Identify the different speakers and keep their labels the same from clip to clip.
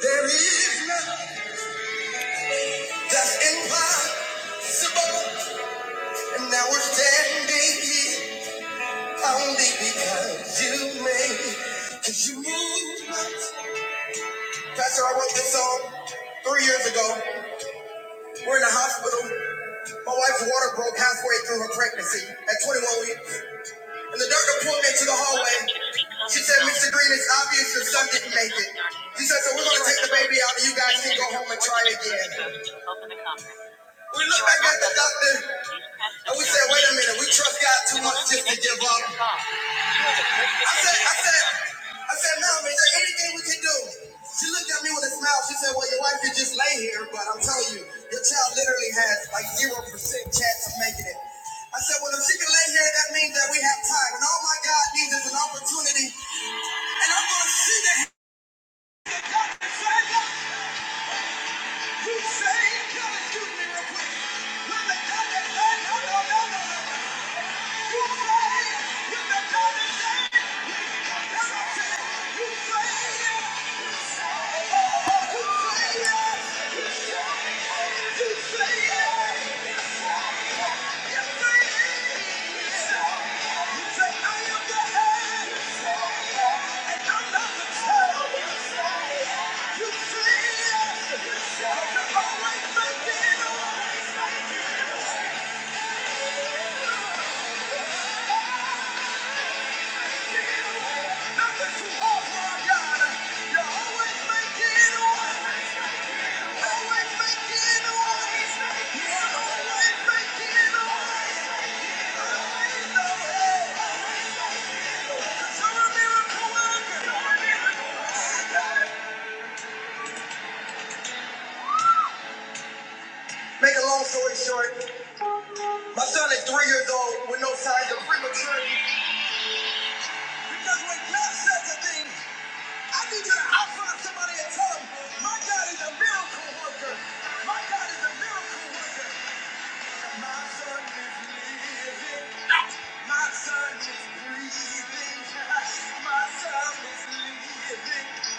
Speaker 1: there is none that's impossible, and now we're standing here only because you made, because you moved. mountains. Pastor, I wrote this song three years ago. We're in a hospital. My wife's water broke halfway through her pregnancy at 21 weeks, and the doctor pulled me into the hallway. Mr. Green, it's obvious your son didn't make. said, "So we'll be out. of You guys. We looked. at the Just got to said, Mom, is there anything we can do? She looked at me with a smile. She said, Well, your wife could just lay here, but I'm telling you, your child literally has like 0% chance of making it. I said, Well, if she can lay here, that means that we have time. And all my God needs is an opportunity. And I'm going to see the hand of God that signed up. You say, God, excuse me real quick. When the God that signed up, no, no, no, no, no. You say, when the God that signed up, You Thank you. Make a long story short, my son is three years old with no signs of prematurity. Because when playing, I need you to outfind somebody and tell them, my God is a miracle worker. My God is a miracle worker. My son is living. My son is breathing. My son is living.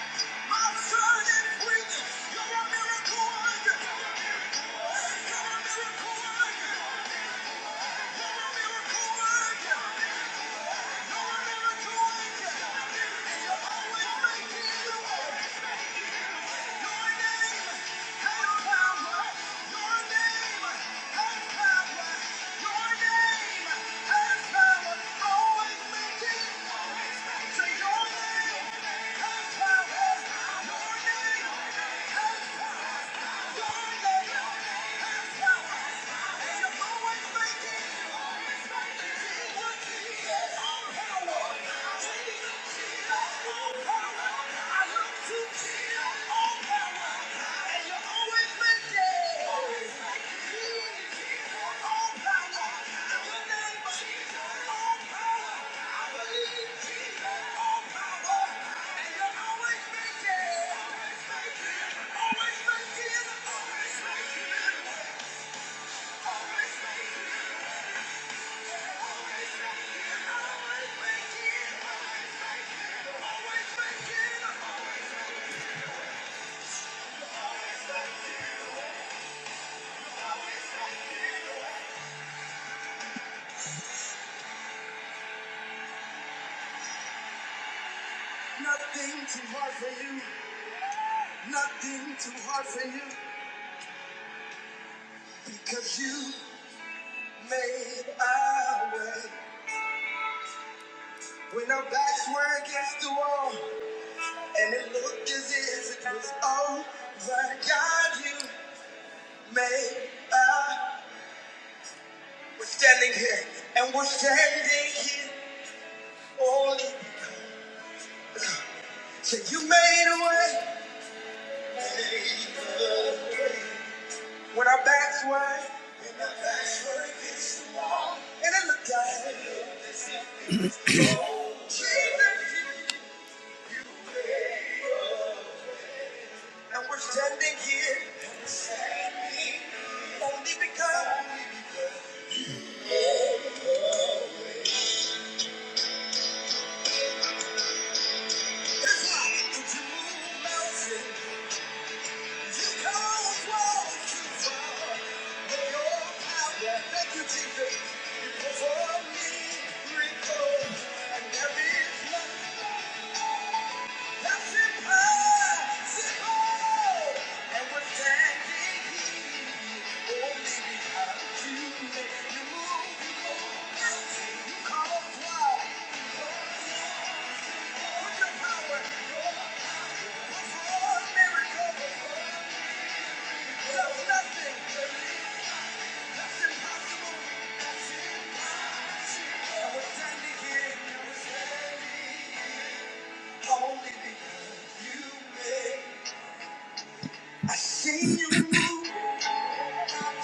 Speaker 1: My son is breathing. You're a miracle worker. You're a miracle worker. You're a miracle worker. You're a miracle worker. And you're always making it work. Your name has power. Your name has power. Your name has power. Always making Thank you. always all power, and you're Nothing too hard for you, nothing too hard for you, because you made a way. When our backs were against the wall, And it looked as if it was over. God, you made up. We're standing here, and we're standing here only. So you made a way when our backs were, and it looked like Jesus. And we're standing here only because it's like you move mountains. Nothing It's impossible. And we're standing here, and we're standing. Only because you made. I seen you move.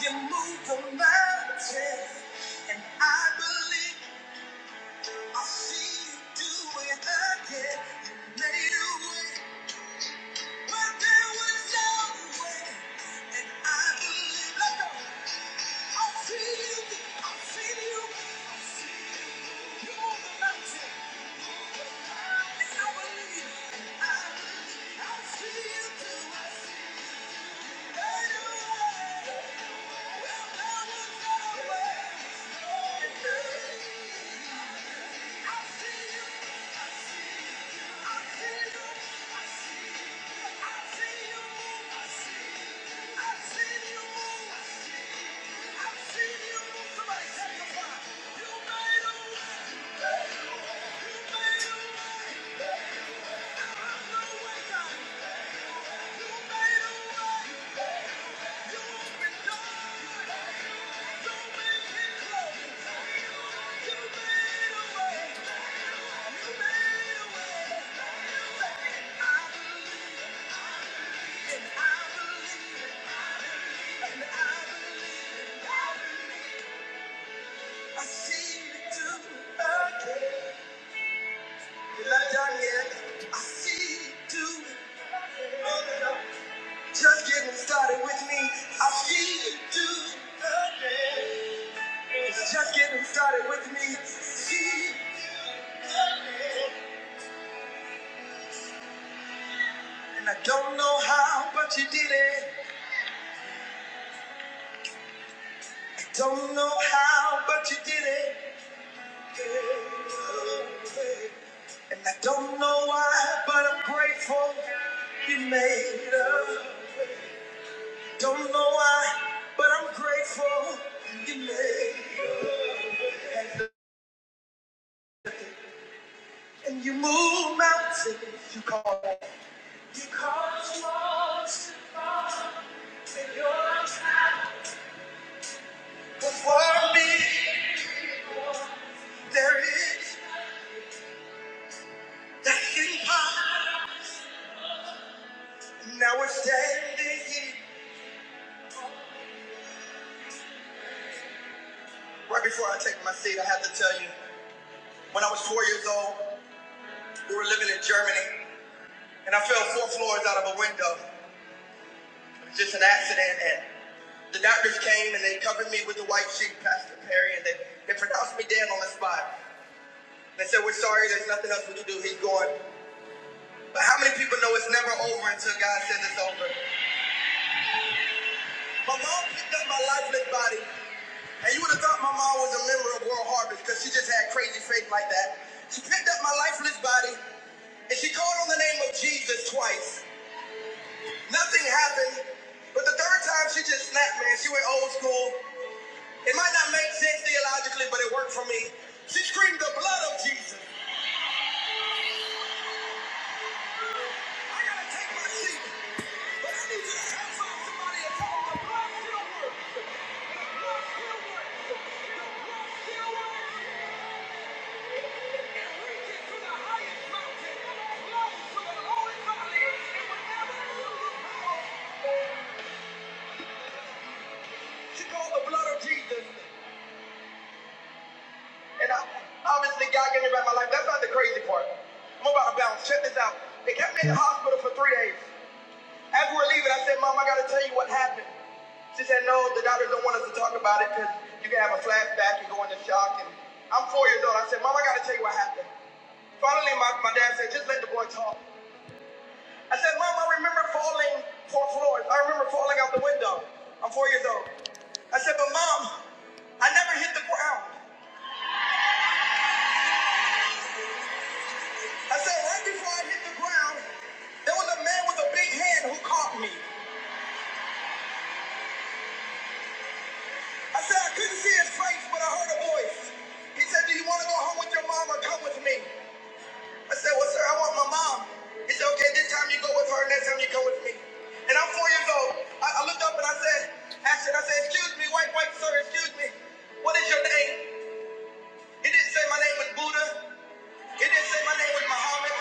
Speaker 1: You move the mountain. And I believe I see you do it again. You made a way. But there was no way. And I believe. Let go. I see you. I see you. I see you. You move the mountain. And I believe. And I believe. I see you do it. Thank you. Just getting started with me. I see you do. Just getting started with me. and I don't know how, but you did it. I don't know how, but you did it. And I don't know why, but I'm grateful you made it. Don't know why, but I'm grateful you made it. And you move mountains, you call it. You call it small. But for me, there is nothing hard. Now we're standing here. Right before I take my seat, I have to tell you, when I was four years old, we were living in Germany, and I fell four floors out of a window. It was just an accident, and the doctors came and they covered me with the white sheet, Pastor Perry, and they, they pronounced me dead on the spot. They said, We're sorry, there's nothing else we can do. He's gone. But how many people know it's never over until God says it's over? My mom picked up my lifeless body, and you would have thought my mom was a member of World Harvest because she just had crazy faith like that. She picked up my lifeless body, and she called on the name of Jesus twice. Nothing happened, but the third time she just snapped, man. She went old school. It might not make sense theologically, but it worked for me. She screamed the blood of Jesus. I gotta take my seat, but I need you to help find somebody and tell them the blood still works. The blood still works. The blood still works. And I, obviously, God gave me back my life. That's not the crazy part. I'm about to bounce. Check this out. They kept me in the hospital for three days. As we we're leaving, I said, Mom, I got to tell you what happened. She said, No, the doctors don't want us to talk about it because you can have a flashback and go into shock. And I'm four years old. I said, Mom, I got to tell you what happened. Finally, my, my dad said, Just let the boy talk. I said, Mom, I remember falling for floors. I remember falling out the window. I'm four years old. I said, but Mom, I never hit the ground. I said, right before I hit the ground, there was a man with a big hand who caught me. I said, I couldn't see his face, but I heard a voice. He said, do you want to go home with your mom or come with me? I said, well, sir, I want my mom. He said, okay, this time you go with her, next time you go with me. And I'm four years old. I, I looked up and I said, Ashton, I said, excuse me, white, white, sir, excuse me. What is your name? He didn't say my name was Buddha. He didn't say my name was Muhammad.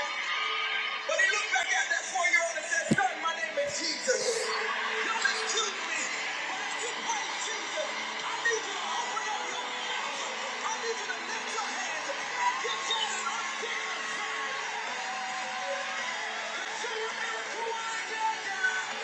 Speaker 1: But he looked back at that four-year-old and said, son, my name is Jesus. Y'all excuse me, but if you praise Jesus, I need you to open up your mouth. I need you to lift your hands and get your son, get your son, and see a miracle right now, God."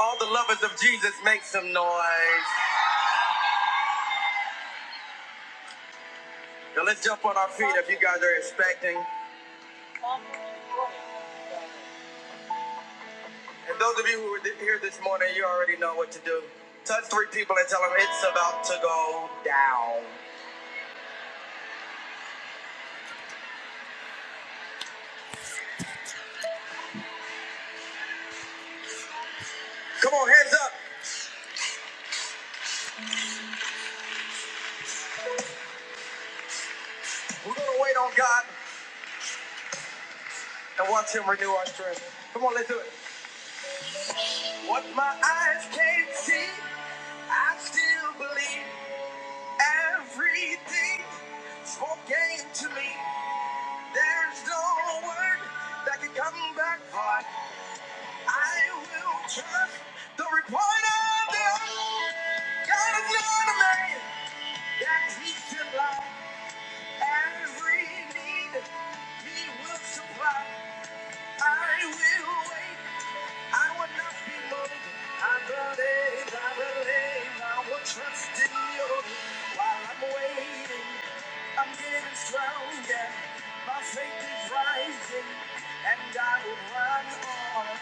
Speaker 1: All the lovers of Jesus make some noise. Now let's jump on our feet if you guys are expecting. And those of you who are here this morning, you already know what to do. Touch three people and tell them it's about to go down. Come on, hands up. We're gonna wait on God and watch Him renew our strength. Come on, let's do it. What my eyes can't see, I still believe everything spoken to me. There's no word that can come back. Oh, I I will trust the report of the old God of God man that he supply every need he will supply. I will wait I will not be moved. I believe, I believe, I will trust in you. While I'm waiting, I'm getting stronger. My faith is rising, and I will run on.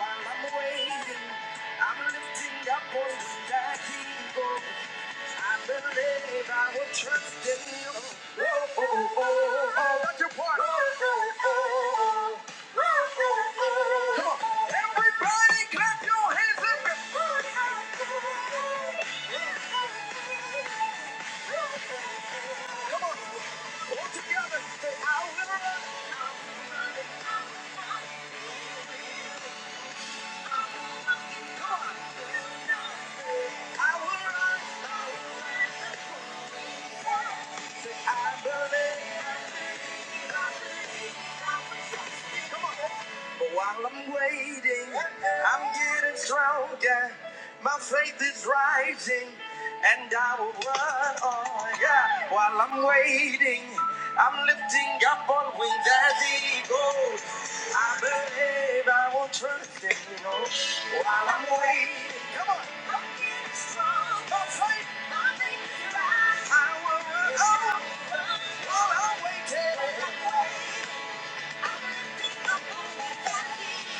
Speaker 1: While I'm waiting, I'm lifting up only that he goes. I believe I will trust in you. Oh, oh, oh, oh, oh, oh, oh, oh, oh, oh. oh. Come on, everybody clap your hands up. Come on, all together. Say, I will. Say, I believe. while I'm waiting, I'm getting stronger. My faith is rising, and I will run on. Yeah. While I'm waiting, I'm lifting up on wings as he goes. I believe I will trust him. You know. While I'm waiting, come on. I will run on while I'm waiting.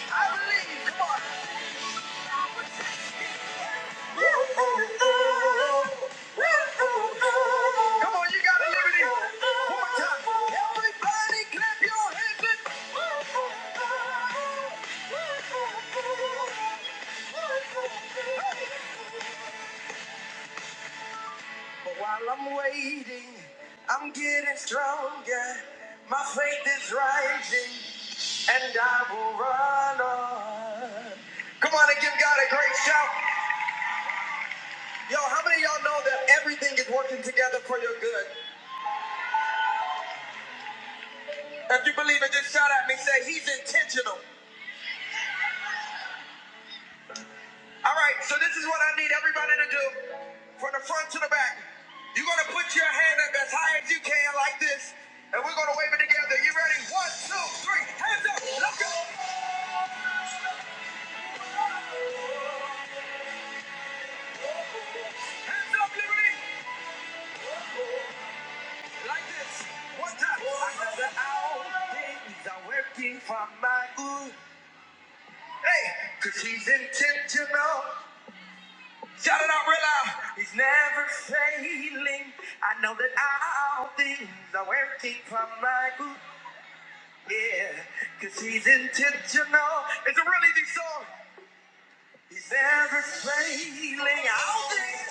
Speaker 1: I believe. Come on. Come on, you got it Everybody clap your hands but while I'm waiting, I'm getting stronger. My faith is rising, and I will run on. Come on and give God a great shout. Yo, how many of y'all know that everything is working together for your good? If you believe it, just shout at me. Say, He's intentional. All right, so this is what I need everybody to do from the front to the back. You're gonna put your hand up as high as you can, like this, and we're gonna wave it together. You ready? One, two, three. Hands up, let's go. Hands up, Liberty. One time. Another hour, things are working for my good. Hey, cause he's intentional. Shout it out real loud. He's never failing. I know that all things are working for my good. Yeah, cause he's intentional. It's a really deep song. He's never failing out there.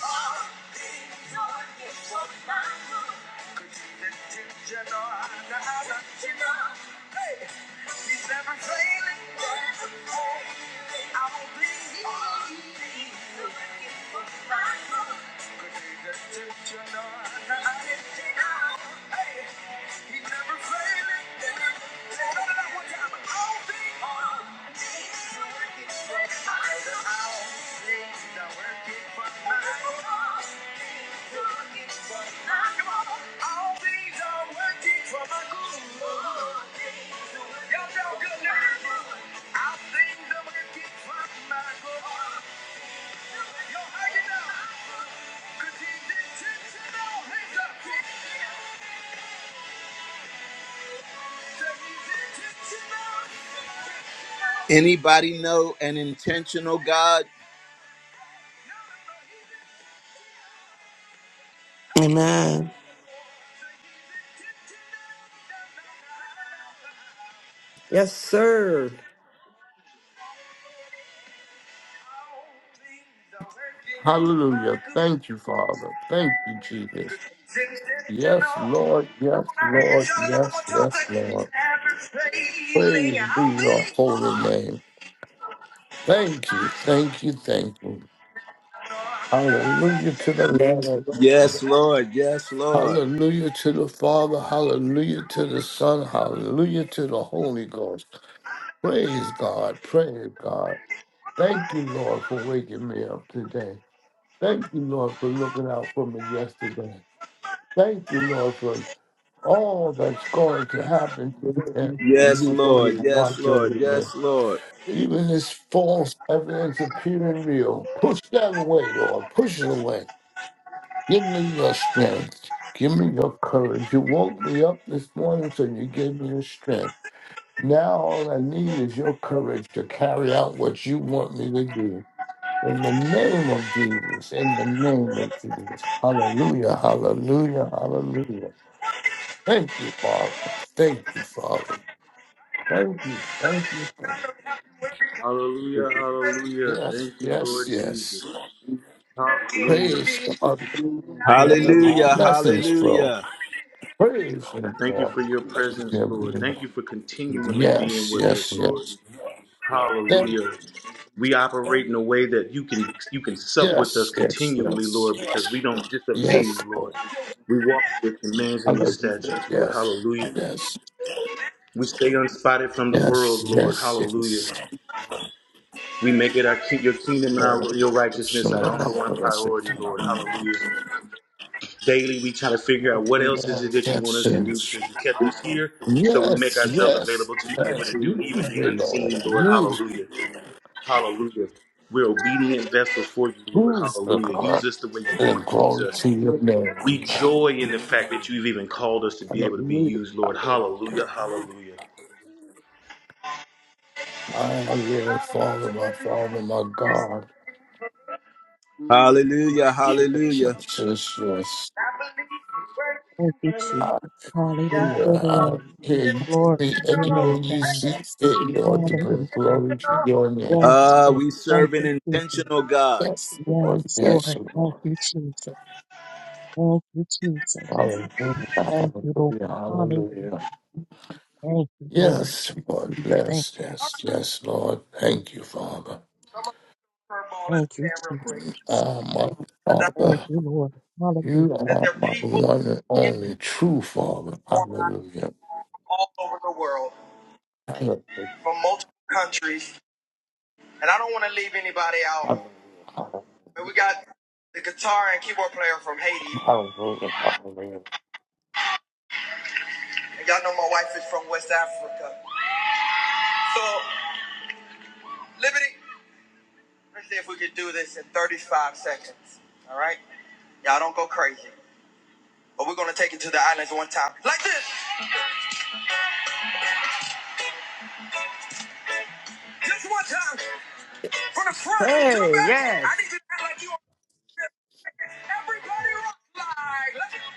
Speaker 1: Cause he's intentional. i Nah, nah, you know. Hey, he's never failing. Never failing. I will believe. Cause he's intentional. i Nah, nah, you know. Yo, hang it up! Cause he did, did, did, hands up!
Speaker 2: Amen.
Speaker 3: Yes, sir.
Speaker 4: Hallelujah. Thank you, Father. Thank you, Jesus. Yes, Lord. Yes, Lord. Yes, yes, Lord. Praise be your holy name. Thank you. Thank you. Thank you. Hallelujah to the Lamb.
Speaker 1: Yes, Lord. Yes, Lord.
Speaker 4: Hallelujah to the Father. Hallelujah to the Son. Hallelujah to the Holy Ghost. Praise God. Praise God. Thank you, Lord, for waking me up today. Thank you, Lord, for looking out for me yesterday. Thank you, Lord, for all that's going to happen to them, and
Speaker 1: Yes,
Speaker 4: you're going to
Speaker 1: Lord. Yes,
Speaker 4: watch
Speaker 1: Lord.
Speaker 4: over it.
Speaker 1: Yes, Lord.
Speaker 4: Even this false evidence appearing real, push that away, Lord. Push it away. Give me your strength. Give me your courage. You woke me up this morning, so you gave me your strength. Now all I need is your courage to carry out what you want me to do. In the name of Jesus, in the name of Jesus. Hallelujah, hallelujah, hallelujah. Thank you, Father. Thank you, Father. Thank you. Thank you. Thank
Speaker 5: Hallelujah,
Speaker 4: you.
Speaker 5: hallelujah.
Speaker 4: Yes,
Speaker 5: Thank you,
Speaker 4: yes,
Speaker 5: Lord Jesus.
Speaker 4: yes.
Speaker 5: Hallelujah.
Speaker 4: Praise God.
Speaker 5: Thank you, Lord.
Speaker 1: Hallelujah.
Speaker 4: Blessings, bro.
Speaker 1: Hallelujah.
Speaker 4: Praise Him,
Speaker 5: Thank you for
Speaker 4: Lord.
Speaker 5: your presence, Lord. Thank you for continually being
Speaker 4: Yes,
Speaker 5: with
Speaker 4: yes,
Speaker 5: us, Lord.
Speaker 4: yes. Thank
Speaker 5: Hallelujah. We operate in a way that you can you can sup with us
Speaker 4: Yes, yes,
Speaker 5: continually,
Speaker 4: yes.
Speaker 5: Lord, because we don't disobey
Speaker 4: Yes,
Speaker 5: you, Lord.
Speaker 4: Lord.
Speaker 5: We walk in your commands and your
Speaker 4: Hallelujah.
Speaker 5: statutes, Lord.
Speaker 4: Yes,
Speaker 5: Hallelujah.
Speaker 4: yes,
Speaker 5: We stay unspotted from the
Speaker 4: yes,
Speaker 5: world, Lord.
Speaker 4: yes,
Speaker 5: Hallelujah.
Speaker 4: yes.
Speaker 5: We make it our ki- your kingdom and
Speaker 4: Lord,
Speaker 5: our, your righteousness our number
Speaker 4: Shalom.
Speaker 5: one priority,
Speaker 4: Blessed.
Speaker 5: Lord. Hallelujah. daily we try to figure out what else is it that you want
Speaker 4: Yes,
Speaker 5: us to do because you kept
Speaker 4: yes.
Speaker 5: us here so we make
Speaker 4: Yes,
Speaker 5: ourselves
Speaker 4: yes,
Speaker 5: available to be able
Speaker 4: yes.
Speaker 5: to do even
Speaker 4: Use
Speaker 5: the
Speaker 4: me, Lord.
Speaker 5: unseen lord
Speaker 4: Use,
Speaker 5: hallelujah hallelujah we're obedient vessels for you lord
Speaker 4: use the
Speaker 5: hallelujah use
Speaker 4: God
Speaker 5: us the way you
Speaker 4: and
Speaker 5: want to use
Speaker 4: glory
Speaker 5: us
Speaker 4: to your name.
Speaker 5: we joy in the fact that you've even called us to be able to be
Speaker 4: Hallelujah.
Speaker 5: used lord
Speaker 4: Hallelujah.
Speaker 5: hallelujah hallelujah
Speaker 4: Our Lord, Father, my Father, my God.
Speaker 1: Hallelujah.
Speaker 4: Yes, yes, yes.
Speaker 6: Thank you, Jesus.
Speaker 4: I
Speaker 1: Hallelujah.
Speaker 6: Hallelujah,
Speaker 4: hear, I
Speaker 6: Lord.
Speaker 4: hear you.
Speaker 6: Glory to your name,
Speaker 4: Everyone you
Speaker 6: God.
Speaker 4: see fit, Lord, to bring
Speaker 6: Hallelujah.
Speaker 4: glory to your name.
Speaker 6: Yes,
Speaker 1: Uh,
Speaker 6: Lord.
Speaker 1: we
Speaker 6: Thank
Speaker 1: serve an
Speaker 6: you, Jesus.
Speaker 1: intentional God.
Speaker 4: Yes, Lord.
Speaker 6: Yes,
Speaker 4: Yes,
Speaker 6: Lord. Thank
Speaker 4: Lord.
Speaker 6: you, Jesus. Thank you, Jesus.
Speaker 1: I'm
Speaker 4: Hallelujah.
Speaker 6: Thank you, Lord.
Speaker 4: Hallelujah. Hallelujah.
Speaker 6: Hallelujah. Thank you, Lord.
Speaker 4: Yes, Lord.
Speaker 6: Thank
Speaker 4: Yes,
Speaker 6: you.
Speaker 4: yes, yes, Lord. Thank you, Father.
Speaker 1: gonna throw a curveball at
Speaker 6: Thank you,
Speaker 1: Sam real quick.
Speaker 6: Jesus.
Speaker 4: Ah, my
Speaker 1: 'Cause I-
Speaker 6: Thank
Speaker 4: Father.
Speaker 6: you, Lord.
Speaker 4: You
Speaker 1: That
Speaker 6: Hallelujah.
Speaker 4: are
Speaker 1: there are
Speaker 4: my
Speaker 1: people
Speaker 4: one and
Speaker 1: in this
Speaker 4: only true Father.
Speaker 1: online
Speaker 4: Hallelujah.
Speaker 1: from all over the world,
Speaker 4: Hallelujah.
Speaker 1: from multiple countries, and I don't want to leave anybody out.
Speaker 4: Hallelujah.
Speaker 1: But we got the guitar and keyboard player from Haiti, and y'all know my wife is from West Africa. So, Liberty, let's see if we can do this in 35 seconds. All right, y'all don't go crazy. But we're gonna take it to the islands one time. Like this. Just one time. From the front to the
Speaker 3: Hey,
Speaker 1: back. I
Speaker 3: yes.
Speaker 1: need you to act like you are everybody rock like. Let's-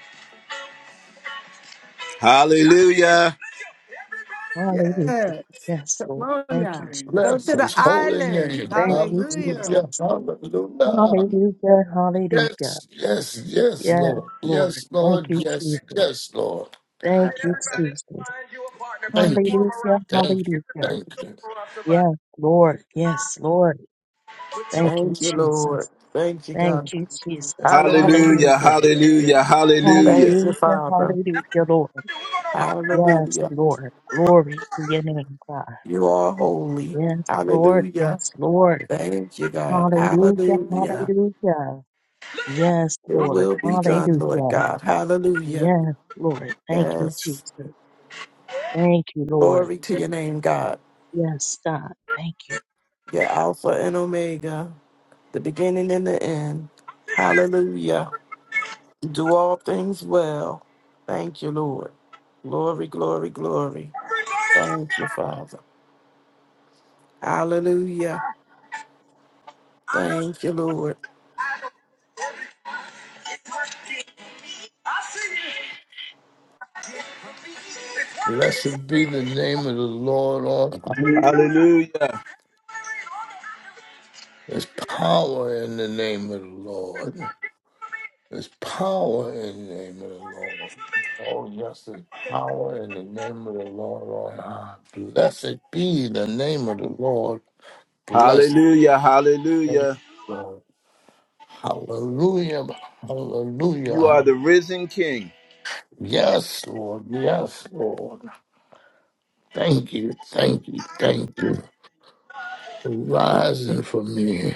Speaker 1: Hallelujah. Let's go. Everybody rock.
Speaker 6: Hallelujah.
Speaker 3: Yes.
Speaker 6: Yes, Lord.
Speaker 3: Come on
Speaker 6: Thank you,
Speaker 3: now.
Speaker 6: Jesus.
Speaker 3: Go
Speaker 4: Bless
Speaker 3: to the
Speaker 4: his holy
Speaker 3: islands.
Speaker 4: name.
Speaker 6: Thank you,
Speaker 3: Hallelujah.
Speaker 4: Hallelujah.
Speaker 6: Jesus.
Speaker 4: Hallelujah.
Speaker 6: Hallelujah. Hallelujah.
Speaker 4: Yes, yes, yes,
Speaker 6: Yes,
Speaker 4: Lord.
Speaker 6: Lord.
Speaker 4: Yes,
Speaker 6: Thank
Speaker 4: Lord.
Speaker 6: you,
Speaker 1: Wait a
Speaker 4: Yes,
Speaker 1: minute.
Speaker 6: Jesus.
Speaker 4: yes, Lord.
Speaker 1: I need
Speaker 6: Thank you,
Speaker 1: everybody to
Speaker 6: Jesus.
Speaker 1: find you a partner. Put
Speaker 4: Thank
Speaker 1: your
Speaker 4: you.
Speaker 1: arm
Speaker 6: Hallelujah.
Speaker 1: around somebody.
Speaker 4: Thank you.
Speaker 1: Everybody
Speaker 6: Hallelujah.
Speaker 1: put
Speaker 4: Thank
Speaker 1: your
Speaker 4: you.
Speaker 1: arm around somebody.
Speaker 6: Yes, Lord. Yes, Lord.
Speaker 1: Put your
Speaker 6: Thank you,
Speaker 2: Thank you, Lord.
Speaker 6: Jesus.
Speaker 2: Thank you,
Speaker 6: Thank
Speaker 2: God.
Speaker 6: you, Jesus.
Speaker 2: Hallelujah.
Speaker 1: Hallelujah.
Speaker 6: Hallelujah.
Speaker 1: Hallelujah. Hallelujah.
Speaker 2: Thank you,
Speaker 6: Hallelujah.
Speaker 2: Father.
Speaker 6: Hallelujah, Lord.
Speaker 1: We're gonna rock it up. Work
Speaker 6: Yes,
Speaker 2: Hallelujah.
Speaker 6: Lord. Glory to your name, God.
Speaker 2: You are holy.
Speaker 6: Yes, Lord.
Speaker 2: Hallelujah.
Speaker 6: Yes, Lord.
Speaker 2: Thank you, God.
Speaker 6: Hallelujah.
Speaker 2: Hallelujah.
Speaker 6: Hallelujah. Yes,
Speaker 2: It
Speaker 6: Lord.
Speaker 2: will be done, Lord
Speaker 6: Hallelujah.
Speaker 2: God. Hallelujah.
Speaker 6: Yes, Lord. Thank you,
Speaker 2: Yes.
Speaker 6: Jesus. Thank you, Lord.
Speaker 2: Glory to your name, God.
Speaker 6: Yes, God. Thank you.
Speaker 2: You're Alpha and Omega, the beginning and the end. Hallelujah. You do all things well. Thank you, Lord. Glory, glory, glory. Thank you, Father. Hallelujah. Thank you, Lord.
Speaker 1: it, work it
Speaker 4: Blessed be the name of the Lord on high.
Speaker 1: Hallelujah.
Speaker 4: There's power in the name of the Lord. There's power in the name of the Lord. Oh, yes, there's power in the name of the Lord. Oh, ah, blessed be the name of the Lord. Blessed
Speaker 1: Hallelujah.
Speaker 4: be the name of
Speaker 1: Hallelujah.
Speaker 4: the Lord. Hallelujah. Hallelujah.
Speaker 1: You are the
Speaker 4: hall-
Speaker 1: risen King.
Speaker 4: Yes, Lord. Yes, Lord. Thank you. Thank you. Thank you. Rising for me.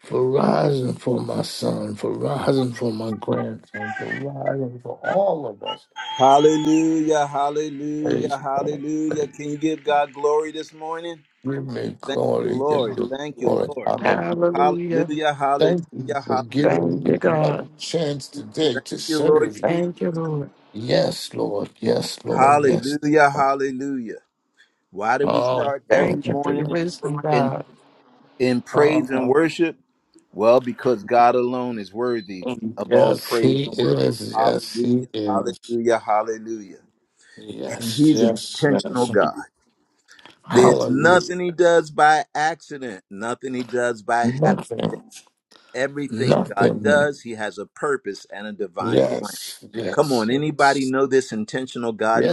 Speaker 4: for rising for my son, for rising for my grandson, for rising for all of us.
Speaker 1: Hallelujah, hallelujah,
Speaker 4: Praise God.
Speaker 1: hallelujah.
Speaker 4: Praise.
Speaker 1: Can you give God glory this morning?
Speaker 4: We may
Speaker 1: Thank you,
Speaker 4: glory, give
Speaker 1: Lord.
Speaker 4: you
Speaker 1: Thank you,
Speaker 4: glory.
Speaker 1: Lord.
Speaker 4: Hallelujah.
Speaker 2: Hallelujah.
Speaker 1: Hallelujah, hallelujah,
Speaker 4: Thank you for
Speaker 1: hallelujah.
Speaker 2: Thank
Speaker 4: giving me
Speaker 2: you, God.
Speaker 4: another chance today to
Speaker 1: Thank you, Lord
Speaker 4: serve you.
Speaker 1: Jesus.
Speaker 2: Thank you, Lord.
Speaker 4: Yes, Lord. Yes, Lord. Yes,
Speaker 1: Hallelujah,
Speaker 4: Lord.
Speaker 1: hallelujah. Why do we
Speaker 4: Oh,
Speaker 1: start every
Speaker 2: Thank you for your
Speaker 1: morning
Speaker 2: wisdom,
Speaker 1: in, in,
Speaker 2: God.
Speaker 1: in praise and
Speaker 4: oh,
Speaker 1: worship? Well, because God alone is worthy of all
Speaker 4: Yes,
Speaker 1: praise
Speaker 4: he
Speaker 1: and worship.
Speaker 4: is. Yes, he
Speaker 1: Hallelujah,
Speaker 4: is.
Speaker 1: hallelujah, hallelujah. And
Speaker 4: Yes,
Speaker 1: He's an
Speaker 4: yes,
Speaker 1: intentional
Speaker 4: yes.
Speaker 1: God. There's
Speaker 4: Hallelujah.
Speaker 1: nothing he does by accident, nothing he does by hap-
Speaker 4: Nothing,
Speaker 1: Everything God
Speaker 4: nothing.
Speaker 1: does, he has a purpose and a divine plan.
Speaker 4: Yes,
Speaker 1: Come
Speaker 4: yes,
Speaker 1: on, anybody
Speaker 4: yes,
Speaker 1: know this intentional God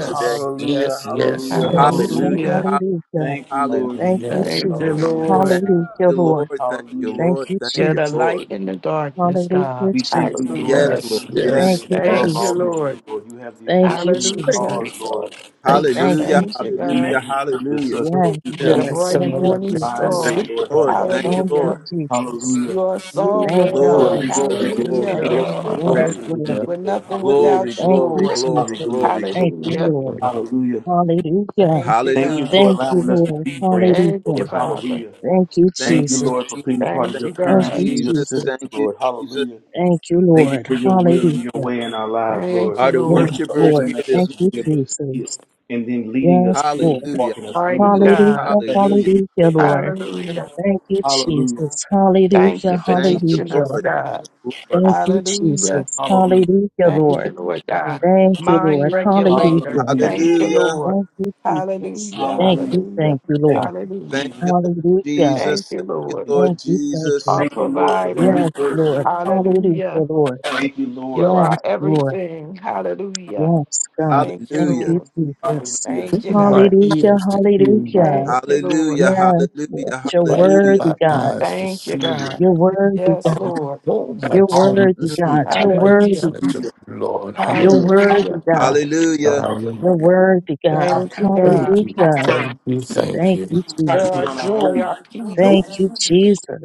Speaker 4: yes,
Speaker 1: today?
Speaker 5: hallelujah
Speaker 4: yes, yes,
Speaker 5: hallelujah
Speaker 6: Hallelujah.
Speaker 4: yes.
Speaker 5: hallelujah
Speaker 1: Hallelujah,
Speaker 2: Hallelujah.
Speaker 1: hallelujah,
Speaker 6: Hallelujah.
Speaker 5: thank you
Speaker 4: Oh,
Speaker 5: lord
Speaker 6: Thank
Speaker 1: hallelujah.
Speaker 6: you,
Speaker 5: jesus
Speaker 4: yes,
Speaker 2: Thank you,
Speaker 4: Lord.
Speaker 6: Jesus.
Speaker 5: hallelujah
Speaker 2: Lord.
Speaker 4: Yes,
Speaker 1: Thank
Speaker 4: Lord.
Speaker 6: Hallelujah,
Speaker 1: you,
Speaker 6: Lord.
Speaker 1: Lord, thank you,
Speaker 5: hallelujah
Speaker 6: Thank
Speaker 1: Lord,
Speaker 6: you,
Speaker 1: thank
Speaker 2: You're
Speaker 1: you,
Speaker 2: the
Speaker 6: Jesus.
Speaker 1: Lord.
Speaker 2: light in the darkness,
Speaker 6: Hallelujah,
Speaker 2: God.
Speaker 5: We thank you,
Speaker 6: Jesus.
Speaker 5: Lord,
Speaker 1: Yes,
Speaker 5: for
Speaker 2: Hallelujah.
Speaker 1: Lord,
Speaker 4: yes,
Speaker 5: being the
Speaker 6: Thank
Speaker 1: yes,
Speaker 4: yes,
Speaker 5: name
Speaker 6: you,
Speaker 1: Lord.
Speaker 2: Thank
Speaker 5: above
Speaker 2: you,
Speaker 5: all
Speaker 4: yes.
Speaker 6: Jesus.
Speaker 5: names,
Speaker 2: Lord.
Speaker 5: Lord. You have the
Speaker 6: Thank you,
Speaker 5: authority to
Speaker 6: Jesus.
Speaker 4: Thank
Speaker 2: Hallelujah.
Speaker 4: you,
Speaker 5: cause,
Speaker 4: Lord.
Speaker 5: Lord, the
Speaker 4: Thank you,
Speaker 6: Thank
Speaker 5: purpose.
Speaker 6: you,
Speaker 1: Hallelujah,
Speaker 2: Thank you,
Speaker 5: And
Speaker 6: Jesus.
Speaker 2: God.
Speaker 1: hallelujah,
Speaker 5: that you purpose
Speaker 1: hallelujah.
Speaker 5: us,
Speaker 4: Lord.
Speaker 6: Yes,
Speaker 5: Lord. You
Speaker 2: You're
Speaker 4: There
Speaker 2: the
Speaker 6: Lord.
Speaker 5: connect us
Speaker 4: is
Speaker 2: bright
Speaker 6: Thank
Speaker 2: and
Speaker 4: someone
Speaker 5: with
Speaker 6: you,
Speaker 5: your
Speaker 4: like
Speaker 2: morning
Speaker 4: a
Speaker 5: divine
Speaker 6: Jesus.
Speaker 1: Thank
Speaker 5: way,
Speaker 2: star.
Speaker 4: sleep.
Speaker 1: you,
Speaker 5: Lord.
Speaker 1: Lord,
Speaker 4: Hallelujah,
Speaker 1: thank
Speaker 5: Hallelujah.
Speaker 1: you,
Speaker 6: Thank you,
Speaker 2: Hallelujah.
Speaker 1: Lord.
Speaker 6: Jesus.
Speaker 5: Hallelujah.
Speaker 2: You are
Speaker 6: Thank
Speaker 2: sovereign,
Speaker 6: you,
Speaker 5: Lord,
Speaker 1: Glory,
Speaker 2: God.
Speaker 5: thank
Speaker 6: Jesus.
Speaker 5: you for
Speaker 1: glory,
Speaker 5: making us
Speaker 1: glory,
Speaker 2: Hallelujah.
Speaker 5: heirs,
Speaker 1: glory,
Speaker 4: hallelujah,
Speaker 5: Lord.
Speaker 6: Yes,
Speaker 1: glory,
Speaker 5: Wrapping us in,
Speaker 6: Lord.
Speaker 4: hallelujah.
Speaker 2: We're
Speaker 5: Lord.
Speaker 2: nothing
Speaker 5: Hallelujah.
Speaker 1: glory,
Speaker 2: without you,
Speaker 6: Thank
Speaker 1: glory,
Speaker 6: you,
Speaker 2: Lord.
Speaker 1: glory,
Speaker 6: Jesus.
Speaker 5: Hallelujah.
Speaker 1: glory, glory.
Speaker 6: Thank you,
Speaker 2: Hallelujah.
Speaker 6: Lord.
Speaker 4: Lord.
Speaker 5: Hallelujah.
Speaker 6: Hallelujah.
Speaker 2: Thank you,
Speaker 5: Thank
Speaker 1: Hallelujah.
Speaker 5: you
Speaker 2: God.
Speaker 5: for
Speaker 6: Thank you,
Speaker 5: allowing us to
Speaker 6: Lord.
Speaker 5: be branches,
Speaker 2: Thank
Speaker 6: Hallelujah.
Speaker 2: you,
Speaker 5: Lord.
Speaker 2: Father.
Speaker 5: Hallelujah.
Speaker 6: Thank you,
Speaker 1: Thank
Speaker 5: Thank
Speaker 1: you,
Speaker 5: you,
Speaker 6: Jesus.
Speaker 1: Jesus.
Speaker 5: Lord, for being a part of
Speaker 2: Thank
Speaker 1: Thank
Speaker 5: your
Speaker 2: you,
Speaker 1: you,
Speaker 6: Thank
Speaker 2: God.
Speaker 6: you,
Speaker 5: currency and your
Speaker 1: Jesus.
Speaker 6: Jesus.
Speaker 5: system,
Speaker 1: Thank you,
Speaker 5: Lord.
Speaker 1: Jesus.
Speaker 5: Hallelujah.
Speaker 6: Thank you,
Speaker 5: Thank you
Speaker 6: Lord.
Speaker 5: for your will and your
Speaker 6: Hallelujah.
Speaker 5: way in our lives, Lord.
Speaker 2: Thank you,
Speaker 1: Are the
Speaker 5: Thank
Speaker 2: Lord.
Speaker 6: Yes,
Speaker 5: you for
Speaker 1: worshipers
Speaker 6: Lord.
Speaker 5: opening
Speaker 1: here
Speaker 5: us
Speaker 1: this
Speaker 6: Thank
Speaker 5: up to
Speaker 6: you,
Speaker 5: be able
Speaker 1: morning?
Speaker 5: to see it
Speaker 6: Jesus.
Speaker 5: and then leading us
Speaker 6: Yes,
Speaker 5: to it,
Speaker 6: Lord.
Speaker 1: Hallelujah.
Speaker 5: walking us through
Speaker 2: Mighty
Speaker 5: it,
Speaker 1: Hallelujah.
Speaker 5: Lord.
Speaker 2: God.
Speaker 6: Hallelujah.
Speaker 5: Protect us
Speaker 1: Hallelujah.
Speaker 5: in your
Speaker 6: Hallelujah,
Speaker 5: way, Lord.
Speaker 6: Lord.
Speaker 2: Hallelujah.
Speaker 6: Thank you,
Speaker 5: Hallelujah.
Speaker 6: Jesus.
Speaker 2: Thank
Speaker 6: Hallelujah.
Speaker 2: you for
Speaker 1: Thank you,
Speaker 2: teaching us,
Speaker 6: Hallelujah.
Speaker 1: Lord.
Speaker 2: God.
Speaker 1: Thank you, Lord.
Speaker 6: Thank you,
Speaker 2: Hallelujah.
Speaker 6: Jesus.
Speaker 5: Hallelujah.
Speaker 6: Hallelujah,
Speaker 2: Thank you,
Speaker 6: Lord.
Speaker 2: Lord God.
Speaker 6: Thank you, Lord.
Speaker 2: Mind regulator.
Speaker 6: Hallelujah.
Speaker 5: Hallelujah.
Speaker 2: Thank you,
Speaker 1: Hallelujah.
Speaker 2: Lord.
Speaker 6: Thank you, Jesus.
Speaker 2: Hallelujah.
Speaker 6: Thank
Speaker 5: Hallelujah.
Speaker 6: you,
Speaker 2: Hallelujah.
Speaker 6: thank you,
Speaker 5: Thank
Speaker 6: Lord.
Speaker 5: you,
Speaker 2: Hallelujah.
Speaker 1: Thank
Speaker 5: Jesus.
Speaker 1: you, Lord
Speaker 6: Hallelujah.
Speaker 2: Thank
Speaker 1: Jesus.
Speaker 2: you,
Speaker 1: Thank you,
Speaker 2: Lord.
Speaker 1: Lord
Speaker 6: Thank you, thank
Speaker 1: Jesus.
Speaker 6: you.
Speaker 2: Our
Speaker 5: Thank you, Lord, for the
Speaker 2: provider.
Speaker 5: new
Speaker 6: Yes,
Speaker 5: birth. Lord.
Speaker 6: Lord.
Speaker 5: Hallelujah.
Speaker 6: Hallelujah,
Speaker 2: Hallelujah.
Speaker 6: Lord.
Speaker 5: Thank you,
Speaker 2: You
Speaker 5: Lord.
Speaker 6: Yes,
Speaker 2: are
Speaker 6: Lord.
Speaker 2: everything. Hallelujah.
Speaker 6: Yes, God.
Speaker 2: Thank you,
Speaker 6: Thank
Speaker 1: Hallelujah.
Speaker 6: you,
Speaker 2: Lord.
Speaker 6: Jesus.
Speaker 5: Hallelujah.
Speaker 2: Thank you,
Speaker 4: Open my
Speaker 2: God.
Speaker 6: Hallelujah,
Speaker 4: ears to hear you,
Speaker 6: hallelujah.
Speaker 4: Lord.
Speaker 2: Thank you, Lord.
Speaker 1: Hallelujah.
Speaker 6: Yes, Lord.
Speaker 1: Hallelujah.
Speaker 6: You're
Speaker 4: Brighten
Speaker 1: Hallelujah.
Speaker 6: worthy,
Speaker 4: my
Speaker 6: God.
Speaker 4: eyes to
Speaker 2: Thank you,
Speaker 4: see you,
Speaker 2: God.
Speaker 6: You're worthy,
Speaker 2: Yes,
Speaker 5: Hallelujah.
Speaker 6: God.
Speaker 2: Lord.
Speaker 4: All my
Speaker 6: You're
Speaker 4: tongue
Speaker 6: worthy,
Speaker 4: to
Speaker 1: Mm.
Speaker 6: God.
Speaker 4: speak
Speaker 6: You're worthy.
Speaker 2: Hallelujah.
Speaker 4: righteousness of you, Lord.
Speaker 6: You're
Speaker 4: Hallelujah.
Speaker 6: worthy,
Speaker 2: Hallelujah.
Speaker 6: God.
Speaker 4: Hallelujah.
Speaker 1: Hallelujah.
Speaker 6: You're
Speaker 4: Hallelujah.
Speaker 6: worthy, God.
Speaker 2: Thank you, God.
Speaker 4: Thank you.
Speaker 6: Hallelujah.
Speaker 4: Thank you. Thank
Speaker 6: Thank you,
Speaker 4: you.
Speaker 5: Try
Speaker 2: For
Speaker 5: to do it
Speaker 6: Jesus.
Speaker 2: our
Speaker 5: on our
Speaker 2: joy, our
Speaker 5: own. Nope.
Speaker 6: Thank
Speaker 2: peace.
Speaker 6: you,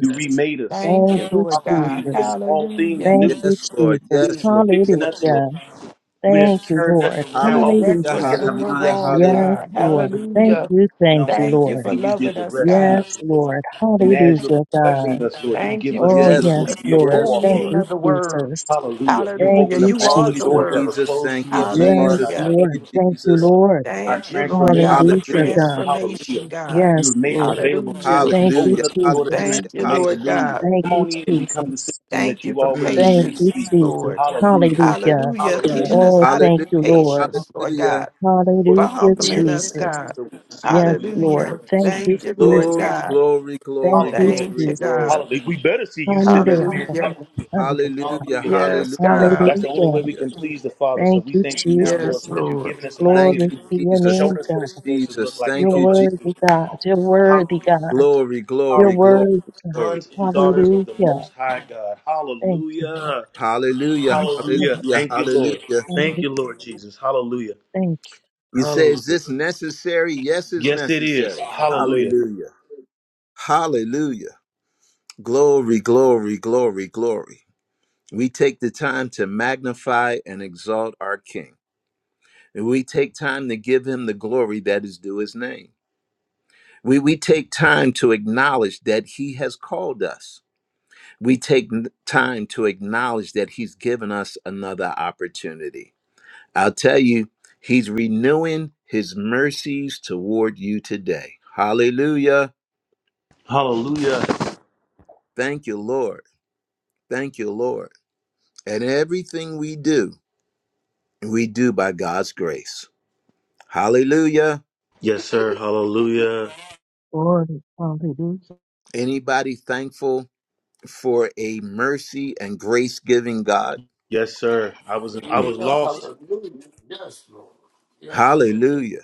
Speaker 5: You remade us.
Speaker 2: Thank
Speaker 6: Thank
Speaker 2: you,
Speaker 6: you,
Speaker 2: Lord
Speaker 5: Hallelujah.
Speaker 2: God.
Speaker 5: You gave
Speaker 6: Jesus.
Speaker 5: us all things
Speaker 2: Hallelujah.
Speaker 6: Thank
Speaker 5: new.
Speaker 6: you,
Speaker 1: Yes, Lord.
Speaker 5: We
Speaker 6: Jesus.
Speaker 5: didn't
Speaker 1: Yes,
Speaker 5: have to
Speaker 1: Lord.
Speaker 5: fix
Speaker 1: Yes,
Speaker 5: nothing.
Speaker 1: Lord.
Speaker 6: Hallelujah.
Speaker 5: We didn't have
Speaker 6: Thank
Speaker 5: to
Speaker 6: you,
Speaker 5: turn
Speaker 6: Lord.
Speaker 5: nothing
Speaker 2: You
Speaker 5: around.
Speaker 1: Hallelujah.
Speaker 5: All we have to
Speaker 2: correct
Speaker 5: do is
Speaker 2: us
Speaker 6: Hallelujah.
Speaker 5: get our
Speaker 2: when we're
Speaker 1: Hallelujah.
Speaker 5: minds
Speaker 2: wrong,
Speaker 1: Hallelujah.
Speaker 5: different,
Speaker 6: Yes,
Speaker 5: start
Speaker 2: God.
Speaker 5: following
Speaker 6: Lord.
Speaker 5: you the way
Speaker 6: Thank
Speaker 5: you want
Speaker 2: Hallelujah.
Speaker 6: you,
Speaker 5: to
Speaker 6: thank
Speaker 5: know.
Speaker 6: you,
Speaker 2: Thank you
Speaker 6: Lord.
Speaker 2: for
Speaker 5: And you did
Speaker 2: loving
Speaker 5: the
Speaker 2: us,
Speaker 5: rest in
Speaker 6: Yes,
Speaker 2: God.
Speaker 5: us, Lord.
Speaker 6: Lord.
Speaker 5: And as you're
Speaker 6: Hallelujah, God.
Speaker 5: perfecting us, Lord, you
Speaker 2: Thank
Speaker 5: give
Speaker 2: you
Speaker 5: us
Speaker 2: for
Speaker 5: the
Speaker 6: Oh,
Speaker 1: Yes,
Speaker 2: teaching
Speaker 1: Lord.
Speaker 5: ability
Speaker 6: yes,
Speaker 5: to
Speaker 2: us
Speaker 5: be
Speaker 2: the
Speaker 5: able to
Speaker 6: Lord.
Speaker 2: full
Speaker 1: Yes,
Speaker 5: walk
Speaker 6: Thank
Speaker 5: in.
Speaker 2: meaning
Speaker 1: Lord.
Speaker 6: you,
Speaker 2: of the word.
Speaker 6: Jesus.
Speaker 5: Hallelujah. You
Speaker 6: Thank
Speaker 2: Hallelujah.
Speaker 5: opened
Speaker 6: you,
Speaker 5: up
Speaker 2: You
Speaker 5: all
Speaker 1: Thank
Speaker 2: are
Speaker 5: the
Speaker 1: you,
Speaker 2: the
Speaker 6: Jesus.
Speaker 5: doors that were
Speaker 2: word.
Speaker 1: Jesus.
Speaker 5: closed
Speaker 1: Thank
Speaker 5: to
Speaker 1: you,
Speaker 5: us as far
Speaker 6: Yes,
Speaker 5: as
Speaker 1: Jesus.
Speaker 5: our
Speaker 2: Hallelujah.
Speaker 5: change
Speaker 6: Lord.
Speaker 1: Thank
Speaker 5: was
Speaker 1: you,
Speaker 6: Thank you,
Speaker 5: concerned.
Speaker 1: Jesus.
Speaker 6: Lord.
Speaker 5: Our
Speaker 2: Thank you, Lord God,
Speaker 5: transformation is
Speaker 2: for
Speaker 1: Hallelujah.
Speaker 6: Hallelujah,
Speaker 5: real.
Speaker 6: God.
Speaker 2: transformation,
Speaker 5: Hallelujah.
Speaker 2: God.
Speaker 5: You
Speaker 6: Yes,
Speaker 5: have made it
Speaker 6: Lord.
Speaker 5: available
Speaker 2: Hallelujah.
Speaker 5: to us. You
Speaker 6: Thank you,
Speaker 1: Hallelujah.
Speaker 5: opened up the door to
Speaker 6: Jesus.
Speaker 1: Hallelujah.
Speaker 2: Thank you,
Speaker 5: transformation.
Speaker 2: Lord
Speaker 1: Hallelujah.
Speaker 2: God.
Speaker 6: Thank
Speaker 5: Come
Speaker 6: you,
Speaker 5: on in and become the
Speaker 6: Jesus.
Speaker 5: citizen that
Speaker 2: Thank you
Speaker 5: you've
Speaker 2: for
Speaker 5: always been
Speaker 1: Mm.
Speaker 6: Thank
Speaker 5: made to
Speaker 6: you,
Speaker 2: patience,
Speaker 5: be.
Speaker 6: Jesus.
Speaker 2: Lord.
Speaker 5: Hallelujah. Yes,
Speaker 6: Hallelujah.
Speaker 2: Hallelujah.
Speaker 5: Hallelujah.
Speaker 2: Teaching us
Speaker 6: Oh,
Speaker 2: how to
Speaker 6: thank
Speaker 2: be
Speaker 6: you,
Speaker 1: Hallelujah.
Speaker 6: Lord.
Speaker 2: patient, Lord
Speaker 1: Hallelujah.
Speaker 2: God.
Speaker 5: Lord,
Speaker 2: For
Speaker 5: you
Speaker 6: Hallelujah,
Speaker 5: see
Speaker 2: humbling
Speaker 5: mirror
Speaker 2: us,
Speaker 6: Jesus.
Speaker 2: God.
Speaker 5: so we can see who
Speaker 6: Yes,
Speaker 5: we are.
Speaker 6: Lord.
Speaker 2: Hallelujah.
Speaker 5: Lord, we
Speaker 6: Thank
Speaker 5: see
Speaker 6: you,
Speaker 5: you
Speaker 2: Thank you,
Speaker 5: sitting in the
Speaker 2: Lord
Speaker 5: mirror.
Speaker 6: Jesus.
Speaker 1: Glory,
Speaker 2: God.
Speaker 5: Come on.
Speaker 1: glory,
Speaker 6: Thank
Speaker 1: glory,
Speaker 6: you,
Speaker 5: Hallelujah.
Speaker 2: Thank
Speaker 1: glory,
Speaker 2: you,
Speaker 6: Jesus.
Speaker 2: God.
Speaker 1: glory.
Speaker 5: Hallelujah. We better see you sitting in the mirror.
Speaker 2: Hallelujah.
Speaker 5: Hallelujah.
Speaker 6: Hallelujah.
Speaker 1: Hallelujah.
Speaker 5: Hallelujah.
Speaker 2: Yes,
Speaker 1: Hallelujah.
Speaker 2: God.
Speaker 5: That's the only
Speaker 6: Hallelujah.
Speaker 5: way we
Speaker 1: Hallelujah.
Speaker 5: can please the Father. So
Speaker 6: Thank
Speaker 5: we
Speaker 6: you,
Speaker 5: thank you now, Lord,
Speaker 2: Yes,
Speaker 6: Jesus.
Speaker 5: that you've
Speaker 2: Lord.
Speaker 5: given us an
Speaker 1: Thank
Speaker 6: Glory to
Speaker 5: identity,
Speaker 1: you,
Speaker 6: your
Speaker 1: Jesus. Thank
Speaker 5: showed
Speaker 6: name,
Speaker 5: us what
Speaker 6: God.
Speaker 5: it's supposed
Speaker 1: you,
Speaker 5: to look
Speaker 1: Jesus.
Speaker 5: like, and
Speaker 6: You're
Speaker 1: Thank you,
Speaker 5: help us to
Speaker 1: Jesus.
Speaker 5: do
Speaker 6: worthy,
Speaker 5: it. Come
Speaker 6: God.
Speaker 5: on.
Speaker 6: You're worthy,
Speaker 5: Hallelujah.
Speaker 6: God.
Speaker 1: Glory,
Speaker 6: You're
Speaker 1: glory,
Speaker 5: Hallelujah.
Speaker 1: glory,
Speaker 6: worthy, God.
Speaker 1: glory.
Speaker 5: Sons and daughters of the
Speaker 6: Hallelujah.
Speaker 5: Most High God.
Speaker 6: Thank you, Lord.
Speaker 5: Hallelujah.
Speaker 1: Hallelujah.
Speaker 6: Thank you,
Speaker 5: Hallelujah.
Speaker 6: Lord.
Speaker 1: Hallelujah.
Speaker 5: Thank you, Lord.
Speaker 1: Hallelujah.
Speaker 5: Thank
Speaker 6: Hallelujah.
Speaker 5: you, Lord Jesus. Hallelujah.
Speaker 6: Thank you,
Speaker 1: You say, is
Speaker 5: Hallelujah.
Speaker 1: this necessary? Yes, it's
Speaker 5: Yes, it is.
Speaker 1: necessary.
Speaker 5: Hallelujah.
Speaker 1: Hallelujah. Hallelujah. Glory, glory, glory, glory. We take the time to magnify and exalt our King. And we take time to give him the glory that is due his name. We, we take time to acknowledge that he has called us. We take n- time to acknowledge that he's given us another opportunity. I'll tell you, he's renewing his mercies toward you today. Hallelujah.
Speaker 5: Hallelujah.
Speaker 1: Thank you, Lord. Thank you, Lord. And everything we do. We do by God's grace. Hallelujah.
Speaker 5: Yes, sir. Hallelujah.
Speaker 6: Lord. Hallelujah.
Speaker 1: Anybody thankful for a mercy and grace giving God?
Speaker 5: Yes, sir. I was I
Speaker 1: Mm.
Speaker 5: was
Speaker 4: Hallelujah.
Speaker 5: lost.
Speaker 4: Hallelujah. Yes, Lord. Yes, yes.
Speaker 1: Hallelujah.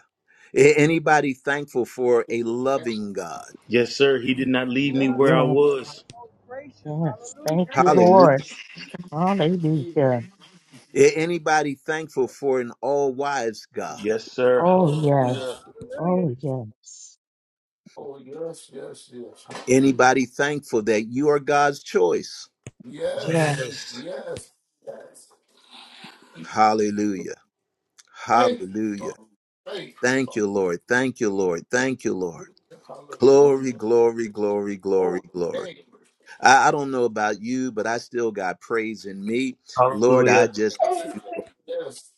Speaker 1: A- Anybody thankful for a loving God?
Speaker 5: Yes, sir. He did not leave me
Speaker 4: Yes.
Speaker 5: where I
Speaker 6: Yes,
Speaker 5: was.
Speaker 6: yes. Thank you,
Speaker 4: Amen.
Speaker 1: Hallelujah.
Speaker 6: Lord.
Speaker 4: Amen.
Speaker 6: Hallelujah.
Speaker 1: A- Anybody thankful for an all wise God?
Speaker 5: Yes, sir.
Speaker 6: Oh,
Speaker 4: Oh,
Speaker 6: yes.
Speaker 5: Hallelujah.
Speaker 4: yes.
Speaker 6: Oh, yes.
Speaker 4: Oh, yes, yes, yes. Hallelujah.
Speaker 1: Anybody thankful that you are God's choice?
Speaker 6: Yes.
Speaker 4: Yes.
Speaker 5: Yes.
Speaker 4: Yes. Yes.
Speaker 1: Hallelujah.
Speaker 4: Thank you,
Speaker 1: Hallelujah.
Speaker 4: Father. Thank you,
Speaker 1: Thank
Speaker 4: Father.
Speaker 1: you, Lord. Thank you, Lord. Thank you, Lord.
Speaker 4: Hallelujah.
Speaker 1: Glory, glory, glory, glory,
Speaker 4: Oh,
Speaker 1: glory.
Speaker 4: thank you.
Speaker 1: I, I don't know about you, but I still got praise in me. Lord, I
Speaker 5: Hallelujah.
Speaker 1: just
Speaker 4: Yes.
Speaker 1: give you
Speaker 4: Yes.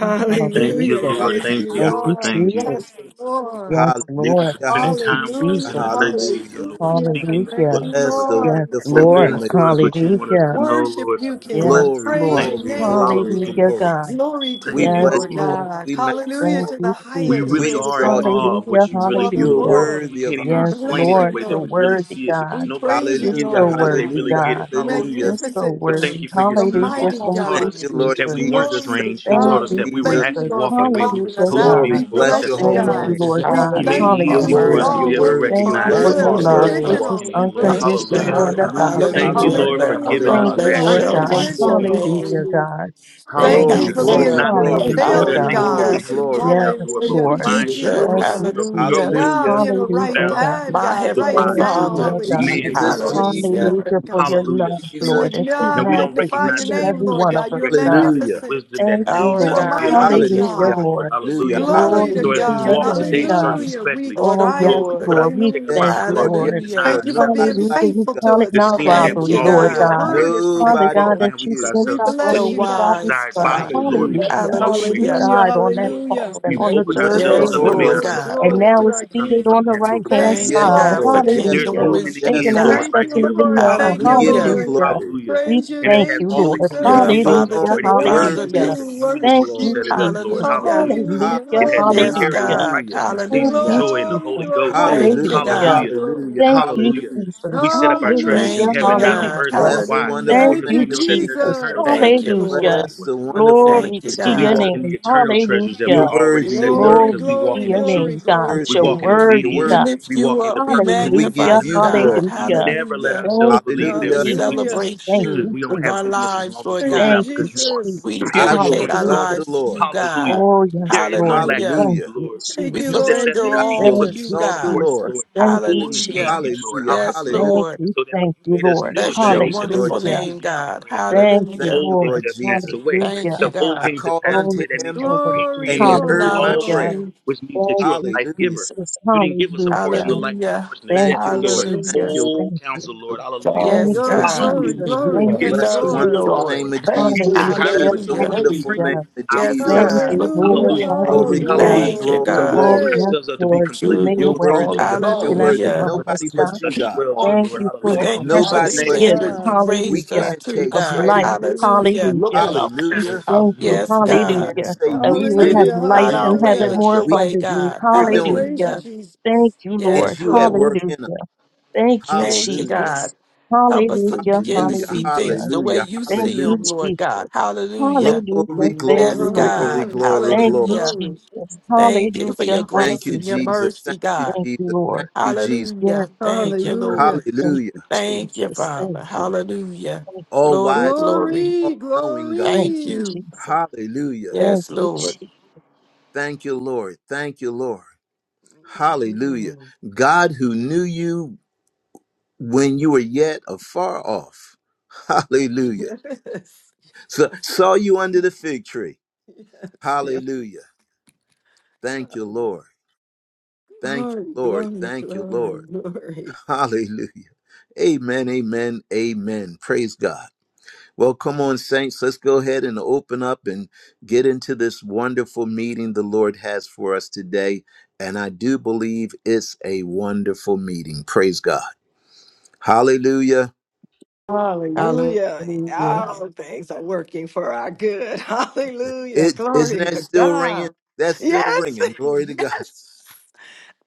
Speaker 4: Yes.
Speaker 5: Thank you,
Speaker 6: Hallelujah.
Speaker 5: Lord.
Speaker 1: glory.
Speaker 3: Thank
Speaker 5: Thank
Speaker 3: you,
Speaker 5: you,
Speaker 1: Hallelujah.
Speaker 6: Thank you,
Speaker 5: Lord.
Speaker 3: Lord.
Speaker 5: Thank you.
Speaker 6: Jesus.
Speaker 3: Yes, Lord.
Speaker 6: Yes,
Speaker 1: Hallelujah.
Speaker 5: Thank you
Speaker 6: Lord.
Speaker 5: for
Speaker 1: Hallelujah.
Speaker 5: spending
Speaker 6: Thank you,
Speaker 4: Yes.
Speaker 5: time with us
Speaker 3: Hallelujah.
Speaker 5: in
Speaker 6: Jesus.
Speaker 5: the night
Speaker 4: Thank
Speaker 1: Hallelujah.
Speaker 4: you,
Speaker 5: season, Lord.
Speaker 3: Hallelujah.
Speaker 5: Speaking to
Speaker 3: Thank
Speaker 6: Hallelujah.
Speaker 5: us,
Speaker 3: you,
Speaker 1: Bless
Speaker 5: Lord.
Speaker 1: the
Speaker 3: Lord.
Speaker 6: Yes,
Speaker 1: wonderful
Speaker 3: Jesus.
Speaker 6: Lord.
Speaker 1: name
Speaker 5: Revealing
Speaker 4: Lord.
Speaker 1: of
Speaker 5: to us
Speaker 1: Jesus.
Speaker 5: what you want us
Speaker 6: Hallelujah.
Speaker 5: to know,
Speaker 3: Worship
Speaker 5: Lord. So
Speaker 3: you,
Speaker 5: we can
Speaker 6: Yes,
Speaker 5: bless
Speaker 3: King.
Speaker 5: the
Speaker 1: Glory,
Speaker 5: other
Speaker 3: Praise
Speaker 6: Lord.
Speaker 3: your
Speaker 5: saints,
Speaker 1: glory,
Speaker 5: Lord.
Speaker 3: name,
Speaker 1: glory,
Speaker 5: Hallelujah.
Speaker 3: King.
Speaker 6: Hallelujah,
Speaker 1: glory.
Speaker 4: Yes.
Speaker 6: God.
Speaker 3: Glory to
Speaker 1: We
Speaker 5: Thank
Speaker 3: you,
Speaker 5: you,
Speaker 1: bless
Speaker 6: Yes,
Speaker 3: Lord
Speaker 5: Lord.
Speaker 1: you, God.
Speaker 6: Lord.
Speaker 3: God.
Speaker 1: We, ma-
Speaker 4: Yes,
Speaker 3: Hallelujah
Speaker 6: Thank
Speaker 3: to
Speaker 4: Lord.
Speaker 3: the
Speaker 6: you,
Speaker 5: We
Speaker 3: highest.
Speaker 1: we
Speaker 6: Jesus.
Speaker 5: really
Speaker 3: You are the
Speaker 5: are in
Speaker 1: exalt
Speaker 3: King
Speaker 1: you.
Speaker 3: of
Speaker 5: awe of
Speaker 6: Hallelujah.
Speaker 5: what you
Speaker 3: Kings. You
Speaker 5: really
Speaker 3: are
Speaker 5: do,
Speaker 3: the
Speaker 1: You are
Speaker 6: Hallelujah.
Speaker 5: Lord.
Speaker 3: Lord.
Speaker 5: We
Speaker 1: worthy of
Speaker 5: can't even
Speaker 3: We
Speaker 1: honor
Speaker 6: Yes,
Speaker 1: and
Speaker 5: explain
Speaker 3: bless
Speaker 5: it
Speaker 1: praise.
Speaker 5: the
Speaker 3: you,
Speaker 6: Lord.
Speaker 5: way
Speaker 6: You're
Speaker 5: that
Speaker 3: Lord.
Speaker 5: we really
Speaker 6: worthy,
Speaker 5: see it because
Speaker 3: We
Speaker 6: God.
Speaker 5: nobody
Speaker 3: praise
Speaker 5: really
Speaker 3: you,
Speaker 6: You're
Speaker 5: gets it
Speaker 1: Hallelujah.
Speaker 6: so
Speaker 3: Lord
Speaker 5: unless they
Speaker 3: God.
Speaker 6: worthy,
Speaker 5: really
Speaker 1: Hallelujah.
Speaker 5: get
Speaker 6: God.
Speaker 5: it.
Speaker 4: Oh,
Speaker 5: Hallelujah.
Speaker 6: You're
Speaker 1: Hallelujah.
Speaker 6: so
Speaker 3: Magnificent
Speaker 5: But
Speaker 4: yes.
Speaker 5: thank
Speaker 3: one,
Speaker 6: worthy.
Speaker 5: you for your
Speaker 3: the
Speaker 5: son
Speaker 6: Hallelujah.
Speaker 5: because
Speaker 3: mighty
Speaker 5: he
Speaker 4: All
Speaker 6: Thank
Speaker 5: taught
Speaker 1: Thank
Speaker 6: you,
Speaker 3: God.
Speaker 4: things
Speaker 5: us
Speaker 1: you, Lord
Speaker 5: that we
Speaker 4: visible.
Speaker 6: Jesus.
Speaker 5: weren't
Speaker 3: Glory
Speaker 1: Jesus. Thank
Speaker 3: to
Speaker 5: strange.
Speaker 1: you,
Speaker 5: He
Speaker 6: Thank
Speaker 5: taught
Speaker 1: Lord
Speaker 3: God.
Speaker 5: us
Speaker 3: We
Speaker 6: you,
Speaker 5: that we were
Speaker 1: Jesus.
Speaker 3: thank you,
Speaker 5: actually
Speaker 6: Jesus.
Speaker 3: Lord,
Speaker 5: walking
Speaker 3: for
Speaker 5: the way we were
Speaker 3: calling
Speaker 6: Hallelujah,
Speaker 3: us
Speaker 5: supposed to
Speaker 3: out.
Speaker 5: be
Speaker 6: God.
Speaker 1: Glory.
Speaker 3: We
Speaker 5: when we
Speaker 1: Bless your
Speaker 3: bless
Speaker 5: accepted
Speaker 3: you,
Speaker 4: Nothing
Speaker 5: him.
Speaker 1: holy
Speaker 6: Thank
Speaker 1: name.
Speaker 6: you,
Speaker 3: God.
Speaker 4: formed
Speaker 6: Lord
Speaker 3: We
Speaker 4: against
Speaker 6: God.
Speaker 5: He
Speaker 4: me
Speaker 5: made
Speaker 4: shall
Speaker 5: it
Speaker 3: thank
Speaker 1: You're
Speaker 2: Hallelujah.
Speaker 5: easy
Speaker 3: you. It's
Speaker 5: for
Speaker 4: prosper.
Speaker 6: Hallelujah.
Speaker 5: us
Speaker 1: worthy,
Speaker 5: to
Speaker 1: you're
Speaker 3: all
Speaker 5: be able to
Speaker 2: Hallelujah.
Speaker 3: working
Speaker 1: worthy,
Speaker 6: Thank
Speaker 3: for
Speaker 1: you're
Speaker 3: our
Speaker 6: you
Speaker 5: recognize
Speaker 4: You
Speaker 6: for
Speaker 5: what
Speaker 1: worthy,
Speaker 5: we
Speaker 2: Thank
Speaker 6: your
Speaker 3: good.
Speaker 5: were
Speaker 4: are
Speaker 1: you're
Speaker 2: you,
Speaker 3: It's
Speaker 6: love,
Speaker 5: supposed to
Speaker 1: worthy.
Speaker 5: be
Speaker 4: bigger.
Speaker 2: Lord.
Speaker 6: which is
Speaker 5: walking
Speaker 3: intentional. We
Speaker 5: in, Lord.
Speaker 3: bless
Speaker 2: Thank you,
Speaker 3: you,
Speaker 4: We
Speaker 5: Hallelujah.
Speaker 3: God,
Speaker 6: unconditional
Speaker 2: God.
Speaker 4: will
Speaker 6: and
Speaker 3: for
Speaker 4: have
Speaker 3: it.
Speaker 1: Hallelujah,
Speaker 6: agape,
Speaker 4: you
Speaker 5: Thank
Speaker 4: to
Speaker 5: you,
Speaker 4: the
Speaker 2: Hallelujah.
Speaker 6: Lord.
Speaker 5: Lord,
Speaker 1: hallelujah,
Speaker 5: for
Speaker 4: Lamb of
Speaker 5: giving
Speaker 3: Hallelujah.
Speaker 5: us
Speaker 6: Thank
Speaker 4: God.
Speaker 1: hallelujah.
Speaker 6: you,
Speaker 3: We
Speaker 5: back
Speaker 3: are
Speaker 2: Bless
Speaker 6: Lord
Speaker 4: Thank
Speaker 2: your
Speaker 4: you.
Speaker 6: God.
Speaker 5: what
Speaker 2: wonderful
Speaker 5: we
Speaker 3: intentional.
Speaker 5: lost.
Speaker 6: Hallelujah,
Speaker 2: name,
Speaker 3: Hallelujah.
Speaker 6: God.
Speaker 4: Thank
Speaker 6: Thank
Speaker 3: Thank
Speaker 4: you.
Speaker 3: you
Speaker 1: Glory,
Speaker 6: you,
Speaker 5: Hallelujah.
Speaker 3: for
Speaker 6: Lord.
Speaker 4: Thank
Speaker 3: being
Speaker 1: glory,
Speaker 3: a
Speaker 2: counselor.
Speaker 5: Not
Speaker 4: you.
Speaker 3: never
Speaker 5: leaving
Speaker 1: glory,
Speaker 4: Thank
Speaker 5: us over
Speaker 6: Hallelujah,
Speaker 5: there
Speaker 1: glory,
Speaker 4: you.
Speaker 3: failing
Speaker 6: God.
Speaker 5: thinking that
Speaker 3: God.
Speaker 2: Hallelujah.
Speaker 1: glory,
Speaker 5: we had it
Speaker 4: Mercy.
Speaker 5: figured
Speaker 1: glory.
Speaker 5: out,
Speaker 6: Yes,
Speaker 5: Lord, but
Speaker 4: Thank
Speaker 3: Hallelujah.
Speaker 4: you
Speaker 6: Lord.
Speaker 4: for
Speaker 3: Thank
Speaker 4: your
Speaker 5: reminding
Speaker 3: you,
Speaker 5: us,
Speaker 2: teacher.
Speaker 6: Thank
Speaker 3: Lord
Speaker 5: Lord, that
Speaker 4: grace.
Speaker 6: you,
Speaker 3: God.
Speaker 4: Thank
Speaker 5: your, your
Speaker 2: Hallelujah.
Speaker 6: Jesus.
Speaker 4: you
Speaker 3: Now
Speaker 5: wisdom
Speaker 1: Hallelujah.
Speaker 4: for
Speaker 3: being the
Speaker 4: your
Speaker 3: right
Speaker 6: Hallelujah,
Speaker 4: love.
Speaker 5: confounds the,
Speaker 6: God.
Speaker 3: time,
Speaker 2: My
Speaker 3: God,
Speaker 5: the
Speaker 3: right
Speaker 2: heavenly
Speaker 4: Thank you
Speaker 6: Thank
Speaker 5: wise,
Speaker 6: you,
Speaker 4: for
Speaker 3: now,
Speaker 4: your
Speaker 2: Father.
Speaker 6: Lord
Speaker 5: the
Speaker 6: God.
Speaker 5: man's
Speaker 3: hallelujah.
Speaker 4: patience,
Speaker 3: We
Speaker 4: your
Speaker 1: Jesus,
Speaker 5: wisdom.
Speaker 3: bless you
Speaker 1: Jesus,
Speaker 2: Hallelujah.
Speaker 3: for it,
Speaker 6: Hallelujah
Speaker 4: understanding.
Speaker 3: God.
Speaker 6: for
Speaker 1: Jesus,
Speaker 6: your
Speaker 5: Hallelujah.
Speaker 6: love,
Speaker 3: We
Speaker 4: All
Speaker 1: Jesus.
Speaker 4: of
Speaker 6: Lord,
Speaker 3: mag-
Speaker 6: that you
Speaker 4: what
Speaker 3: ah,
Speaker 5: Now, we
Speaker 6: have
Speaker 5: don't
Speaker 6: for
Speaker 3: magnify
Speaker 5: recognize
Speaker 6: each
Speaker 3: your
Speaker 5: it
Speaker 6: and
Speaker 5: as
Speaker 3: name,
Speaker 6: every
Speaker 4: can
Speaker 3: Lord
Speaker 6: one
Speaker 5: foolishness.
Speaker 6: of
Speaker 3: God.
Speaker 5: We
Speaker 6: us,
Speaker 3: You are
Speaker 5: recognize
Speaker 6: God.
Speaker 5: it as the
Speaker 1: Hallelujah,
Speaker 3: magnificent.
Speaker 5: wisdom that
Speaker 6: Thank you,
Speaker 5: leads
Speaker 2: Our
Speaker 5: us
Speaker 3: You're
Speaker 5: to
Speaker 6: Lord.
Speaker 5: be
Speaker 2: God,
Speaker 5: able to
Speaker 2: our
Speaker 3: mighty
Speaker 5: live this
Speaker 6: Hallelujah,
Speaker 5: life,
Speaker 1: hallelujah,
Speaker 2: King.
Speaker 3: God.
Speaker 5: Lord.
Speaker 6: Lord.
Speaker 1: hallelujah.
Speaker 5: Hallelujah.
Speaker 1: hallelujah.
Speaker 6: Glory
Speaker 3: Glory to
Speaker 5: So as
Speaker 2: Hallelujah.
Speaker 6: to
Speaker 5: we
Speaker 6: your
Speaker 3: God.
Speaker 2: King
Speaker 5: walk
Speaker 2: of
Speaker 6: name,
Speaker 5: today
Speaker 6: God.
Speaker 2: kings,
Speaker 3: Hallelujah. We
Speaker 5: circumspectly,
Speaker 2: Lord
Speaker 6: Oh,
Speaker 2: of
Speaker 4: in
Speaker 6: yes,
Speaker 5: Lord,
Speaker 3: triumph.
Speaker 5: we
Speaker 2: lords.
Speaker 5: put up,
Speaker 6: Lord.
Speaker 5: we
Speaker 6: We
Speaker 5: take up
Speaker 3: Hallelujah.
Speaker 5: our
Speaker 6: thank
Speaker 1: Yes,
Speaker 6: you,
Speaker 1: Lord,
Speaker 5: cross and
Speaker 1: yes,
Speaker 5: we
Speaker 6: Lord.
Speaker 5: deny
Speaker 2: Hallelujah.
Speaker 1: Lord.
Speaker 3: Thank you for
Speaker 1: Nobody
Speaker 5: ourselves
Speaker 3: being
Speaker 6: Hallelujah.
Speaker 1: like you,
Speaker 6: You
Speaker 3: faithful
Speaker 1: God.
Speaker 3: to
Speaker 6: count it
Speaker 3: us,
Speaker 5: the
Speaker 6: not
Speaker 3: God.
Speaker 5: sin that
Speaker 3: Thank
Speaker 2: Thank
Speaker 5: was
Speaker 6: robbery,
Speaker 2: you,
Speaker 3: you,
Speaker 6: Lord
Speaker 3: Lord.
Speaker 5: always
Speaker 3: Your
Speaker 2: God.
Speaker 6: God.
Speaker 3: word
Speaker 5: separating us
Speaker 3: is
Speaker 5: from you,
Speaker 6: Father
Speaker 1: Nobody
Speaker 5: Lord.
Speaker 6: God,
Speaker 5: But
Speaker 3: faithful.
Speaker 1: like
Speaker 6: that
Speaker 5: now we
Speaker 6: you
Speaker 5: put
Speaker 1: you.
Speaker 6: sent
Speaker 3: We
Speaker 5: ourselves
Speaker 6: thy
Speaker 5: in a
Speaker 2: So
Speaker 3: bless
Speaker 6: only
Speaker 5: position
Speaker 3: you,
Speaker 5: to be
Speaker 3: God.
Speaker 6: begotten
Speaker 2: wise,
Speaker 5: desired
Speaker 6: Son.
Speaker 5: by
Speaker 2: God.
Speaker 5: you,
Speaker 4: every
Speaker 5: Lord,
Speaker 1: Hallelujah.
Speaker 5: because we
Speaker 6: Hallelujah.
Speaker 5: walked the
Speaker 4: language,
Speaker 5: way
Speaker 6: He
Speaker 5: your
Speaker 2: Hallelujah.
Speaker 3: Hallelujah.
Speaker 5: son
Speaker 6: died on
Speaker 5: walks,
Speaker 6: that
Speaker 5: Lord.
Speaker 3: Hallelujah.
Speaker 6: cross and
Speaker 4: on
Speaker 5: We've
Speaker 6: on the
Speaker 4: every
Speaker 5: opened
Speaker 1: Bless
Speaker 6: third day
Speaker 1: the
Speaker 5: ourselves
Speaker 4: form.
Speaker 2: Yes,
Speaker 5: up
Speaker 3: Glory,
Speaker 5: and
Speaker 1: Lord,
Speaker 6: rose
Speaker 5: made
Speaker 1: oh
Speaker 2: Lord
Speaker 3: glory,
Speaker 1: my
Speaker 5: ourselves
Speaker 2: God.
Speaker 6: and
Speaker 5: available
Speaker 3: glory
Speaker 1: soul.
Speaker 5: for
Speaker 6: now
Speaker 3: to
Speaker 5: you
Speaker 6: is
Speaker 3: our
Speaker 5: to come
Speaker 6: seated
Speaker 5: and you
Speaker 6: on
Speaker 3: King.
Speaker 6: the
Speaker 5: can have your
Speaker 6: right
Speaker 5: room
Speaker 6: hand
Speaker 5: in
Speaker 3: Thank
Speaker 5: us,
Speaker 2: Thank
Speaker 3: you,
Speaker 1: Yes,
Speaker 2: you,
Speaker 5: Lord.
Speaker 6: side.
Speaker 2: God,
Speaker 3: Lord.
Speaker 2: for
Speaker 1: Lord,
Speaker 3: Thank
Speaker 1: yes,
Speaker 3: you,
Speaker 5: There's
Speaker 2: kingdom
Speaker 6: Hallelujah.
Speaker 1: Lord,
Speaker 5: room in
Speaker 3: Lord.
Speaker 5: the
Speaker 2: wisdom,
Speaker 6: Making
Speaker 1: yes,
Speaker 5: end,
Speaker 1: Lord.
Speaker 5: Lord,
Speaker 2: God.
Speaker 3: Thank
Speaker 5: right
Speaker 3: you,
Speaker 6: intercession
Speaker 5: here,
Speaker 6: even
Speaker 5: Lord.
Speaker 3: Lord.
Speaker 6: now.
Speaker 3: Thank
Speaker 1: We
Speaker 3: you,
Speaker 5: Hallelujah.
Speaker 1: give you
Speaker 2: Hallelujah.
Speaker 3: Lord.
Speaker 6: Hallelujah.
Speaker 1: glory.
Speaker 5: Hallelujah.
Speaker 6: We
Speaker 3: Praise your
Speaker 5: And
Speaker 6: thank
Speaker 5: it
Speaker 3: name,
Speaker 5: has
Speaker 6: you,
Speaker 5: all the
Speaker 6: Lord.
Speaker 5: kingdom
Speaker 1: You,
Speaker 2: You're a
Speaker 1: you
Speaker 3: Jesus.
Speaker 5: amenities
Speaker 1: alone
Speaker 2: father
Speaker 6: Hallelujah.
Speaker 2: to
Speaker 5: already
Speaker 2: the
Speaker 1: are
Speaker 5: built into
Speaker 3: Worship
Speaker 1: worthy
Speaker 5: it
Speaker 6: Hallelujah.
Speaker 1: of
Speaker 3: you,
Speaker 5: because
Speaker 1: honor
Speaker 5: you
Speaker 2: fatherless.
Speaker 5: are the
Speaker 1: and
Speaker 5: one
Speaker 6: Thank
Speaker 3: worship
Speaker 5: who
Speaker 1: glory.
Speaker 6: you,
Speaker 5: set it
Speaker 3: you.
Speaker 5: up, Lord.
Speaker 6: Jesus.
Speaker 2: Hallelujah.
Speaker 5: Hallelujah.
Speaker 3: Hallelujah,
Speaker 6: Hallelujah.
Speaker 5: It has your
Speaker 1: Hallelujah,
Speaker 2: Yes,
Speaker 3: hallelujah.
Speaker 5: character,
Speaker 6: Hallelujah.
Speaker 2: God.
Speaker 1: hallelujah,
Speaker 5: righteousness, peace,
Speaker 6: Thank
Speaker 5: and
Speaker 6: you,
Speaker 2: Hallelujah.
Speaker 5: joy in the
Speaker 3: Glory,
Speaker 5: Holy
Speaker 6: Jesus.
Speaker 5: Ghost.
Speaker 3: glory,
Speaker 2: Thank
Speaker 3: glory,
Speaker 2: you,
Speaker 1: hallelujah,
Speaker 3: glory,
Speaker 6: Hallelujah.
Speaker 2: God.
Speaker 5: Hallelujah.
Speaker 3: glory.
Speaker 1: hallelujah,
Speaker 6: Thank you,
Speaker 5: Hallelujah.
Speaker 1: hallelujah.
Speaker 6: Jesus.
Speaker 5: We set up our
Speaker 6: Hallelujah.
Speaker 5: treasures in
Speaker 2: Thank you,
Speaker 5: heaven, not on
Speaker 3: Hallelujah.
Speaker 2: God.
Speaker 5: earth,
Speaker 6: Hallelujah.
Speaker 5: Lord.
Speaker 1: Bless the
Speaker 5: Why?
Speaker 2: Hallelujah.
Speaker 1: wonderful
Speaker 6: Thank
Speaker 3: Thank
Speaker 1: name
Speaker 5: Because
Speaker 3: you,
Speaker 5: we
Speaker 6: you,
Speaker 1: of
Speaker 5: know that there's
Speaker 6: Jesus.
Speaker 1: Jesus.
Speaker 5: eternal
Speaker 3: Jesus.
Speaker 2: Thank
Speaker 5: treasures
Speaker 2: you,
Speaker 5: that we're supposed
Speaker 2: Lord.
Speaker 6: Hallelujah.
Speaker 5: to be
Speaker 1: Bless the
Speaker 5: working on, Lord.
Speaker 1: wonderful name
Speaker 6: Glory
Speaker 2: Thank you,
Speaker 1: of
Speaker 6: to
Speaker 5: So we
Speaker 6: your
Speaker 2: God.
Speaker 5: walk
Speaker 1: Jesus.
Speaker 5: in
Speaker 6: name.
Speaker 5: the eternal treasures that we're
Speaker 1: You're
Speaker 6: Hallelujah.
Speaker 5: already
Speaker 1: worthy, you're
Speaker 5: setting up
Speaker 3: Glory,
Speaker 5: because
Speaker 6: Glory
Speaker 5: we
Speaker 6: to
Speaker 5: walk
Speaker 3: glory,
Speaker 5: in the
Speaker 6: your
Speaker 5: truth.
Speaker 3: glory,
Speaker 6: name, God.
Speaker 3: glory,
Speaker 5: We
Speaker 1: worthy,
Speaker 6: Your
Speaker 1: you're,
Speaker 5: walk in
Speaker 3: glory.
Speaker 6: word
Speaker 1: you're
Speaker 6: be
Speaker 2: We
Speaker 5: obedience.
Speaker 6: God.
Speaker 1: worthy.
Speaker 2: lift
Speaker 5: We
Speaker 2: you
Speaker 5: walk in
Speaker 2: up.
Speaker 5: the
Speaker 2: We
Speaker 5: purpose that
Speaker 1: We
Speaker 5: you have
Speaker 2: magnify
Speaker 6: Hallelujah.
Speaker 1: give
Speaker 5: given
Speaker 2: you,
Speaker 1: you
Speaker 5: us.
Speaker 2: God.
Speaker 1: glory.
Speaker 5: We
Speaker 6: Hallelujah.
Speaker 5: never let
Speaker 2: Hallelujah.
Speaker 5: ourselves
Speaker 6: Thank you,
Speaker 5: believe that
Speaker 2: We
Speaker 1: Hallelujah.
Speaker 5: we're in
Speaker 6: Jesus.
Speaker 5: weakness
Speaker 3: Hallelujah.
Speaker 2: celebrate
Speaker 6: Thank
Speaker 5: because
Speaker 1: Mm.
Speaker 6: you,
Speaker 5: we
Speaker 2: you
Speaker 5: don't
Speaker 2: with
Speaker 5: have
Speaker 2: our
Speaker 6: Jesus.
Speaker 5: weakness as
Speaker 2: lives,
Speaker 5: long as
Speaker 2: Lord
Speaker 5: you're
Speaker 3: Thank you,
Speaker 5: around
Speaker 2: God.
Speaker 6: Thank you,
Speaker 5: because you are
Speaker 3: Jesus.
Speaker 2: We
Speaker 6: Jesus.
Speaker 1: I
Speaker 5: pure
Speaker 1: will
Speaker 2: dedicate our
Speaker 5: strength,
Speaker 6: Hallelujah.
Speaker 1: exalt
Speaker 5: Lord.
Speaker 1: the
Speaker 2: lives to
Speaker 1: Lord.
Speaker 2: you,
Speaker 5: Hallelujah.
Speaker 2: God.
Speaker 6: Oh, yes,
Speaker 5: There is no
Speaker 6: Lord.
Speaker 5: lack
Speaker 2: Hallelujah.
Speaker 5: in
Speaker 6: Thank
Speaker 1: Hallelujah.
Speaker 5: you,
Speaker 6: you,
Speaker 5: Lord.
Speaker 3: Thank
Speaker 5: When
Speaker 2: We
Speaker 3: you,
Speaker 5: you said,
Speaker 6: Jesus.
Speaker 3: Lord
Speaker 5: let there
Speaker 2: surrender
Speaker 1: I
Speaker 5: be,
Speaker 2: all
Speaker 5: there
Speaker 1: will
Speaker 2: to
Speaker 6: Thank
Speaker 5: wasn't a
Speaker 2: you,
Speaker 3: Jesus.
Speaker 6: you,
Speaker 1: exalt
Speaker 5: small
Speaker 1: the
Speaker 2: God.
Speaker 5: portion,
Speaker 1: Lord.
Speaker 6: Jesus.
Speaker 5: Lord. The
Speaker 6: Thank you,
Speaker 5: fullness came
Speaker 2: Hallelujah.
Speaker 5: in,
Speaker 6: Jesus.
Speaker 5: Lord.
Speaker 1: Hallelujah,
Speaker 2: Yes,
Speaker 5: Hallelujah.
Speaker 1: hallelujah.
Speaker 6: Thank
Speaker 2: Lord.
Speaker 5: And
Speaker 6: you,
Speaker 5: so that when
Speaker 6: thank
Speaker 5: you
Speaker 6: you,
Speaker 5: made us
Speaker 6: Lord.
Speaker 5: new
Speaker 2: Bless
Speaker 5: again,
Speaker 2: your
Speaker 1: Thank
Speaker 5: you
Speaker 1: you,
Speaker 5: said
Speaker 1: Lord
Speaker 2: wonderful
Speaker 5: all
Speaker 1: Jesus.
Speaker 6: Hallelujah.
Speaker 5: things
Speaker 2: name,
Speaker 5: become
Speaker 2: God.
Speaker 5: brand new.
Speaker 6: Thank
Speaker 1: Thank
Speaker 6: you,
Speaker 2: Hallelujah.
Speaker 1: you,
Speaker 5: Old things
Speaker 6: Lord.
Speaker 1: Lord
Speaker 5: have
Speaker 1: Jesus.
Speaker 5: passed away.
Speaker 2: Thank
Speaker 6: Hallelujah.
Speaker 5: So
Speaker 2: you,
Speaker 5: if old
Speaker 1: I
Speaker 2: God.
Speaker 5: things have
Speaker 1: called
Speaker 5: passed
Speaker 6: Oh,
Speaker 1: unto
Speaker 5: away,
Speaker 6: yes,
Speaker 5: that means
Speaker 1: him
Speaker 5: you
Speaker 6: Lord.
Speaker 3: Glory,
Speaker 1: and he
Speaker 2: We
Speaker 5: recreated
Speaker 1: heard
Speaker 3: glory,
Speaker 1: my
Speaker 5: all
Speaker 2: acknowledge
Speaker 5: new,
Speaker 6: Hallelujah.
Speaker 1: prayer.
Speaker 2: you.
Speaker 3: glory.
Speaker 5: which means that
Speaker 6: Thank
Speaker 5: you're
Speaker 6: you,
Speaker 5: a life
Speaker 1: Hallelujah.
Speaker 5: giver.
Speaker 6: Jesus.
Speaker 5: You didn't give us a portion of
Speaker 6: Hallelujah.
Speaker 5: life and a
Speaker 2: Hallelujah.
Speaker 5: portion of
Speaker 6: Thank
Speaker 5: death.
Speaker 1: Thank
Speaker 5: You
Speaker 1: you,
Speaker 6: you,
Speaker 5: gave us
Speaker 1: Lord.
Speaker 5: the
Speaker 1: Thank
Speaker 2: Hallelujah.
Speaker 1: you,
Speaker 6: Jesus.
Speaker 1: Lord.
Speaker 5: whole
Speaker 6: Thank
Speaker 1: Thank
Speaker 6: you.
Speaker 5: counsel,
Speaker 1: you, Lord.
Speaker 5: Lord. Hallelujah.
Speaker 4: Father,
Speaker 6: Thank
Speaker 2: Yes,
Speaker 6: you,
Speaker 4: for
Speaker 3: Glory,
Speaker 2: God.
Speaker 5: Hallelujah.
Speaker 3: glory,
Speaker 4: keeping
Speaker 6: Jesus.
Speaker 4: me
Speaker 3: glory.
Speaker 5: You
Speaker 6: Thank
Speaker 4: here.
Speaker 5: gave
Speaker 2: We
Speaker 3: Yes,
Speaker 6: you,
Speaker 5: us
Speaker 1: Bless
Speaker 5: your
Speaker 1: the
Speaker 2: love you,
Speaker 3: Lord.
Speaker 6: Jesus.
Speaker 4: So
Speaker 1: wonderful
Speaker 5: fullness,
Speaker 4: I
Speaker 2: Lord.
Speaker 5: Lord.
Speaker 1: name of
Speaker 4: have
Speaker 5: You
Speaker 1: Jesus.
Speaker 4: this
Speaker 5: said, well, however
Speaker 4: day
Speaker 1: Bless
Speaker 6: Hallelujah.
Speaker 5: much
Speaker 4: to
Speaker 5: you
Speaker 1: the
Speaker 5: can
Speaker 2: Hallelujah.
Speaker 5: eat and
Speaker 4: praise
Speaker 1: wonderful
Speaker 5: drink,
Speaker 1: name
Speaker 6: Hallelujah.
Speaker 4: you.
Speaker 1: of
Speaker 5: I'll
Speaker 2: Yes,
Speaker 5: fill you.
Speaker 6: Thank
Speaker 1: Jesus.
Speaker 2: God.
Speaker 6: you,
Speaker 3: Hallelujah.
Speaker 6: Lord.
Speaker 5: Hallelujah.
Speaker 4: Hallelujah,
Speaker 3: Oh,
Speaker 1: Glory,
Speaker 3: glory,
Speaker 4: hallelujah,
Speaker 1: glory,
Speaker 6: Hallelujah.
Speaker 5: Hallelujah.
Speaker 2: Thank
Speaker 3: glory,
Speaker 2: you,
Speaker 1: glory,
Speaker 5: So we
Speaker 2: God.
Speaker 4: hallelujah.
Speaker 5: open
Speaker 6: Oh,
Speaker 1: glory.
Speaker 6: yes,
Speaker 3: glory.
Speaker 5: ourselves up to be
Speaker 6: Lord. You
Speaker 5: completely
Speaker 4: Should
Speaker 6: made a
Speaker 1: You're
Speaker 4: be
Speaker 5: filled to
Speaker 6: way
Speaker 5: the
Speaker 1: worthy,
Speaker 6: for
Speaker 4: going
Speaker 1: God.
Speaker 5: overflow
Speaker 6: each
Speaker 1: You're
Speaker 5: because we
Speaker 6: and
Speaker 4: long,
Speaker 5: got some
Speaker 6: every
Speaker 1: worthy.
Speaker 5: brothers
Speaker 6: one
Speaker 2: Hallelujah.
Speaker 5: brothers
Speaker 6: of
Speaker 4: but
Speaker 6: us,
Speaker 5: and
Speaker 1: Nobody
Speaker 5: sisters
Speaker 6: God.
Speaker 5: is
Speaker 1: but you,
Speaker 5: blessed
Speaker 4: keep
Speaker 5: as
Speaker 1: God.
Speaker 5: well too,
Speaker 4: on
Speaker 6: Thank
Speaker 5: Lord.
Speaker 6: you
Speaker 4: keeping
Speaker 2: We
Speaker 6: for the
Speaker 5: Hallelujah.
Speaker 2: thank you for
Speaker 4: on.
Speaker 2: the
Speaker 1: Nobody
Speaker 6: precious
Speaker 3: Glory
Speaker 5: Thank
Speaker 3: to
Speaker 1: but
Speaker 5: you,
Speaker 6: gift,
Speaker 5: Lord
Speaker 2: standard
Speaker 1: you.
Speaker 2: you
Speaker 3: God.
Speaker 5: Jesus.
Speaker 1: We
Speaker 2: raised us
Speaker 6: hallelujah,
Speaker 1: can't
Speaker 2: to,
Speaker 4: He
Speaker 1: take
Speaker 6: of
Speaker 4: said
Speaker 2: God.
Speaker 6: life,
Speaker 4: you
Speaker 1: credit.
Speaker 4: just keep
Speaker 2: Hallelujah.
Speaker 6: hallelujah.
Speaker 4: looking up.
Speaker 6: We
Speaker 1: Hallelujah.
Speaker 6: thank you,
Speaker 4: Hallelujah.
Speaker 2: Yes,
Speaker 1: We
Speaker 2: God.
Speaker 4: Thank
Speaker 1: can't
Speaker 6: hallelujah,
Speaker 4: you.
Speaker 1: say
Speaker 6: that we
Speaker 1: we
Speaker 6: would
Speaker 1: did
Speaker 4: Thank you.
Speaker 6: have
Speaker 1: it.
Speaker 3: Hallelujah.
Speaker 6: life
Speaker 2: Not
Speaker 4: Thank
Speaker 2: our
Speaker 6: and
Speaker 4: you.
Speaker 6: have
Speaker 2: way,
Speaker 6: it
Speaker 4: Thank
Speaker 3: Hallelujah.
Speaker 2: but
Speaker 6: more
Speaker 4: you.
Speaker 2: your
Speaker 1: We
Speaker 2: way,
Speaker 1: can't
Speaker 6: abundantly,
Speaker 1: say
Speaker 2: God.
Speaker 1: we're
Speaker 3: We
Speaker 1: doing it.
Speaker 3: praise you,
Speaker 6: hallelujah.
Speaker 2: Hallelujah.
Speaker 3: Jesus.
Speaker 6: Thank you,
Speaker 1: It's
Speaker 6: Lord,
Speaker 2: Yes,
Speaker 1: you at
Speaker 2: Lord.
Speaker 1: work in us.
Speaker 6: hallelujah. Thank you,
Speaker 2: Thank you,
Speaker 1: Hallelujah.
Speaker 2: God.
Speaker 6: Jesus,
Speaker 2: Help us to
Speaker 6: hallelujah,
Speaker 2: begin to
Speaker 1: Hallelujah,
Speaker 2: see things
Speaker 6: hallelujah.
Speaker 2: the way
Speaker 1: hallelujah,
Speaker 2: you
Speaker 6: Thank
Speaker 2: see
Speaker 6: you,
Speaker 2: them,
Speaker 1: hallelujah.
Speaker 2: Lord God.
Speaker 6: Jesus,
Speaker 2: Hallelujah.
Speaker 1: Glory,
Speaker 6: hallelujah, thank
Speaker 3: Mm,
Speaker 1: glory,
Speaker 6: you,
Speaker 2: Yes,
Speaker 3: Glory,
Speaker 6: Lord.
Speaker 1: glory,
Speaker 2: God.
Speaker 3: glory,
Speaker 1: glory,
Speaker 3: glory,
Speaker 6: Thank you,
Speaker 2: Hallelujah.
Speaker 1: glory.
Speaker 3: glory.
Speaker 6: Jesus,
Speaker 2: Thank you for your
Speaker 6: hallelujah,
Speaker 1: Thank
Speaker 2: grace
Speaker 1: you,
Speaker 2: and your
Speaker 6: hallelujah.
Speaker 1: Jesus. Thank
Speaker 2: mercy,
Speaker 1: you,
Speaker 2: God.
Speaker 6: Thank you,
Speaker 1: Jesus.
Speaker 6: Lord.
Speaker 1: Thank you, Jesus.
Speaker 6: Yes,
Speaker 2: Hallelujah. Thank
Speaker 6: Lord.
Speaker 2: you, Lord.
Speaker 3: Hallelujah.
Speaker 6: Thank you,
Speaker 1: Hallelujah.
Speaker 2: Thank you,
Speaker 6: Jesus. Thank
Speaker 2: Father.
Speaker 6: you.
Speaker 2: Hallelujah.
Speaker 6: Thank you,
Speaker 1: All
Speaker 2: Glory,
Speaker 1: wise
Speaker 2: glory.
Speaker 1: God,
Speaker 3: Glory,
Speaker 1: all knowing God.
Speaker 6: thank
Speaker 2: Thank
Speaker 6: you,
Speaker 3: glory.
Speaker 2: you.
Speaker 6: Jesus.
Speaker 1: Hallelujah.
Speaker 6: Thank
Speaker 2: Yes,
Speaker 6: you,
Speaker 2: Lord.
Speaker 6: Jesus.
Speaker 1: Thank you, Lord. Thank you, Lord. Hallelujah.
Speaker 3: Mm,
Speaker 1: God who knew you when you were yet afar off. Hallelujah.
Speaker 3: Yes.
Speaker 1: So, saw you under the fig tree.
Speaker 3: Yes.
Speaker 1: Hallelujah. Thank you,
Speaker 3: Yeah.
Speaker 1: Lord. Thank you,
Speaker 3: Glory,
Speaker 1: Lord.
Speaker 3: glory,
Speaker 1: Thank you,
Speaker 3: glory,
Speaker 1: Lord.
Speaker 3: glory.
Speaker 1: Hallelujah. Amen, amen, amen. Praise God. Well, come on, saints. Let's go ahead and open up and get into this wonderful meeting the Lord has for us today. And I do believe it's a wonderful meeting. Praise God. Hallelujah.
Speaker 3: Hallelujah.
Speaker 2: Hallelujah.
Speaker 3: All things are working for our good. Hallelujah.
Speaker 1: It, isn't
Speaker 3: Glory
Speaker 1: that
Speaker 3: to
Speaker 1: still ringing?
Speaker 3: God.
Speaker 1: That's still
Speaker 3: Yes,
Speaker 1: ringing. Glory to God.
Speaker 3: yes.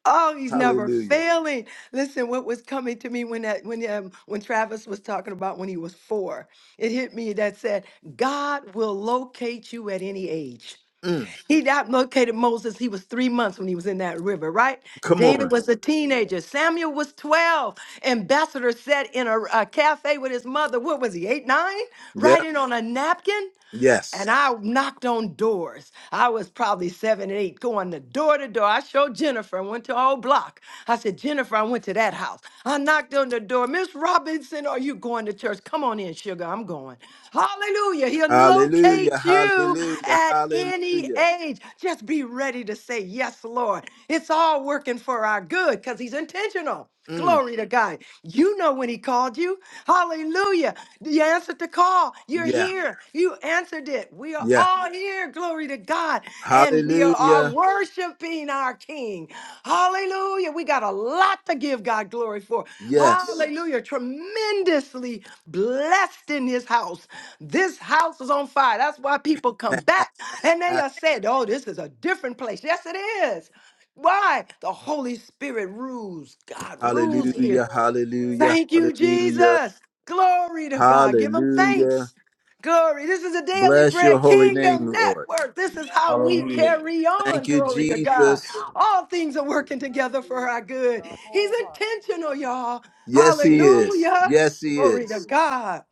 Speaker 3: Oh, he's never
Speaker 1: Hallelujah.
Speaker 3: failing. Listen, what was coming to me when that when um, when Travis was talking about when he was four, it hit me that said, God will locate you at any age.
Speaker 1: Mm,
Speaker 3: He located Moses. He was three months when he was in that river, right?
Speaker 1: come
Speaker 3: David
Speaker 1: on.
Speaker 3: was a teenager. Samuel was 12. Ambassador sat in a, a cafe with his mother. What was he, eight, nine?
Speaker 1: Yep.
Speaker 3: Writing on a napkin?
Speaker 1: Yes.
Speaker 3: and I knocked on doors. I was probably seven and eight, going the door to door. I showed Jennifer and went to our old block. I said, Jennifer, I went to that house. I knocked on the door. Miss Robinson, are you going to church? Come on in, sugar. I'm going. Hallelujah. He'll
Speaker 1: Hallelujah.
Speaker 3: locate you
Speaker 1: Hallelujah.
Speaker 3: at any
Speaker 1: Hallelujah.
Speaker 3: age. Just be ready to say, Yes, Lord. It's all working for our good because He's intentional.
Speaker 1: Mm,
Speaker 3: Glory to God. You know when He called you. Hallelujah. You answered the call. You're
Speaker 1: yeah.
Speaker 3: here. You answered it. We are
Speaker 1: Yeah.
Speaker 3: all here. Glory to God. And we are
Speaker 1: Hallelujah.
Speaker 3: all worshiping our King. Hallelujah. We got a lot to give God glory for.
Speaker 1: Yes.
Speaker 3: Hallelujah. Tremendously blessed in his house. This house is on fire. That's why people come back and they are said, oh, this is a different place. Yes, it is. Why? The Holy Spirit rules. God rules here.
Speaker 1: Hallelujah, hallelujah,
Speaker 3: Thank you,
Speaker 1: hallelujah,
Speaker 3: Jesus. Glory to God. Give him
Speaker 1: hallelujah.
Speaker 3: thanks. Glory. This is a daily
Speaker 1: Bless your
Speaker 3: bread
Speaker 1: holy name,
Speaker 3: kingdom
Speaker 1: Lord.
Speaker 3: network. This is how we
Speaker 5: Hallelujah.
Speaker 3: carry on.
Speaker 1: Thank you,
Speaker 3: Glory to God.
Speaker 1: Jesus.
Speaker 3: All things are working together for our good. He's intentional, y'all.
Speaker 1: Yes, He is.
Speaker 3: Hallelujah.
Speaker 1: Yes, He
Speaker 3: Glory to
Speaker 1: is.
Speaker 3: God.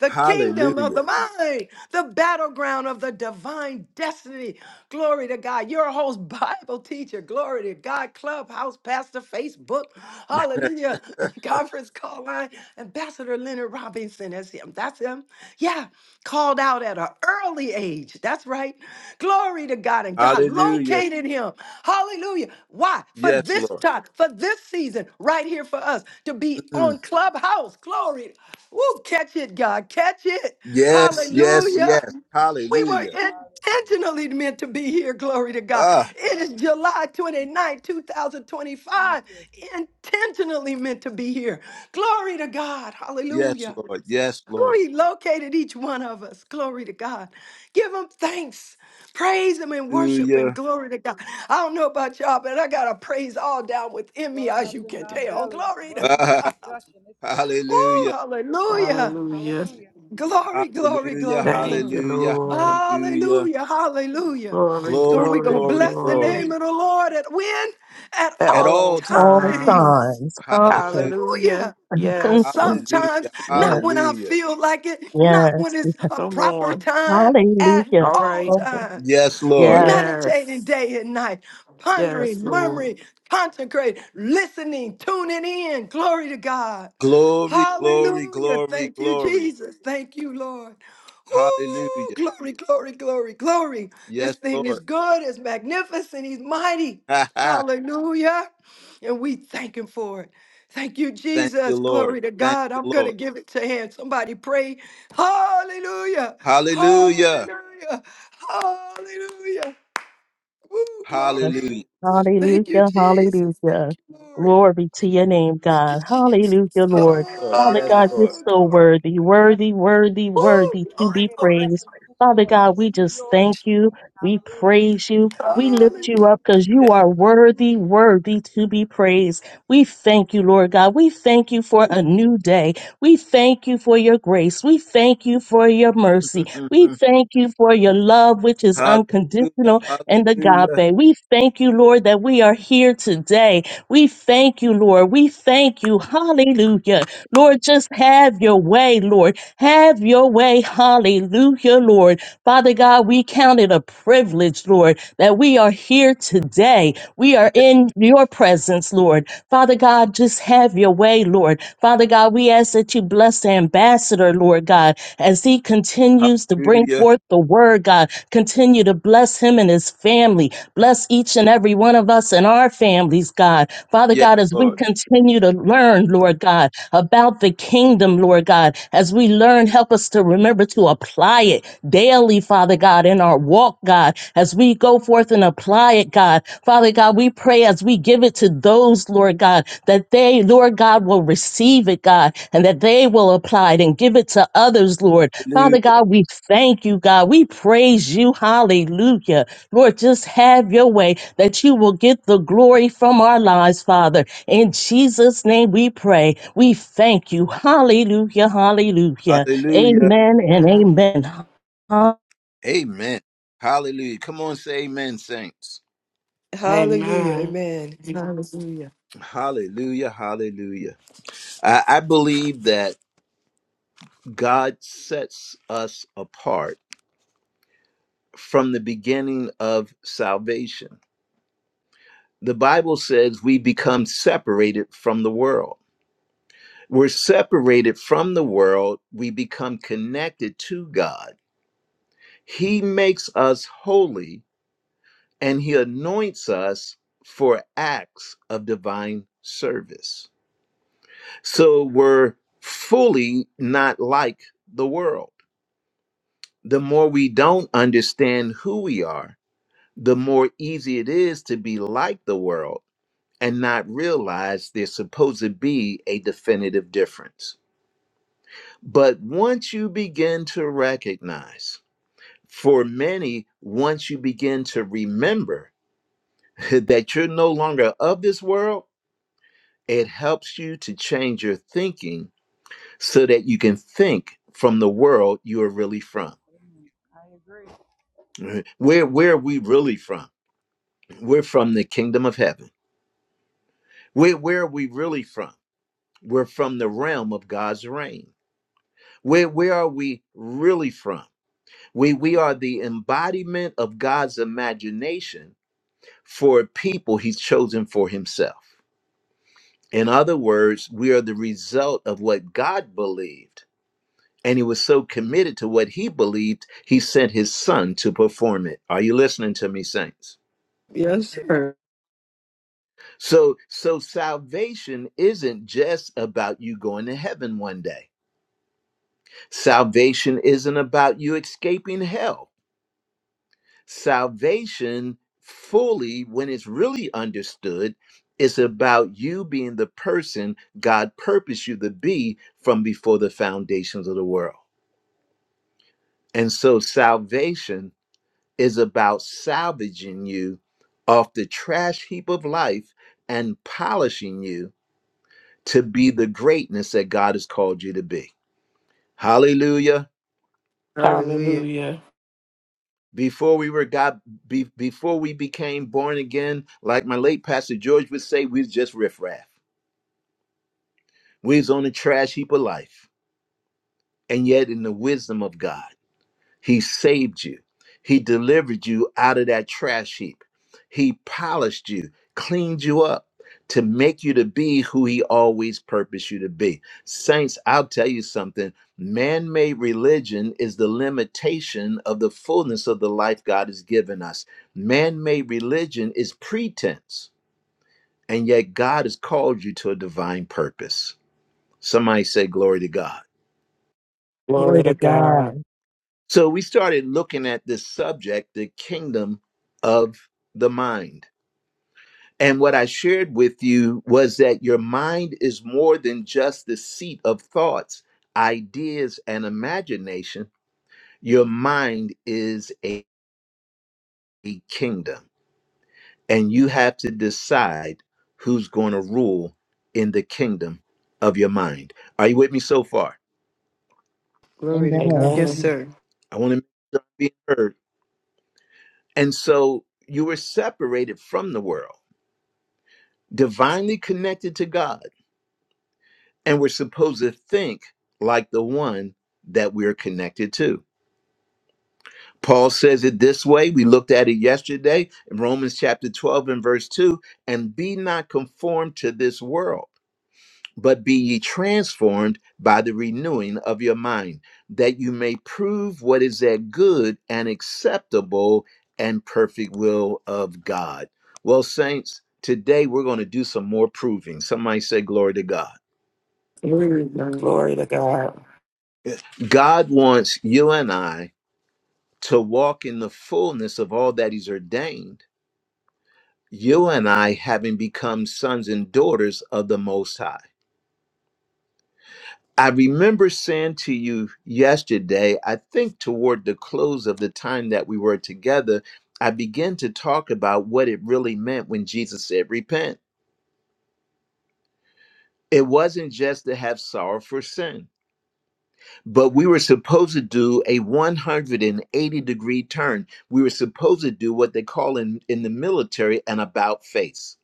Speaker 3: The kingdom of
Speaker 1: Hallelujah,
Speaker 3: the mind, the battleground of the divine destiny. Glory to God. Your host, Bible teacher. Glory to God. Clubhouse, Pastor, Facebook. Hallelujah. conference call line, Ambassador Leonard Robinson, that's him. That's him. Yeah, called out at an early age. That's right. Glory to God. And God
Speaker 1: hallelujah.
Speaker 3: located him. Hallelujah. Why? For
Speaker 1: Yes,
Speaker 3: this
Speaker 1: Lord.
Speaker 3: time, for this season, right here for us to be
Speaker 1: Mm.
Speaker 3: on Clubhouse. Glory. Woo, catch it, God. Catch it.
Speaker 1: Yes, yes,
Speaker 3: Hallelujah.
Speaker 1: yes.
Speaker 3: We were
Speaker 1: Hallelujah.
Speaker 3: intentionally meant to be here. Glory to God.
Speaker 1: Ah,
Speaker 3: It is July 29, 2025. Intentionally meant to be here. Glory to God.
Speaker 1: yes,
Speaker 3: Hallelujah.
Speaker 1: Lord. Yes, Lord.
Speaker 3: He located each one of us. Glory to God. Give him thanks. Praise him and worship him.
Speaker 1: Hallelujah.
Speaker 3: Glory to God. I don't know about y'all, but I got a praise all down within me, as you can tell. Glory to God.
Speaker 1: Ah, hallelujah,
Speaker 3: Oh, hallelujah.
Speaker 2: Hallelujah.
Speaker 3: Glory, glory,
Speaker 1: hallelujah,
Speaker 3: glory,
Speaker 2: Thank
Speaker 3: glory.
Speaker 2: you,
Speaker 1: hallelujah,
Speaker 2: Lord.
Speaker 1: hallelujah.
Speaker 3: Hallelujah, hallelujah.
Speaker 2: Glory,
Speaker 3: So
Speaker 1: Glory,
Speaker 3: we're going
Speaker 2: glory,
Speaker 3: to
Speaker 1: glory,
Speaker 3: bless the
Speaker 2: glory.
Speaker 3: name
Speaker 1: glory.
Speaker 3: of the Lord at when? At
Speaker 2: At
Speaker 1: At
Speaker 3: all
Speaker 2: all
Speaker 1: all times.
Speaker 6: All
Speaker 2: times.
Speaker 3: times.
Speaker 6: times. Hallelujah.
Speaker 1: Hallelujah.
Speaker 2: Hallelujah.
Speaker 3: Hallelujah. Not
Speaker 2: Yes.
Speaker 3: sometimes,
Speaker 1: Hallelujah.
Speaker 3: not
Speaker 6: yes,
Speaker 3: when I
Speaker 1: Hallelujah.
Speaker 3: feel like it, not when it's
Speaker 6: yes.
Speaker 3: a
Speaker 2: Come
Speaker 3: proper
Speaker 2: on.
Speaker 3: time, at
Speaker 6: Hallelujah.
Speaker 2: All
Speaker 3: all
Speaker 2: right.
Speaker 6: Oh,
Speaker 3: times
Speaker 1: Yes, Lord.
Speaker 6: yes.
Speaker 3: meditating
Speaker 2: Yes.
Speaker 3: day and night,
Speaker 2: Yes,
Speaker 3: pondering,
Speaker 2: Lord.
Speaker 3: murmuring, consecrating, listening, tuning in. Glory to God.
Speaker 1: Glory, glory,
Speaker 3: Hallelujah.
Speaker 1: glory,
Speaker 3: Thank you,
Speaker 1: glory.
Speaker 3: Jesus. Thank you, Lord. Ooh,
Speaker 1: Hallelujah.
Speaker 3: glory, glory, glory, glory. This
Speaker 1: Yes,
Speaker 3: thing is
Speaker 1: Lord.
Speaker 3: good, it's magnificent, he's mighty.
Speaker 1: Ha ha.
Speaker 3: Hallelujah. And we thank him for it. Thank you,
Speaker 1: Thank you,
Speaker 3: Jesus.
Speaker 1: Lord.
Speaker 3: Glory to
Speaker 1: Thank
Speaker 3: God.
Speaker 1: you,
Speaker 3: I'm going to
Speaker 1: Lord.
Speaker 3: give it to him. Somebody pray. Hallelujah.
Speaker 1: Hallelujah.
Speaker 3: Hallelujah. Hallelujah. Woo,
Speaker 1: Hallelujah.
Speaker 3: glory. Thank you,
Speaker 6: Hallelujah,
Speaker 3: Jesus.
Speaker 6: hallelujah.
Speaker 3: Thank you, Lord.
Speaker 6: Glory be to your name,
Speaker 3: Thank you,
Speaker 6: God. Hallelujah,
Speaker 3: Jesus.
Speaker 1: Yes,
Speaker 6: Lord.
Speaker 1: Lord.
Speaker 6: Father
Speaker 1: Yes,
Speaker 6: God, you're
Speaker 1: Lord.
Speaker 3: Oh,
Speaker 6: so
Speaker 3: glory.
Speaker 6: worthy, worthy, worthy, worthy
Speaker 3: Woo,
Speaker 6: to
Speaker 3: glory,
Speaker 6: be
Speaker 3: glory.
Speaker 6: praised. Father God, we just thank you. We praise you. We lift
Speaker 3: Hallelujah.
Speaker 6: you up because
Speaker 1: Yes.
Speaker 6: you are worthy, worthy to be praised. We thank you, Lord God. We thank you for a new day. We thank you for your grace. We thank you for your mercy. We thank you for your love, which is
Speaker 1: hallelujah.
Speaker 6: unconditional and
Speaker 1: Hallelujah.
Speaker 6: agape. We thank you, Lord, that we are here today. We thank you, Lord. We thank you. Hallelujah. Lord, just have your way, Lord. Have your way. Hallelujah, Lord. Father God, we count it a privilege, Lord, that we are here today. We are
Speaker 1: Yes,
Speaker 6: in your presence, Lord. Father God, just have your way, Lord. Father God, we ask that you bless the ambassador, Lord God, as he continues to bring
Speaker 1: hallelujah.
Speaker 6: forth the word, God. Continue to bless him and his family. Bless each and every one of us and our families, God. Father
Speaker 1: Yes,
Speaker 6: God, as we
Speaker 1: Lord.
Speaker 6: continue to learn learn, Lord God, about the kingdom, Lord God. As we learn, help us to remember to apply it daily, Father God, in our walk, God, as we go forth and apply it, God. Father God, we pray as we give it to those, Lord God, that they, Lord God, will receive it, God, and that they will apply it and give it to others, Lord. Father
Speaker 1: Hallelujah.
Speaker 6: God, we thank you, God. We praise you. Hallelujah. Lord, just have your way that you will get the glory from our lives, Father. In Jesus' name we pray. We thank you. Hallelujah. Hallelujah.
Speaker 1: Hallelujah.
Speaker 6: Amen and amen. Hallelujah.
Speaker 1: Amen. Hallelujah. Come on, say amen, saints.
Speaker 3: Hallelujah.
Speaker 2: Amen.
Speaker 3: Amen. Hallelujah.
Speaker 1: Hallelujah. Hallelujah. I, I believe that God sets us apart from the beginning of salvation. The Bible says we become separated from the world. We're separated from the world, we become connected to God. He makes us holy and He anoints us for acts of divine service. So we're fully not like the world. The more we don't understand who we are, the more easy it is to be like the world and not realize there's supposed to be a definitive difference. But once you begin to recognize, for many, once you begin to remember that you're no longer of this world, it helps you to change your thinking so that you can think from the world you are really from. Right? Where where are we really from? We're from the kingdom of heaven. Where where are we really from? We're from the realm of God's reign. Where where are we really from? We we are the embodiment of God's imagination for a people he's chosen for himself. In other words, we are the result of what God believed and he was so committed to what he believed he sent his son to perform it are you listening to me saints
Speaker 3: Yes, sir.
Speaker 1: so so salvation isn't just about you going to heaven one day salvation isn't about you escaping hell salvation fully when it's really understood is about you being the person god purposed you to be from before the foundations of the world and so salvation is about salvaging you off the trash heap of life and polishing you to be the greatness that God has called you to be. Hallelujah.
Speaker 3: Hallelujah.
Speaker 2: Hallelujah.
Speaker 1: Before we were God, be, before we became born again, like my late pastor George would say, we was just riffraff. We was on the trash heap of life. And yet in the wisdom of God. He saved you. He delivered you out of that trash heap. He polished you, cleaned you up to make you to be who he always purposed you to be. Saints, I'll tell you something. Man made religion is the limitation of the fullness of the life God has given us. Man made religion is pretense, and yet God has called you to a divine purpose. Somebody say, Glory to God.
Speaker 6: Glory
Speaker 2: Glory to
Speaker 6: to
Speaker 2: God.
Speaker 6: God.
Speaker 1: So we started looking at this subject, the kingdom of the mind. And what I shared with you was that your mind is more than just the seat of thoughts, ideas, and imagination. Your mind is a, a kingdom, and you have to decide who's going to rule in the kingdom of your mind. Are you with me so far?
Speaker 3: Glory to God.
Speaker 6: Amen.
Speaker 3: Yes,
Speaker 2: Amen.
Speaker 3: sir.
Speaker 1: I want to make sure I'm being heard. And so you were separated from the world divinely connected to God, and we're supposed to think like the one that we're connected to. Paul says it this way. We looked at it yesterday in Romans chapter 12 and verse 2 and be not conformed to this world, but be ye transformed by the renewing of your mind, that you may prove what is that good and acceptable and perfect will of God. Well, saints, today we're going to do some more proving. Somebody say, Glory to God
Speaker 3: Glory to God.
Speaker 2: Glory to God.
Speaker 1: God wants you and I to walk in the fullness of all that He's ordained, you and I having become sons and daughters of the Most High. I remember saying to you yesterday, I think toward the close of the time that we were together, I began to talk about what it really meant when Jesus said, Repent. It wasn't just to have sorrow for sin but we were supposed to do a 180 degree turn we were supposed to do what they call in, in the military an about face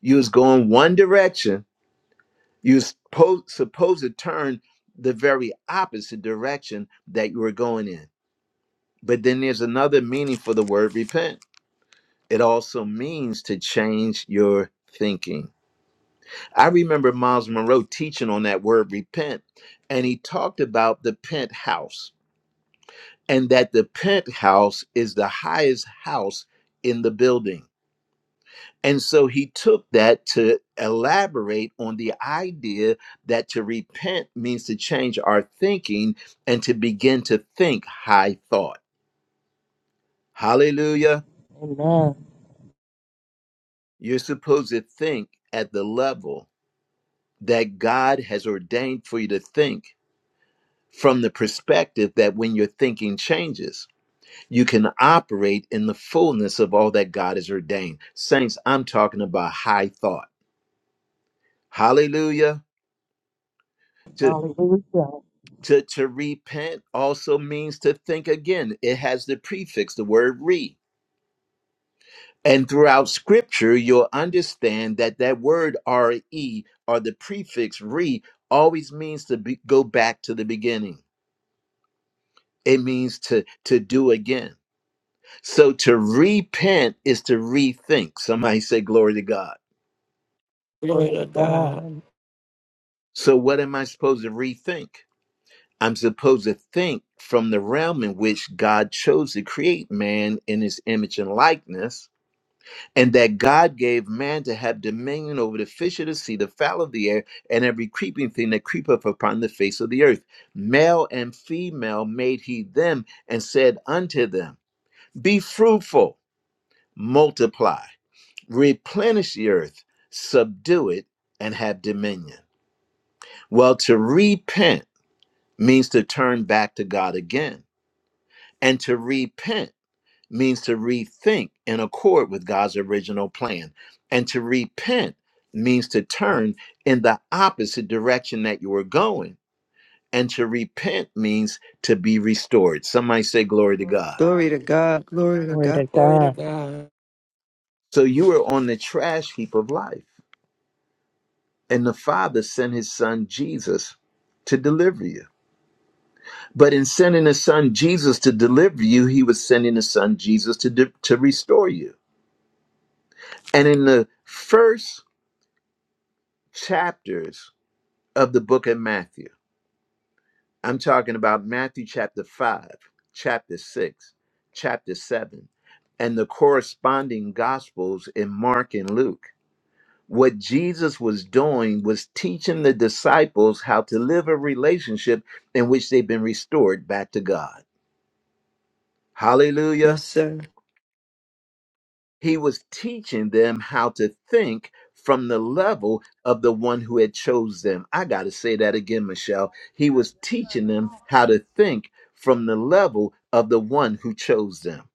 Speaker 1: you was going one direction you was po- supposed to turn the very opposite direction that you were going in but then there's another meaning for the word repent it also means to change your thinking i remember miles monroe teaching on that word repent and he talked about the penthouse and that the penthouse is the highest house in the building. And so he took that to elaborate on the idea that to repent means to change our thinking and to begin to think high thought. Hallelujah.
Speaker 6: Amen.
Speaker 1: You're supposed to think at the level that God has ordained for you to think from the perspective that when your thinking changes you can operate in the fullness of all that God has ordained. Saints, I'm talking about high thought. Hallelujah. To,
Speaker 6: Hallelujah.
Speaker 1: to, to repent also means to think again. It has the prefix, the word re. And throughout scripture, you'll understand that that word re or the prefix re always means to be, go back to the beginning. It means to, to do again. So to repent is to rethink. Somebody say, Glory to God
Speaker 2: Glory
Speaker 6: Glory
Speaker 2: to
Speaker 6: to
Speaker 2: God.
Speaker 6: God.
Speaker 1: So, what am I supposed to rethink? I'm supposed to think from the realm in which God chose to create man in his image and likeness, and that God gave man to have dominion over the fish of the sea, the fowl of the air, and every creeping thing that creepeth upon the face of the earth. Male and female made he them, and said unto them, Be fruitful, multiply, replenish the earth, subdue it, and have dominion. Well, to repent means to turn back to God again. And to repent means to rethink in accord with God's original plan. And to repent means to turn in the opposite direction that you were going. And to repent means to be restored. Somebody say, Glory to God.
Speaker 3: Glory to God. Glory to
Speaker 6: Glory
Speaker 3: God.
Speaker 6: to
Speaker 2: Glory to
Speaker 6: God.
Speaker 2: God.
Speaker 1: So you were on the trash heap of life, and the Father sent his son Jesus to deliver you. But in sending his son Jesus to deliver you, he was sending his son Jesus to, de- to restore you. And in the first chapters of the book of Matthew, I'm talking about Matthew chapter 5, chapter 6, chapter 7, and the corresponding gospels in Mark and Luke. What Jesus was doing was teaching the disciples how to live a relationship in which they've been restored back to God. Hallelujah.
Speaker 3: Yes.
Speaker 1: He was teaching them how to think from the level of the one who had chose them. I got to say that again, Michelle. He was teaching them how to think from the level of the one who chose them.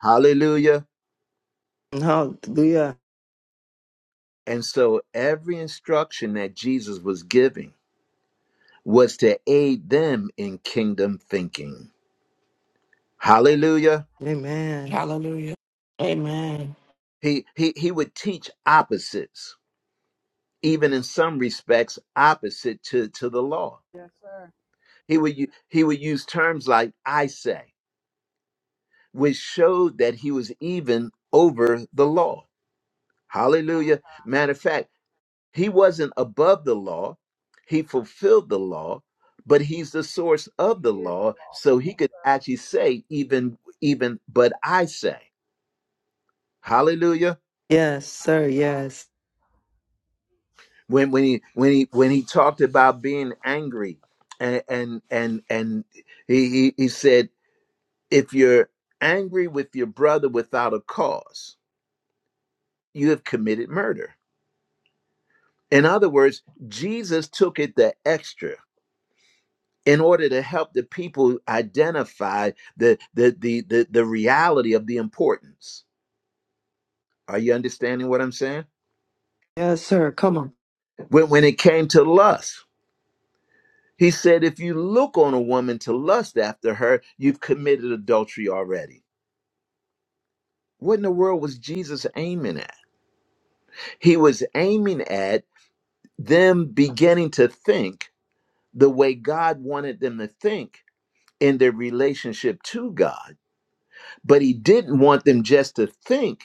Speaker 1: Hallelujah.
Speaker 3: Hallelujah.
Speaker 1: And so every instruction that Jesus was giving was to aid them in kingdom thinking. Hallelujah.
Speaker 3: Amen.
Speaker 2: Hallelujah. Amen.
Speaker 1: He he he would teach opposites, even in some respects opposite to to the law He would u- he would use terms like "I say," which showed that he was even over the law. Hallelujah! Matter of fact, he wasn't above the law; he fulfilled the law, but he's the source of the law, so he could actually say even even. But I say, Hallelujah!
Speaker 3: Yes, sir. Yes.
Speaker 1: When when he when he when he talked about being angry, and and and, and he, he he said, if you're angry with your brother without a cause you have committed murder. In other words, Jesus took it the extra in order to help the people identify the the the the, the reality of the importance. Are you understanding what I'm saying?
Speaker 3: Yes, sir. Come on.
Speaker 1: When when it came to lust, he said, if you look on a woman to lust after her, you've committed adultery already. What in the world was Jesus aiming at? He was aiming at them beginning to think the way God wanted them to think in their relationship to God, but he didn't want them just to think.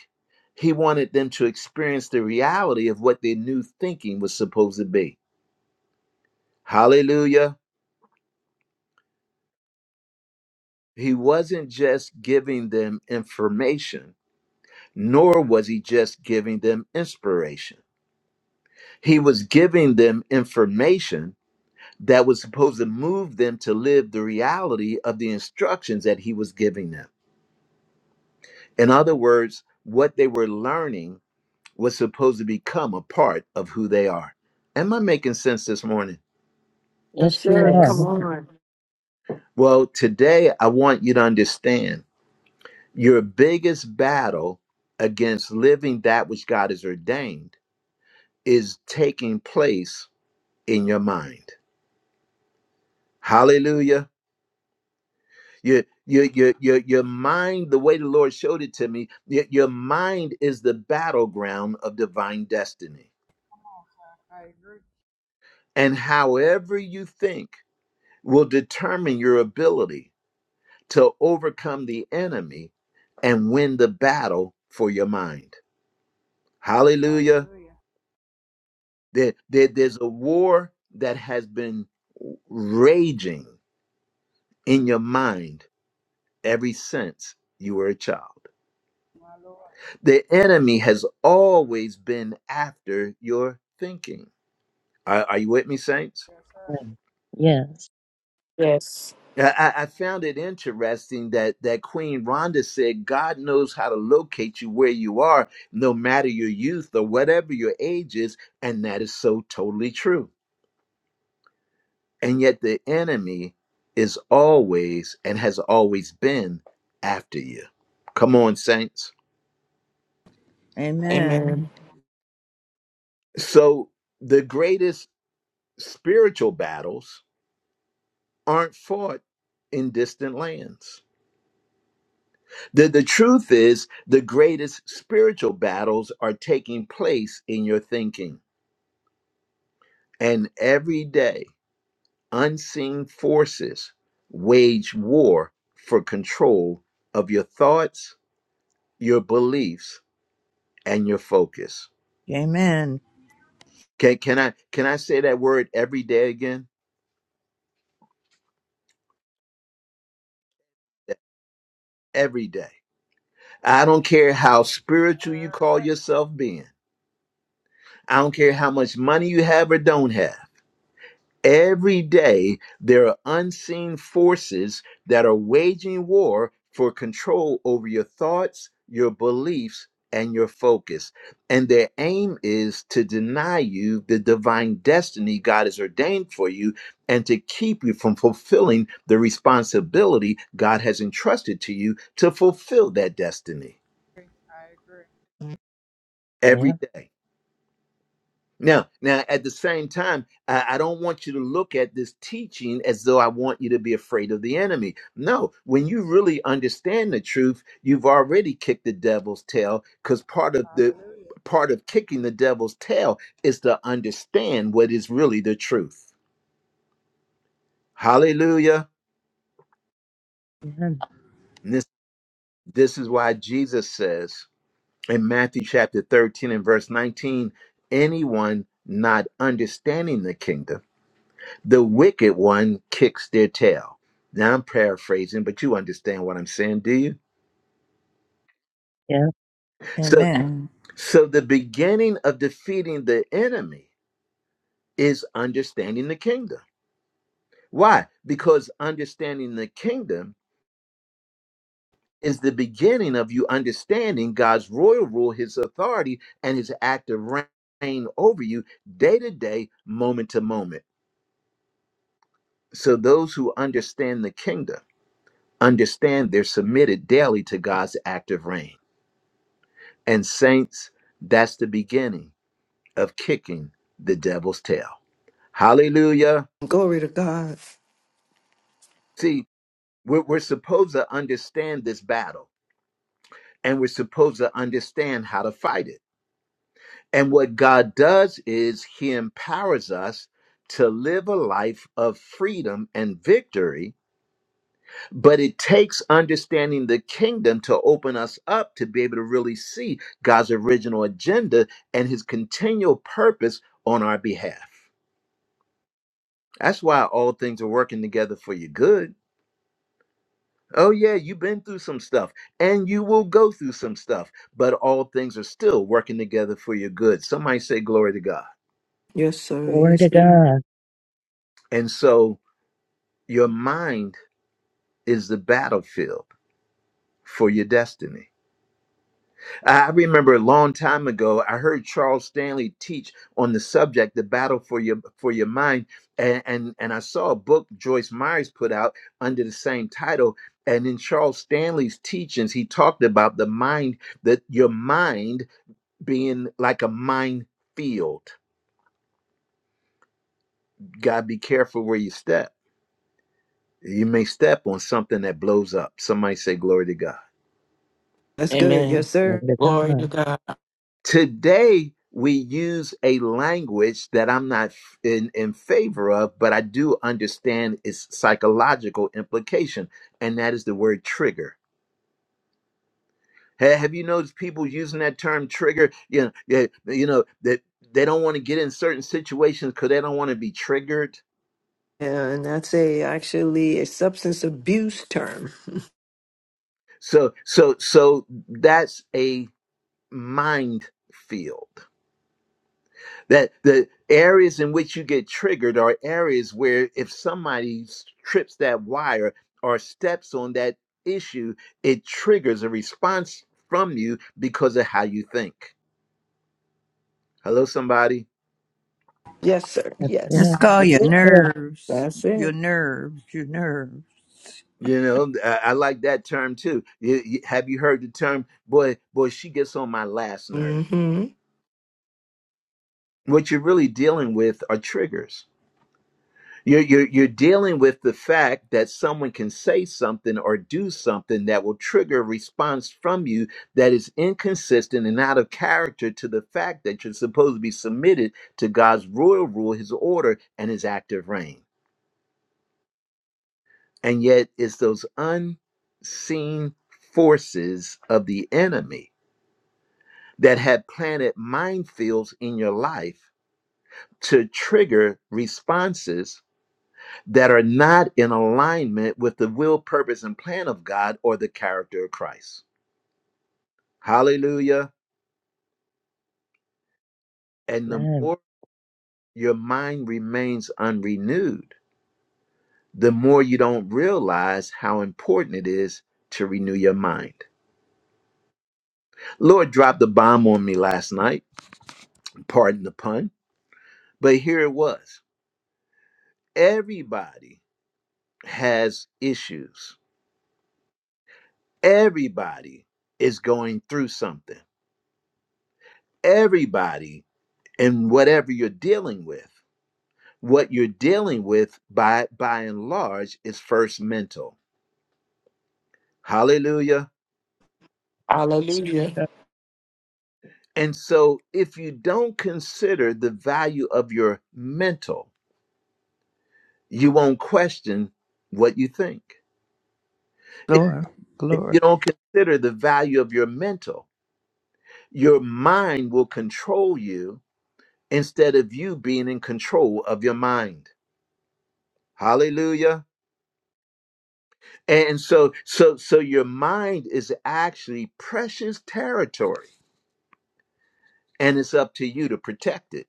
Speaker 1: He wanted them to experience the reality of what their new thinking was supposed to be. Hallelujah. He wasn't just giving them information, nor was he just giving them inspiration. He was giving them information that was supposed to move them to live the reality of the instructions that he was giving them. In other words, what they were learning was supposed to become a part of who they are. Am I making sense this morning?
Speaker 3: Yes,
Speaker 6: Yes, you
Speaker 3: sir.
Speaker 6: are.
Speaker 3: Come
Speaker 2: Yes.
Speaker 3: on.
Speaker 1: Well, today I want you to understand your biggest battle against living that which God has ordained is taking place in your mind. Hallelujah. Your, your, your, your, your mind, the way the Lord showed it to me, your, your mind is the battleground of divine destiny. And however you think will determine your ability to overcome the enemy and win the battle for your mind. Hallelujah. There, there- there's a war that has been raging in your mind ever since you were a child. The enemy has always been after your thinking. Are, are you with me, saints?
Speaker 6: Yes.
Speaker 2: Yes.
Speaker 1: I, I found it interesting that that Queen Rhonda said, "God knows how to locate you where you are, no matter your youth or whatever your age is," and that is so totally true. And yet, the enemy is always and has always been after you. Come on, saints.
Speaker 7: Amen.
Speaker 2: Amen.
Speaker 1: So the greatest spiritual battles aren't fought in distant lands. The, the truth is, the greatest spiritual battles are taking place in your thinking. And every day, unseen forces wage war for control of your thoughts, your beliefs, and your focus.
Speaker 7: Amen.
Speaker 1: Can, can, I, can I say that word every day again? Every day. I don't care how spiritual you call yourself being, I don't care how much money you have or don't have. Every day, there are unseen forces that are waging war for control over your thoughts, your beliefs, and your focus. And their aim is to deny you the divine destiny God has ordained for you and to keep you from fulfilling the responsibility God has entrusted to you to fulfill that destiny
Speaker 6: Yeah.
Speaker 1: every day. Now, now at the same time, I, I don't want you to look at this teaching as though I want you to be afraid of the enemy. No, when you really understand the truth, you've already kicked the devil's tail because part of the part of kicking the devil's tail is to understand what is really the truth. Hallelujah.
Speaker 6: Amen.
Speaker 1: And This this is why Jesus says in Matthew chapter 13 and verse 19, anyone not understanding the kingdom The wicked one kicks their tail. Now I'm paraphrasing, but you understand what I'm saying, do you?
Speaker 6: Yeah.
Speaker 1: So
Speaker 7: Amen.
Speaker 1: so the beginning of defeating the enemy is understanding the kingdom. Why? Because understanding the kingdom is the beginning of you understanding God's royal rule, his authority, and his active reign over you day to day, moment to moment. So those who understand the kingdom understand they're submitted daily to God's active reign. And saints, that's the beginning of kicking the devil's tail. Hallelujah.
Speaker 3: Glory to God.
Speaker 1: See, we're, we're supposed to understand this battle and we're supposed to understand how to fight it. And what God does is he empowers us to live a life of freedom and victory, but it takes understanding the kingdom to open us up to be able to really see God's original agenda and his continual purpose on our behalf. That's why all things are working together for your good. Oh, yeah, you've been through some stuff and you will go through some stuff, but all things are still working together for your good. Somebody say, Glory to God.
Speaker 3: Yes, sir.
Speaker 6: Glory
Speaker 3: Yes,
Speaker 6: to
Speaker 3: sir.
Speaker 6: God.
Speaker 1: And so your mind is the battlefield for your destiny. I I remember a long time ago, I heard Charles Stanley teach on the subject, the battle for your for your mind, and and, and I saw a book Joyce Myers put out under the same title. And in Charles Stanley's teachings, he talked about the mind that your mind being like a minefield. God, be careful where you step. You may step on something that blows up. Somebody say, "Glory to God."
Speaker 3: That's good.
Speaker 2: Amen.
Speaker 3: Yes,
Speaker 6: Glory
Speaker 3: sir.
Speaker 6: to
Speaker 2: Glory to
Speaker 6: God.
Speaker 2: God.
Speaker 1: Today, we use a language that I'm not in, in favor of, but I do understand its psychological implication, and that is the word trigger. Ha- Have you noticed people using that term trigger? You know, yeah, you know that they don't want to get in certain situations because they don't want to be triggered.
Speaker 3: And that's a actually a substance abuse term.
Speaker 1: So, so, so that's a mind field. that the areas in which you get triggered are areas where if somebody s- trips that wire or steps on that issue it triggers a response from you because of how you think hello somebody
Speaker 3: Yes, sir.
Speaker 6: That's
Speaker 7: Let's
Speaker 3: Yes.
Speaker 6: it.
Speaker 7: call
Speaker 3: That's
Speaker 7: your
Speaker 6: That's
Speaker 3: it.
Speaker 6: it.
Speaker 7: nerves,
Speaker 3: That's
Speaker 7: your
Speaker 3: it.
Speaker 7: nerves, your nerves.
Speaker 1: you know i, I like that term too You- you- have you heard the term boy boy she gets on my last nerve
Speaker 3: Mm-hmm.
Speaker 1: what you're really dealing with are triggers You're, you're, you're dealing with the fact that someone can say something or do something that will trigger a response from you that is inconsistent and out of character to the fact that you're supposed to be submitted to God's royal rule, his order, and his active reign. And yet, it's those unseen forces of the enemy that have planted minefields in your life to trigger responses that are not in alignment with the will, purpose, and plan of God or the character of Christ. Hallelujah. And the
Speaker 6: Amen.
Speaker 1: more your mind remains unrenewed, the more you don't realize how important it is to renew your mind. Lord dropped the bomb on me last night, pardon the pun, but here it was. Everybody has issues, everybody is going through something, everybody, in whatever you're dealing with What you're dealing with by by and large is first mental. Hallelujah.
Speaker 2: Hallelujah.
Speaker 1: And so if you don't consider the value of your mental, you won't question what you think. If
Speaker 7: Glory,
Speaker 1: if
Speaker 7: glory,
Speaker 1: you don't consider the value of your mental, your mind will control you instead of you being in control of your mind. Hallelujah. And so so so your mind is actually precious territory and it's up to you to protect it.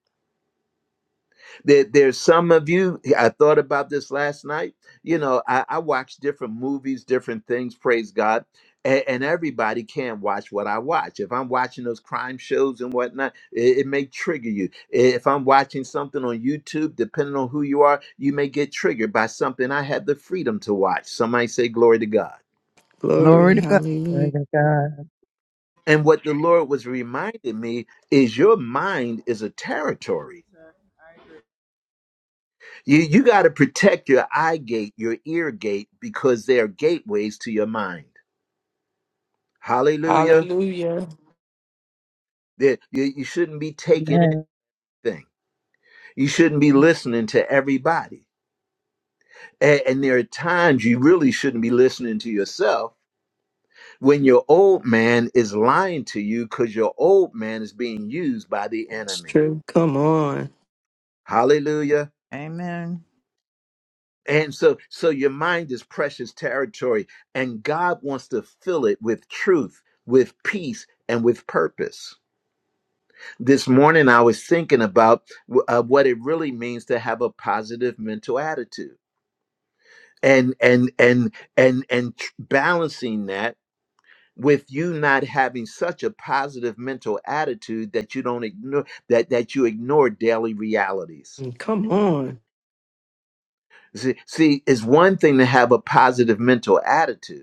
Speaker 1: There, there's some of you. I thought about this last night. You know, I, I watch different movies, different things. Praise God, and, and everybody can't watch what I watch. If I'm watching those crime shows and whatnot, it, it may trigger you. If I'm watching something on YouTube, depending on who you are, you may get triggered by something I had the freedom to watch. Somebody say, "Glory to God."
Speaker 7: glory
Speaker 3: Glory.
Speaker 7: to God.
Speaker 6: Glory
Speaker 3: Hallelujah.
Speaker 6: to God.
Speaker 1: And what the Lord was reminding me is your mind is a territory You you got to protect your eye gate, your ear gate, because they are gateways to your mind. Hallelujah.
Speaker 2: Hallelujah.
Speaker 1: That you, you shouldn't be taking
Speaker 6: Amen.
Speaker 1: anything. You shouldn't be listening to everybody. And, and there are times you really shouldn't be listening to yourself when your old man is lying to you because your old man is being used by the
Speaker 3: It's
Speaker 1: enemy.
Speaker 3: true. Come on.
Speaker 1: Hallelujah.
Speaker 7: Amen.
Speaker 1: And so, so your mind is precious territory, and God wants to fill it with truth, with peace, and with purpose. This morning, I was thinking about uh, what it really means to have a positive mental attitude, and and and and and tr- balancing that with you not having such a positive mental attitude that you don't ignore that that you ignore daily realities.
Speaker 3: Come on.
Speaker 1: See, see, it's one thing to have a positive mental attitude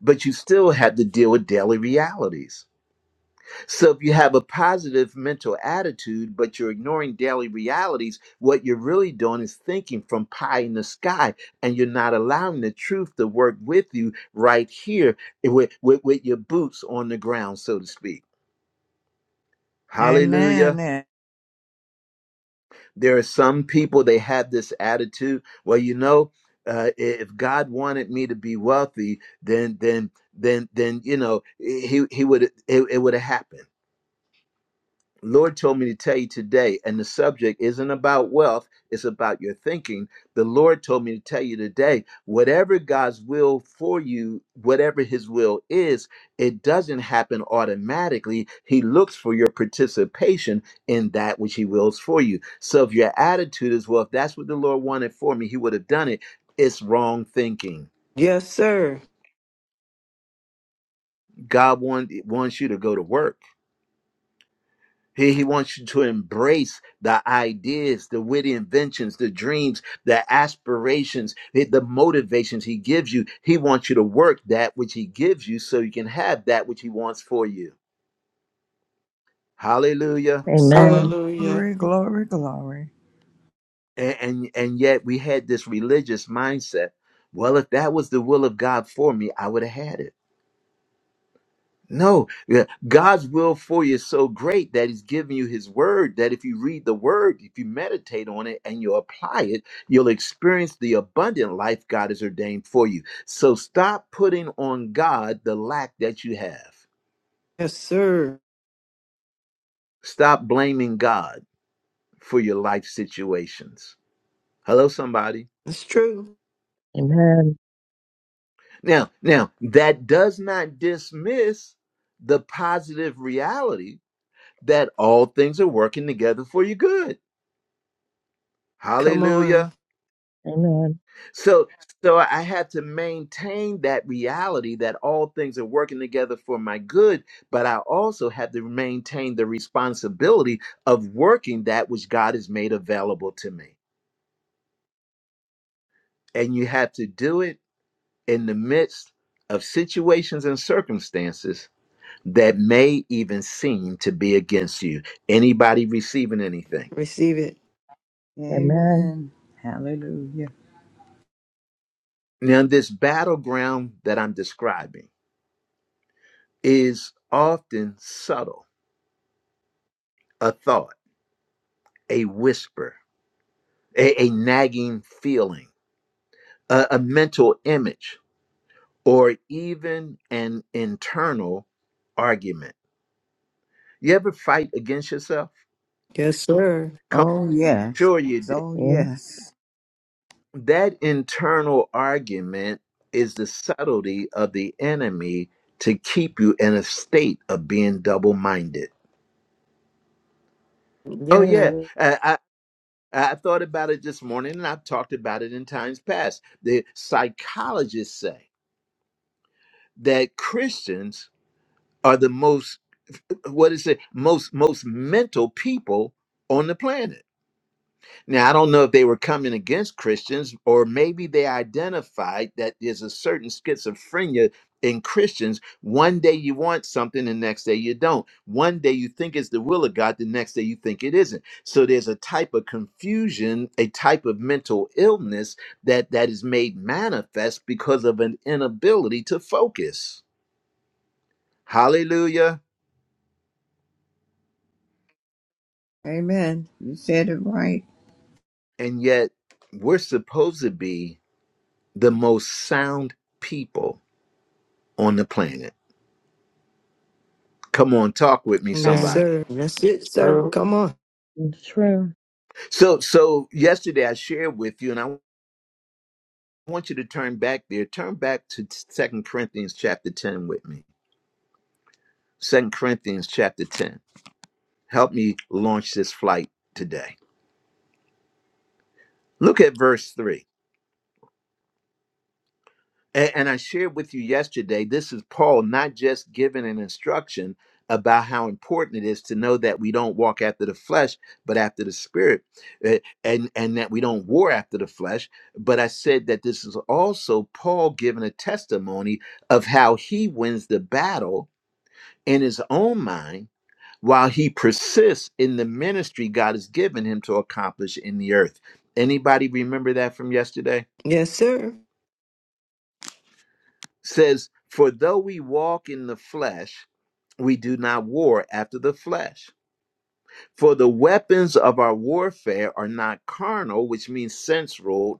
Speaker 1: but you still have to deal with daily realities. So if you have a positive mental attitude, but you're ignoring daily realities, what you're really doing is thinking from pie in the sky, and you're not allowing the truth to work with you right here with, with, with your boots on the ground, so to speak. Hallelujah.
Speaker 7: Amen. And
Speaker 1: There are some people, they have this attitude. Well, you know, uh, if God wanted me to be wealthy, then, then, then, then, you know, he, he would, it, it would have happened Lord told me to tell you today, and the subject isn't about wealth, it's about your thinking. The Lord told me to tell you today, whatever God's will for you, whatever His will is, it doesn't happen automatically. He looks for your participation in that which He wills for you. So if your attitude is, well, if that's what the Lord wanted for me, He would have done it, it's wrong thinking.
Speaker 3: Yes, sir.
Speaker 1: God want, wants you to go to work. He, he wants you to embrace the ideas, the witty inventions, the dreams, the aspirations, the, the motivations he gives you. He wants you to work that which he gives you so you can have that which he wants for you. Hallelujah.
Speaker 3: Yes, Sir.
Speaker 6: Amen.
Speaker 2: Hallelujah.
Speaker 7: Glory, glory, glory.
Speaker 1: And, and, and yet we had this religious mindset. Well, if that was the will of God for me, I would have had it. No, yeah, God's will for you is so great that He's giving you His word. That if you read the word, if you meditate on it and you apply it, you'll experience the abundant life God has ordained for you. So stop putting on God the lack that you have.
Speaker 3: Yes, sir.
Speaker 1: Stop blaming God for your life situations. Hello, somebody.
Speaker 3: It's true.
Speaker 6: Amen.
Speaker 1: Now, now that does not dismiss the positive reality that all things are working together for your good.
Speaker 3: Come on.
Speaker 1: Hallelujah.
Speaker 6: Amen.
Speaker 1: So so I had to maintain that reality that all things are working together for my good, but I also had to maintain the responsibility of working that which God has made available to me. And you have to do it in the midst of situations and circumstances that may even seem to be against you. Anybody receiving anything?
Speaker 3: Receive it.
Speaker 6: Amen.
Speaker 7: Amen. Hallelujah.
Speaker 1: Now, this battleground that I'm describing is often subtle, a thought, a whisper a, a nagging feeling, a, a mental image, or even an internal argument. You ever fight against yourself?
Speaker 3: Yes, sir.
Speaker 1: Come,
Speaker 7: Oh, yes.
Speaker 1: sure you did.
Speaker 7: Oh,
Speaker 6: Yes.
Speaker 7: yes.
Speaker 1: That internal argument is the subtlety of the enemy to keep you in a state of being double minded. Oh,
Speaker 3: Yeah.
Speaker 1: yeah. I, I, I thought about it this morning and I've talked about it in times past. The psychologists say that Christians are the most what is it most most mental people on the planet now i don't know if they were coming against christians or maybe they identified that there's a certain schizophrenia in christians one day you want something the next day you don't one day you think it's the will of god the next day you think it isn't so there's a type of confusion a type of mental illness that that is made manifest because of an inability to focus hallelujah
Speaker 7: Amen. You said it right.
Speaker 1: And yet, we're supposed to be the most sound people on the planet. Come on, talk with me,
Speaker 3: Yes,
Speaker 2: Amen.
Speaker 1: somebody.
Speaker 3: sir. That's it, sir.
Speaker 2: True.
Speaker 3: Come on.
Speaker 6: It's true.
Speaker 1: So, so yesterday I shared with you, and I want you to turn back there. Turn back to Second Corinthians chapter ten with me. Second Corinthians chapter ten. Help me launch this flight today. Look at verse three. A- And I shared with you yesterday, this is Paul not just giving an instruction about how important it is to know that we don't walk after the flesh, but after the spirit, uh, and, and that we don't war after the flesh. But I said that this is also Paul giving a testimony of how he wins the battle in his own mind while he persists in the ministry God has given him to accomplish in the earth. Anybody remember that from yesterday?
Speaker 3: Yes, sir.
Speaker 1: says, For though we walk in the flesh, we do not war after the flesh. For the weapons of our warfare are not carnal, which means sensual,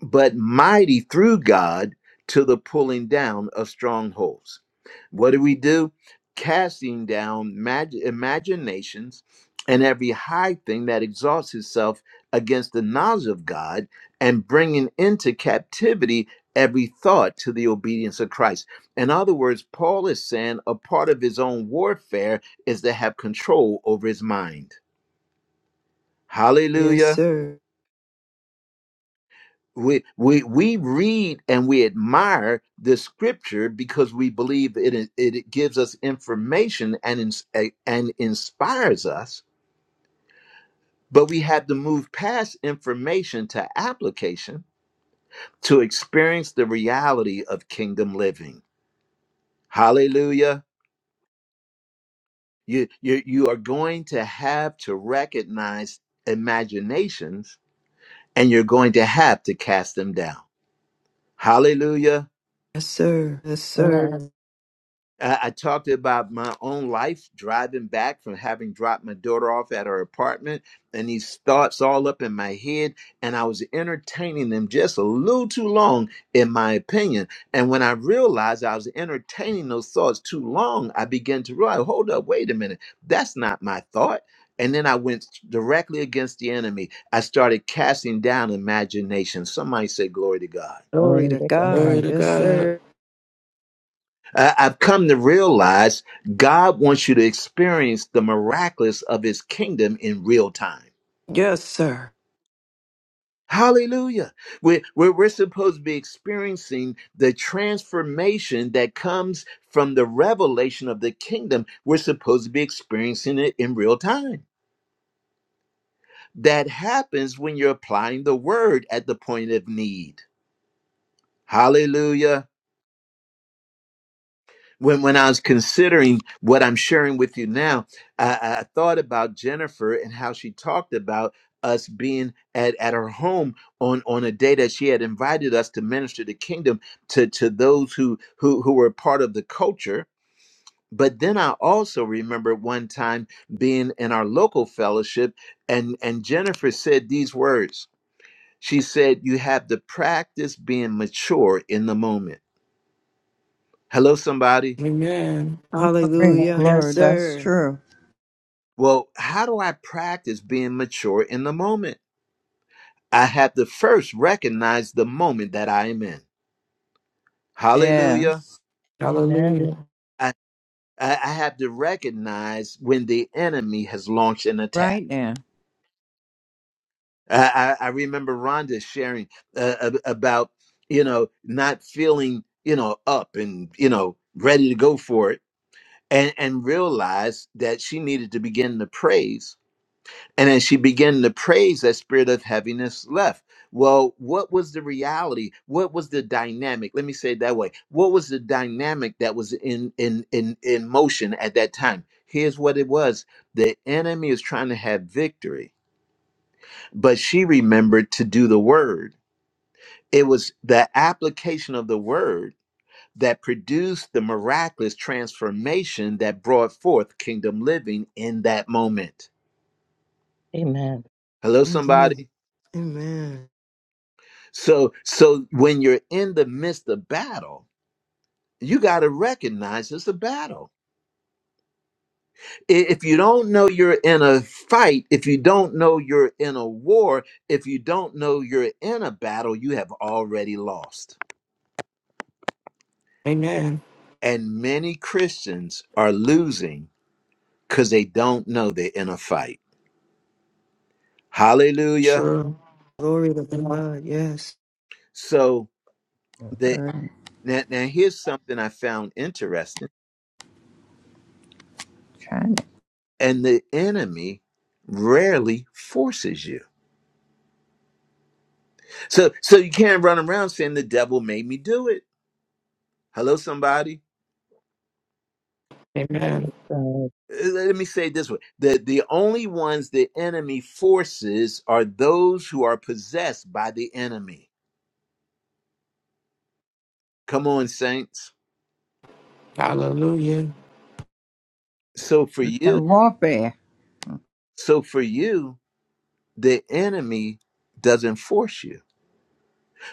Speaker 1: but mighty through God to the pulling down of strongholds. What do we do? Casting down mag- imaginations and every high thing that exalts itself against the knowledge of God, and bringing into captivity every thought to the obedience of Christ. In other words, Paul is saying a part of his own warfare is to have control over his mind.
Speaker 3: Yes,
Speaker 1: Hallelujah.
Speaker 3: sir.
Speaker 1: we we we read and we admire the scripture because we believe it it, it gives us information and ins- a- and inspires us but we have to move past information to application to experience the reality of kingdom living hallelujah you you you are going to have to recognize imaginations and you're going to have to cast them down hallelujah
Speaker 3: Yes, sir. Yes, sir.
Speaker 6: Amen.
Speaker 1: I I talked about my own life driving back from having dropped my daughter off at her apartment and these thoughts all up in my head. And I was entertaining them just a little too long, in my opinion. And when I realized I was entertaining those thoughts too long, I began to realize, hold up, wait a minute, that's not my thought. And then I went directly against the enemy. I started casting down imagination. Somebody say, Glory to God.
Speaker 3: Glory
Speaker 6: Glory
Speaker 3: to
Speaker 6: to
Speaker 3: God.
Speaker 2: Glory
Speaker 6: God.
Speaker 2: to
Speaker 3: Yes,
Speaker 2: God.
Speaker 3: sir.
Speaker 1: I- I've come to realize God wants you to experience the miraculous of his kingdom in real time.
Speaker 3: Yes, sir.
Speaker 1: Hallelujah. We're, we're, we're supposed to be experiencing the transformation that comes from the revelation of the kingdom. We're supposed to be experiencing it in real time. That happens when you're applying the word at the point of need. Hallelujah. when when I was considering what I'm sharing with you now, I, I thought about Jennifer and how she talked about us being at, at her home on, on a day that she had invited us to minister the kingdom to, to those who, who who were part of the culture. But then I also remember one time being in our local fellowship and, and Jennifer said these words. She said, You have to practice being mature in the moment. Hello, somebody.
Speaker 2: Amen.
Speaker 7: Glory,
Speaker 6: Okay.
Speaker 3: Hallelujah. Yes,
Speaker 7: glory. That's
Speaker 3: sir.
Speaker 7: true.
Speaker 1: Well, how do I practice being mature in the moment? I have to first recognize the moment that I am in.
Speaker 7: Yes.
Speaker 1: Hallelujah.
Speaker 6: Amen.
Speaker 2: Hallelujah.
Speaker 1: I, I I have to recognize when the enemy has launched an attack.
Speaker 7: Right now.
Speaker 1: I, I, I remember Rhonda sharing uh, ab- about, you know, not feeling, you know, up and, you know, ready to go for it and, and realized that she needed to begin to praise And as she began to praise, that spirit of heaviness left. Well, what was the reality? What was the dynamic? Let me say it that way. What was the dynamic that was in in in in motion at that time? Here's what it was. The enemy is trying to have victory, but she remembered to do the word. It was the application of the word that produced the miraculous transformation that brought forth kingdom living in that moment.
Speaker 6: Amen.
Speaker 1: Hello, somebody.
Speaker 3: Amen. Amen.
Speaker 1: So so when you're in the midst of battle, you got to recognize it's a battle. I- If you don't know you're in a fight, if you don't know you're in a war, if you don't know you're in a battle, you have already lost.
Speaker 2: Amen.
Speaker 1: And many Christians are losing cuz they don't know they're in a fight. Hallelujah.
Speaker 2: True.
Speaker 3: Glory to God. Yes.
Speaker 1: So the
Speaker 7: We're
Speaker 1: now, now here's something I found interesting
Speaker 7: trying to-
Speaker 1: and the enemy rarely forces you So so you can't run around saying the devil made me do it. Hello, somebody.
Speaker 2: Amen.
Speaker 6: So
Speaker 1: Uh, Let me say it this way: the the only ones the enemy forces are those who are possessed by the enemy. Come on, saints.
Speaker 2: Hallelujah.
Speaker 1: So for
Speaker 7: It's a
Speaker 1: you,
Speaker 7: warfare.
Speaker 1: so for you, the enemy doesn't force you.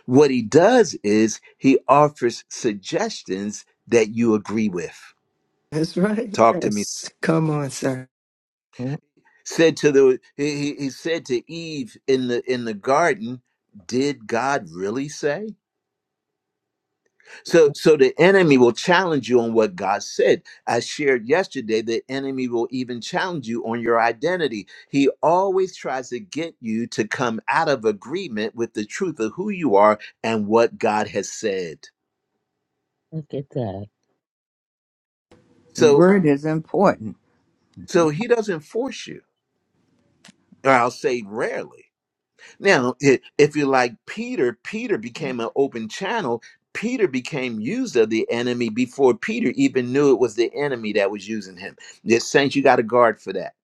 Speaker 1: What he does is he offers suggestions that you agree with.
Speaker 3: That's right.
Speaker 1: Talk to me,
Speaker 3: Yes. Come on, sir.
Speaker 6: mm,
Speaker 1: said to the he, he said to eve in the in the garden did god really say so so the enemy will challenge you on what god said i shared yesterday the enemy will even challenge you on your identity he always tries to get you to come out of agreement with the truth of who you are and what god has said
Speaker 6: look at that.
Speaker 7: The
Speaker 1: so
Speaker 7: word is important.
Speaker 1: so he doesn't force you or i'll say rarely Now, i- if you like Peter, Peter became an open channel. Peter became used of the enemy before Peter even knew it was the enemy that was using him. The saints, you got to guard for that.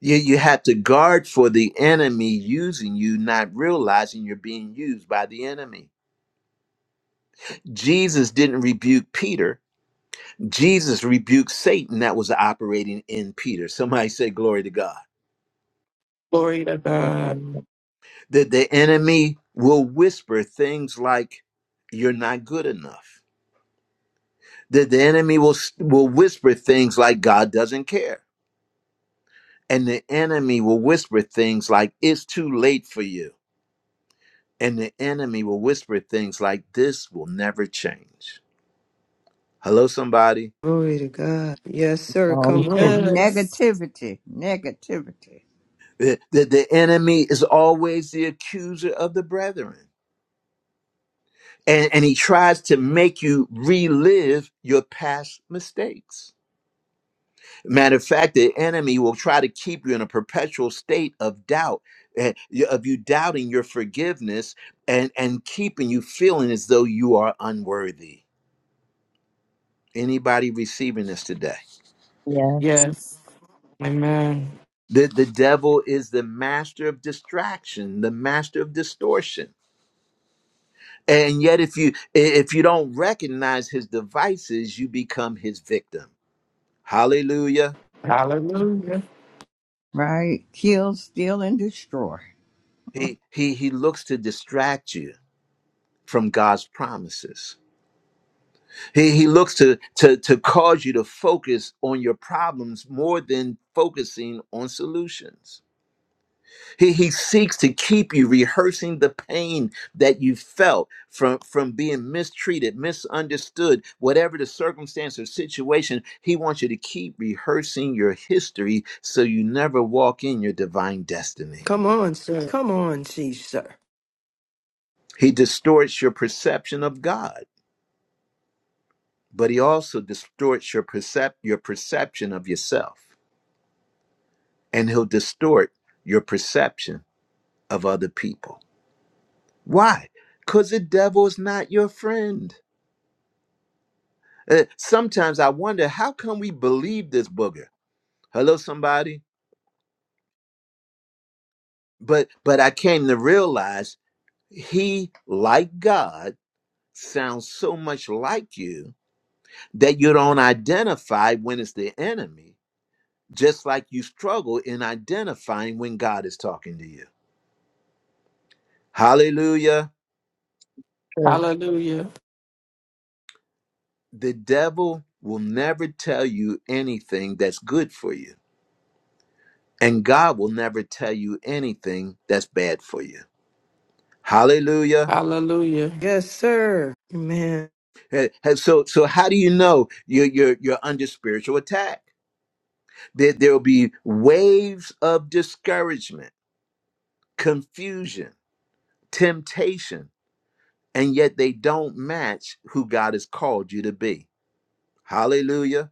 Speaker 1: You, you have to guard for the enemy using you, not realizing you're being used by the enemy. Jesus didn't rebuke Peter. Jesus rebuked Satan that was operating in Peter. Somebody say, Glory to God.
Speaker 2: Glory to
Speaker 6: Look
Speaker 2: God.
Speaker 6: on the-
Speaker 1: That the enemy will whisper things like, You're not good enough that the enemy will will whisper things like God doesn't care. And the enemy will whisper things like it's too late for you. And the enemy will whisper things like this will never change. Hello somebody.
Speaker 3: Glory to God. Yes, sir.
Speaker 6: on the
Speaker 2: He
Speaker 3: Come on.
Speaker 6: truth.
Speaker 2: does.
Speaker 7: Negativity, negativity,
Speaker 1: The, the, the enemy is always the accuser of the brethren. And, and he tries to make you relive your past mistakes. Matter of fact, the enemy will try to keep you in a perpetual state of doubt, eh, y- of you doubting your forgiveness and, and keeping you feeling as though you are unworthy. Anybody receiving this today?
Speaker 6: Yeah,
Speaker 2: Yes. Amen.
Speaker 1: The, the devil is the master of distraction, the master of distortion. And yet, if you if you don't recognize his devices, you become his victim. Hallelujah.
Speaker 2: Hallelujah.
Speaker 7: right? Kill, steal, and destroy.
Speaker 1: He he he looks to distract you from God's promises. He, he looks to, to, to cause you to focus on your problems more than focusing on solutions. He, he seeks to keep you rehearsing the pain that you felt from, from being mistreated, misunderstood, whatever the circumstance or situation. He wants you to keep rehearsing your history so you never walk in your divine destiny.
Speaker 3: Come on, sir. Come on, chief, sir.
Speaker 1: He distorts your perception of God, but he also distorts your, percep- your perception of yourself and he'll distort your perception of other people. Why? Because the devil is not your friend. Uh, sometimes I wonder how come we believe this booger? Hello, somebody. But but I came to realize he, like God, sounds so much like you that you don't identify when it's the enemy, just like you struggle in identifying when God is talking to you. Hallelujah.
Speaker 6: true.
Speaker 2: Hallelujah.
Speaker 1: the devil will never tell you anything that's good for you, and God will never tell you anything that's bad for you. Hallelujah.
Speaker 2: Hallelujah.
Speaker 3: Yes, sir. Amen.
Speaker 1: Eh, eh, So, so how do you know you're, you're, you're under spiritual attack? There, there'll be waves of discouragement, confusion, temptation, and yet they don't match who God has called you to be. Hallelujah.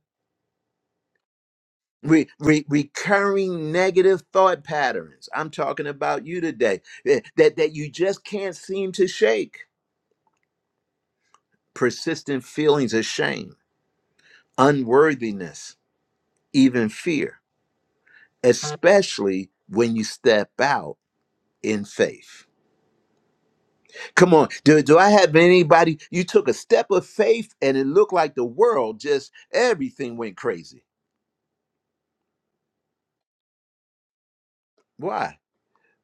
Speaker 1: Re- re- recurring negative thought patterns. I'm talking about you today eh, that, that you just can't seem to shake. Persistent feelings of shame, unworthiness, even fear, especially when you step out in faith. Come on, do, do I have anybody? You took a step of faith and it looked like the world just everything went crazy. Why?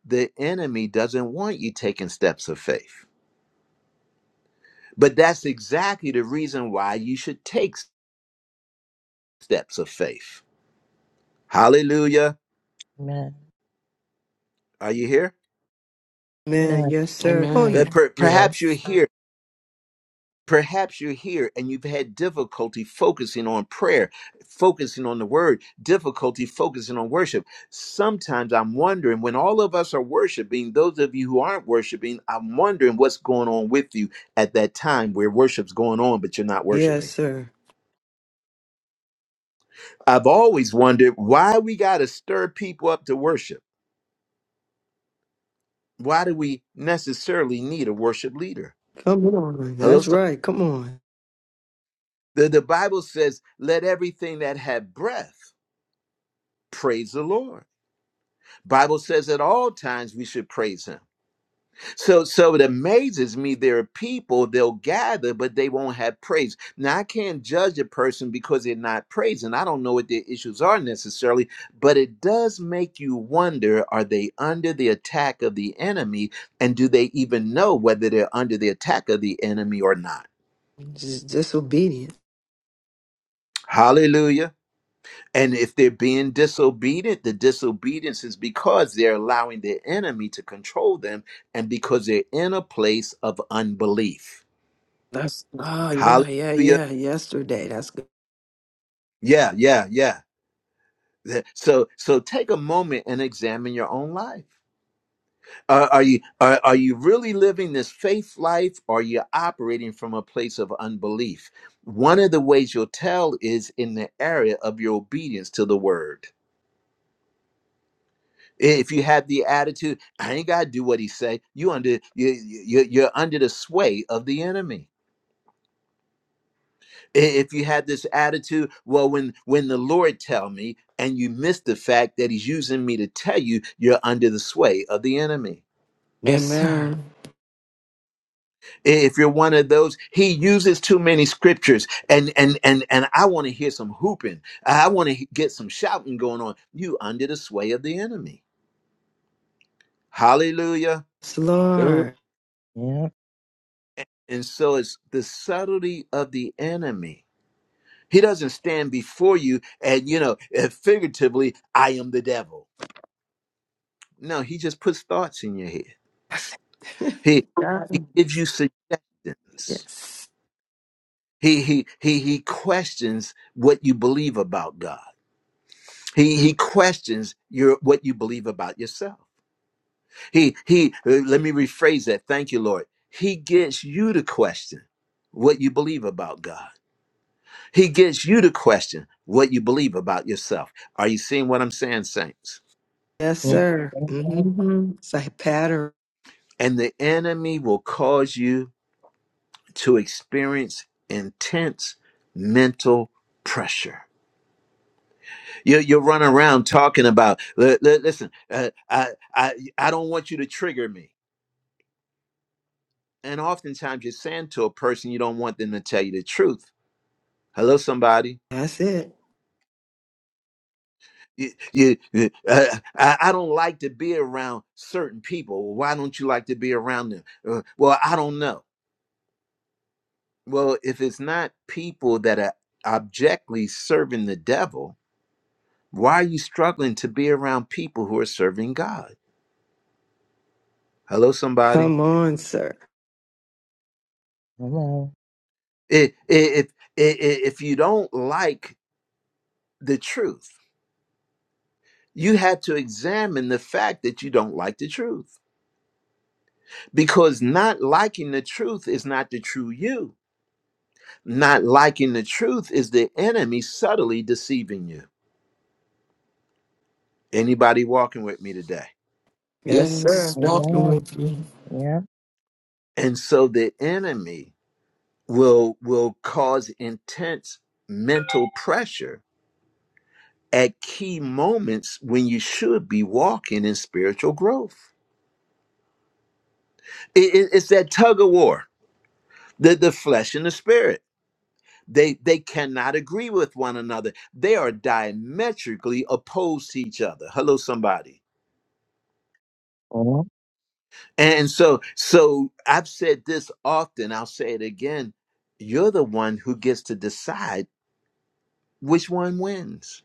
Speaker 1: The enemy doesn't want you taking steps of faith. But that's exactly the reason why you should take steps of faith. Hallelujah.
Speaker 6: Amen.
Speaker 1: Are you here?
Speaker 3: Amen.
Speaker 6: Amen.
Speaker 3: Yes, sir. Oh,
Speaker 1: Uh,
Speaker 2: Amen.
Speaker 3: yeah.
Speaker 1: per- perhaps you're
Speaker 2: Yes.
Speaker 1: here. Perhaps you're here and you've had difficulty focusing on prayer, focusing on the word, difficulty focusing on worship. Sometimes I'm wondering when all of us are worshiping, those of you who aren't worshiping, I'm wondering what's going on with you at that time where worship's going on, but you're not
Speaker 3: Yes,
Speaker 1: worshiping.
Speaker 3: sir.
Speaker 1: I've always wondered why we got to stir people up to worship why do we necessarily need a worship leader?
Speaker 3: Come on.
Speaker 1: Hello,
Speaker 3: That's
Speaker 1: some
Speaker 3: right. Come on.
Speaker 1: the, the Bible says, let everything that had breath praise the Lord. Bible says at all times we should praise him. So so it amazes me there are people they'll gather, but they won't have praise. Now I can't judge a person because they're not praising. I don't know what their issues are necessarily, but it does make you wonder are they under the attack of the enemy? And do they even know whether they're under the attack of the enemy or not?
Speaker 3: Just disobedient.
Speaker 1: Hallelujah. And if they're being disobedient, the disobedience is because they're allowing the enemy to control them and because they're in a place of unbelief.
Speaker 3: That's, oh, yeah, yeah,
Speaker 1: Hallelujah.
Speaker 3: yeah. Yesterday. That's good.
Speaker 1: Yeah, yeah, yeah. Th- So so take a moment and examine your own life. Are, are you are, are you really living this faith life or are you operating from a place of unbelief? One of the ways you'll tell is in the area of your obedience to the word. If you have the attitude, I ain't gotta do what he say, you under you, you you're under the sway of the enemy. If you have this attitude, well, when when the Lord tell me, and you miss the fact that He's using me to tell you, you're under the sway of the enemy.
Speaker 3: Yes, sir.
Speaker 2: Amen.
Speaker 1: If you're one of those, He uses too many scriptures, and and and and I want to hear some hooping. I want to get some shouting going on. You under the sway of the enemy. Hallelujah.
Speaker 3: Yes,
Speaker 2: Good.
Speaker 3: Lord.
Speaker 6: Yeah.
Speaker 1: And so it's the subtlety of the enemy He doesn't stand before you and, you know, eh, figuratively, I am the devil. No, he just puts thoughts in your head. He he
Speaker 3: God.
Speaker 1: gives you suggestions.
Speaker 3: Yes.
Speaker 1: He he he he questions what you believe about God. He he questions your what you believe about yourself. He he eh, let me rephrase that. Thank you, Lord. He gets you to question what you believe about God. He gets you to question what you believe about yourself. Are you seeing what I'm saying, saints?
Speaker 3: Yes,
Speaker 6: Yeah.
Speaker 3: sir.
Speaker 6: Amen.
Speaker 3: Mm-hmm. It's like pattern.
Speaker 1: And the enemy will cause you to experience intense mental pressure. You, you run around talking about, "Li- li- listen, uh, I, I, I don't want you to trigger me. And oftentimes you're saying to a person, you don't want them to tell you the truth. Hello, somebody.
Speaker 3: That's it.
Speaker 1: You, you, you- uh, I, I don't like to be around certain people. Well, Why don't you like to be around them? Uh, well, I don't know. Well, if it's not people that are objectively serving the devil, Why are you struggling to be around people who are serving God? Hello, somebody.
Speaker 3: Come on, sir.
Speaker 6: Amen.
Speaker 1: If i- If if you don't like the truth, you have to examine the fact that you don't like the truth, because not liking the truth is not the true you. Not liking the truth is the enemy subtly deceiving you. Anybody walking with me today?
Speaker 3: Yes, sir.
Speaker 2: Yes. Walking
Speaker 6: Amen.
Speaker 2: with you.
Speaker 6: Yeah.
Speaker 1: And so the enemy will will cause intense mental pressure at key moments when you should be walking in spiritual growth. It- it- it's that tug of war, the, the flesh and the spirit. They, they cannot agree with one another. They are diametrically opposed to each other. Hello, somebody.
Speaker 6: Well,
Speaker 1: And so, so I've said this often, I'll say it again. You're the one who gets to decide which one wins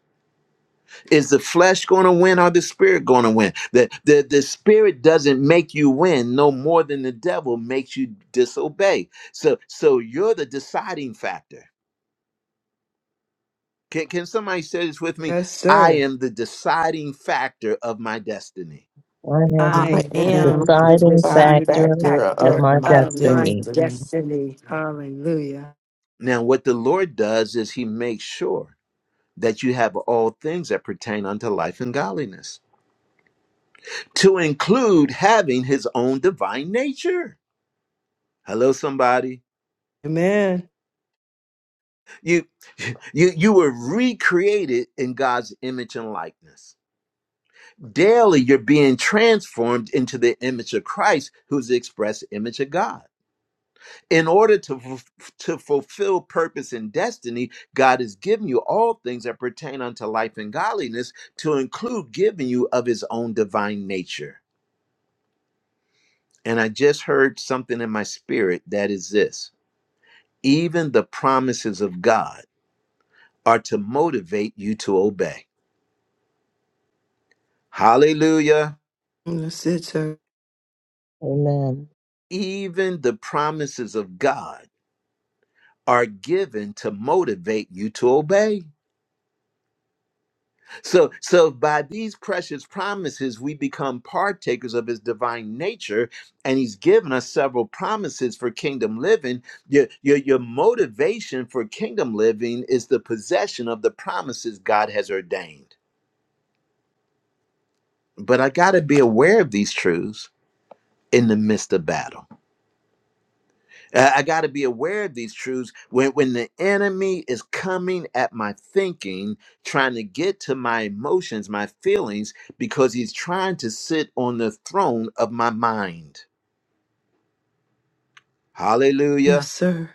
Speaker 1: Is the flesh going to win or the spirit going to win? The, the, the spirit doesn't make you win no more than the devil makes you disobey. So, so you're the deciding factor. Can, can somebody say this with me?
Speaker 3: Yes,
Speaker 1: I
Speaker 3: sir.
Speaker 1: am the deciding factor of my destiny.
Speaker 6: I
Speaker 2: I
Speaker 3: I
Speaker 6: am the
Speaker 3: am
Speaker 2: am
Speaker 3: the
Speaker 2: the
Speaker 6: deciding
Speaker 2: deciding
Speaker 6: factor
Speaker 3: deciding
Speaker 2: factor
Speaker 6: of
Speaker 3: factor
Speaker 2: of
Speaker 6: my
Speaker 2: my
Speaker 3: of my
Speaker 6: destiny.
Speaker 2: destiny.
Speaker 3: destiny. Hallelujah.
Speaker 1: Now, what the Lord does is he makes sure that you have all things that pertain unto life and godliness, to include having his own divine nature. Hello, somebody.
Speaker 3: Amen.
Speaker 1: You you you were recreated in God's image and likeness. Daily you're being transformed into the image of Christ, who's the express image of God. In order to fulf- to fulfill purpose and destiny, God has given you all things that pertain unto life and godliness to include giving you of his own divine nature. And I just heard something in my spirit that is this. Even the promises of God are to motivate you to obey. Hallelujah.
Speaker 3: That's it, sir.
Speaker 6: Amen.
Speaker 1: Even the promises of God are given to motivate you to obey. So so by these precious promises we become partakers of his divine nature and he's given us several promises for kingdom living. Your your, your motivation for kingdom living is the possession of the promises God has ordained. But I got to be aware of these truths in the midst of battle. Uh, I got to be aware of these truths when, when the enemy is coming at my thinking, trying to get to my emotions, my feelings, because he's trying to sit on the throne of my mind.
Speaker 3: Yes,
Speaker 1: Hallelujah.
Speaker 3: sir.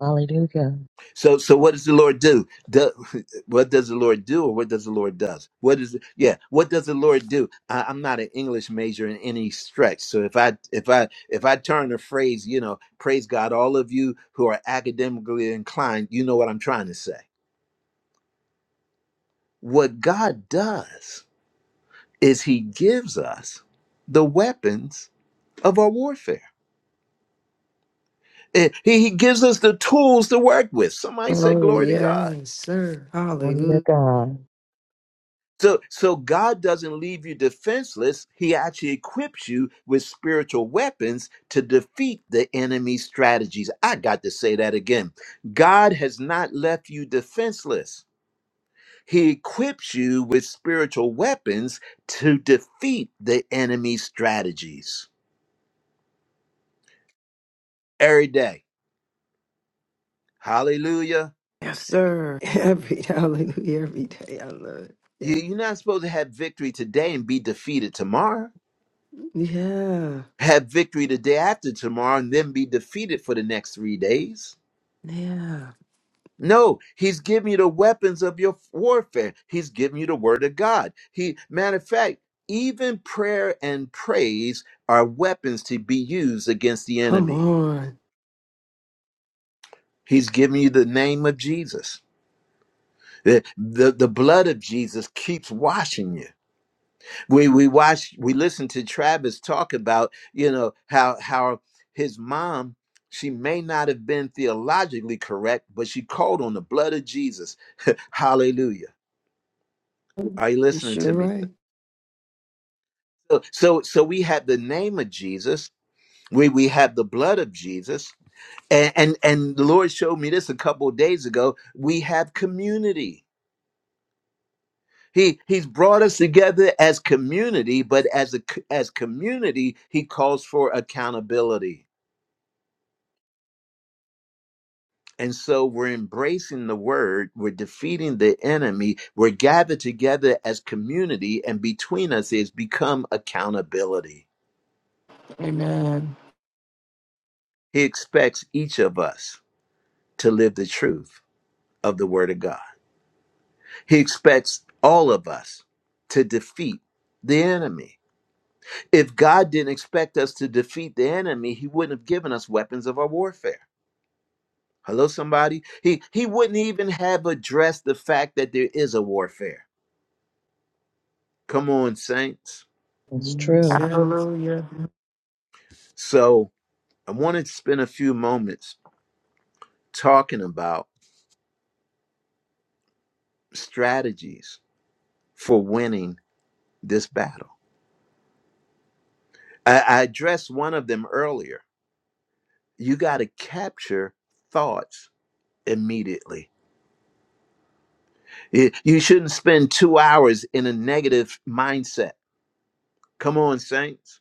Speaker 6: Hallelujah.
Speaker 1: So, so what does the Lord do? Do- what does the Lord do, or what does the Lord does? What is it? Yeah, what does the Lord do? I, I'm not an English major in any stretch, so if I if I if I turn a phrase, you know, praise God, all of you who are academically inclined, you know what I'm trying to say. What God does is He gives us the weapons of our warfare. Eh, He, he gives us the tools to work with. Somebody say,
Speaker 3: Oh,
Speaker 1: "Glory to God."
Speaker 3: yes, sir.
Speaker 6: Glory to
Speaker 3: Hallelujah.
Speaker 6: God.
Speaker 1: So, so God doesn't leave you defenseless. He actually equips you with spiritual weapons to defeat the enemy's strategies. I got to say that again. God has not left you defenseless. He equips you with spiritual weapons to defeat the enemy's strategies every day. Hallelujah.
Speaker 3: Yes, sir. Every hallelujah, every day. I love it.
Speaker 1: You-
Speaker 3: Yeah.
Speaker 1: You're not supposed to have victory today and be defeated tomorrow.
Speaker 3: Yeah.
Speaker 1: Have victory the day after tomorrow and then be defeated for the next three days
Speaker 3: Yeah.
Speaker 1: No, he's giving you the weapons of your warfare. He's giving you the word of God. He matter of fact, even prayer and praise are weapons to be used against the
Speaker 3: Come
Speaker 1: enemy.
Speaker 3: on.
Speaker 1: He's giving you the name of Jesus. The, the, the blood of Jesus keeps washing you. We we watch we listen to Travis talk about, you know, how how his mom, she may not have been theologically correct, but she called on the blood of Jesus. Hallelujah Are you
Speaker 3: You
Speaker 1: listening to
Speaker 3: sure
Speaker 1: me?
Speaker 3: right.
Speaker 1: So, so, so we have the name of Jesus. We we have the blood of Jesus, and and, and the Lord showed me this a couple of days ago. We have community. He he's brought us together as community, but as a c- as community, he calls for accountability. And so we're embracing the word, we're defeating the enemy, we're gathered together as community, and between us is become accountability.
Speaker 2: Amen.
Speaker 1: He expects each of us to live the truth of the Word of God. He expects all of us to defeat the enemy. If God didn't expect us to defeat the enemy, He wouldn't have given us weapons of our warfare. Hello, somebody? He, he wouldn't even have addressed the fact that there is a warfare. Come on, saints.
Speaker 6: It's
Speaker 3: Yes.
Speaker 6: true.
Speaker 3: yes.
Speaker 2: Hallelujah.
Speaker 1: So I want to spend a few moments talking about strategies for winning this battle. I, I addressed one of them earlier you got to capture thoughts immediately. You shouldn't spend two hours in a negative mindset. Come on, saints.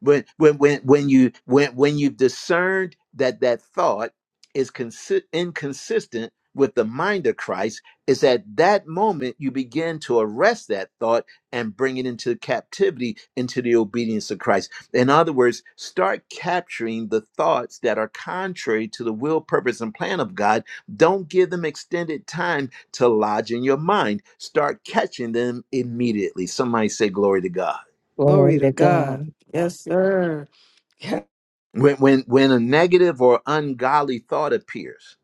Speaker 1: when when when when you when when you've discerned that that thought is consi- inconsistent with the mind of Christ is at that moment you begin to arrest that thought and bring it into captivity into the obedience of Christ. In other words, start capturing the thoughts that are contrary to the will, purpose, and plan of God. Don't give them extended time to lodge in your mind. Start catching them immediately. Somebody say, Glory to God.
Speaker 6: Glory
Speaker 3: Glory to
Speaker 6: to
Speaker 3: God.
Speaker 6: God.
Speaker 3: Yes, sir.
Speaker 1: When, when, when a negative or ungodly thought appears,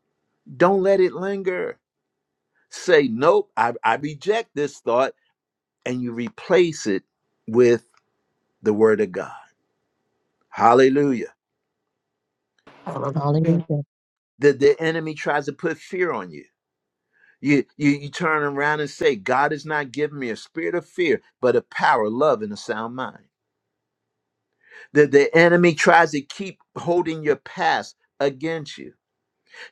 Speaker 1: don't let it linger. Say, nope, I, I reject this thought, and you replace it with the word of God. Hallelujah.
Speaker 2: Hallelujah.
Speaker 6: Hallelujah.
Speaker 1: The, the enemy tries to put fear on you. You, you. you turn around and say, God has not given me a spirit of fear, but a power, love, and a sound mind. The, the enemy tries to keep holding your past against you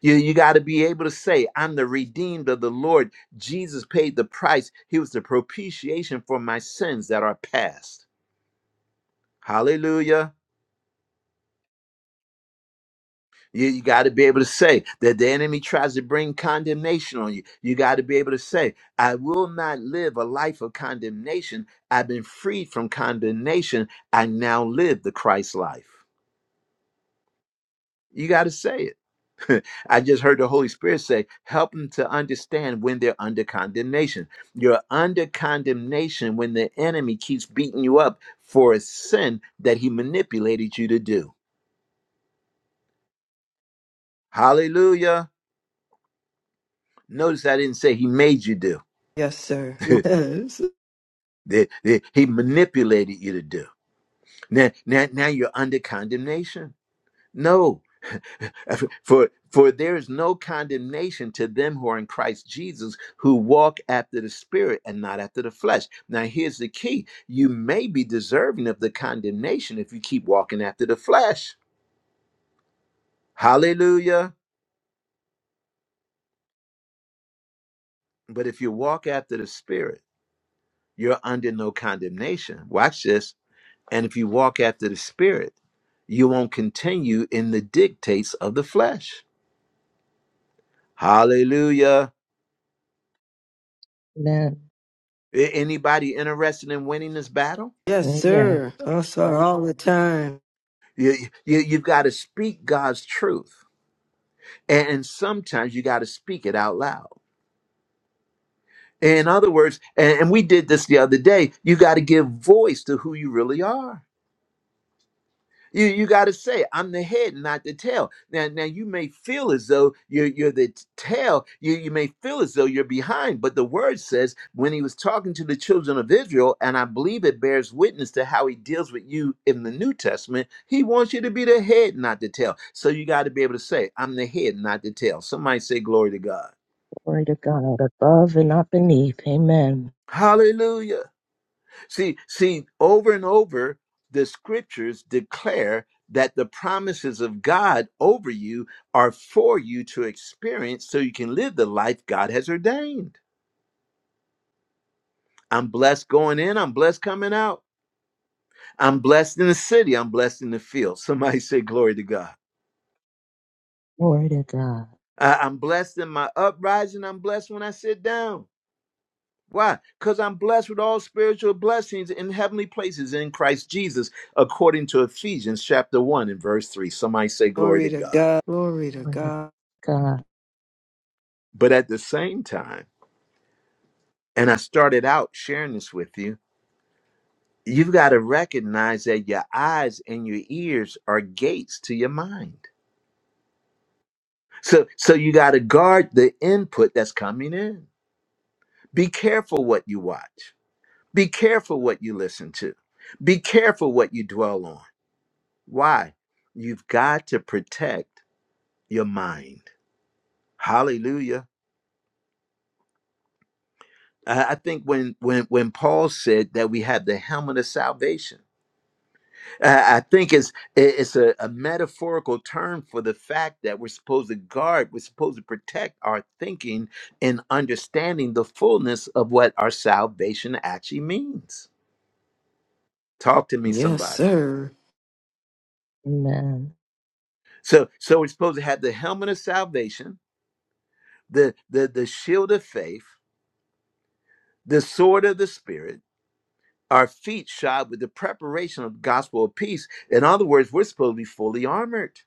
Speaker 1: You, you got to be able to say, I'm the redeemed of the Lord. Jesus paid the price. He was the propitiation for my sins that are past. Hallelujah. You, you got to be able to say that the enemy tries to bring condemnation on you. You got to be able to say, I will not live a life of condemnation. I've been freed from condemnation. I now live the Christ life. You got to say it. I just heard the Holy Spirit say, help them to understand when they're under condemnation. You're under condemnation when the enemy keeps beating you up for a sin that he manipulated you to do. Hallelujah. Notice I didn't say he made you do.
Speaker 3: Yes, sir. Yes.
Speaker 1: That- that he manipulated you to do. Now, now, now you're under condemnation. No, for for there is no condemnation to them who are in Christ Jesus who walk after the spirit and not after the flesh. Now here's the key. You may be deserving of the condemnation if you keep walking after the flesh. Hallelujah. But if you walk after the spirit, you're under no condemnation. Watch this. And if you walk after the spirit, you won't continue in the dictates of the flesh. Hallelujah.
Speaker 6: Amen.
Speaker 1: A- Anybody interested in winning this battle?
Speaker 3: Yes,
Speaker 6: Oh yeah.
Speaker 3: sir. I saw all the time.
Speaker 1: You, you, you've got to speak God's truth. And, sometimes you got to speak it out loud. In other words, and, and we did this the other day, you got to give voice to who you really are. You you got to say, I'm the head, not the tail. Now now you may feel as though you're you're the t- tail. You you may feel as though you're behind, but the word says when he was talking to the children of Israel, and I believe it bears witness to how he deals with you in the New Testament. He wants you to be the head, not the tail. So you got to be able to say, I'm the head, not the tail. Somebody say, Glory to God.
Speaker 6: Glory to God, above and not beneath. Amen.
Speaker 1: Hallelujah. See, see, over and over, the scriptures declare that the promises of God over you are for you to experience so you can live the life God has ordained. I'm blessed going in, I'm blessed coming out. I'm blessed in the city, I'm blessed in the field. Somebody say, Glory to God.
Speaker 6: Glory to God.
Speaker 1: I- I'm blessed in my uprising, I'm blessed when I sit down. Why? Because I'm blessed with all spiritual blessings in heavenly places in Christ Jesus, according to Ephesians chapter 1 and verse 3. Somebody say, Glory
Speaker 3: Glory
Speaker 1: to
Speaker 3: to
Speaker 1: God.
Speaker 3: God. Glory to
Speaker 6: Glory to
Speaker 3: God.
Speaker 6: God.
Speaker 1: But at the same time, and I started out sharing this with you, you've got to recognize that your eyes and your ears are gates to your mind. So, so you got to guard the input that's coming in. Be careful what you watch, be careful what you listen to, be careful what you dwell on Why? You've got to protect your mind. Hallelujah. I I think when when when Paul said that we have the helmet of salvation, I I think it's it's a, a metaphorical term for the fact that we're supposed to guard, we're supposed to protect our thinking and understanding the fullness of what our salvation actually means. Talk to me,
Speaker 3: Yes,
Speaker 1: somebody.
Speaker 3: sir.
Speaker 6: Amen.
Speaker 1: So so we're supposed to have the helmet of salvation, the the the shield of faith, the sword of the spirit our feet shod with the preparation of the gospel of peace. In other words, we're supposed to be fully armored.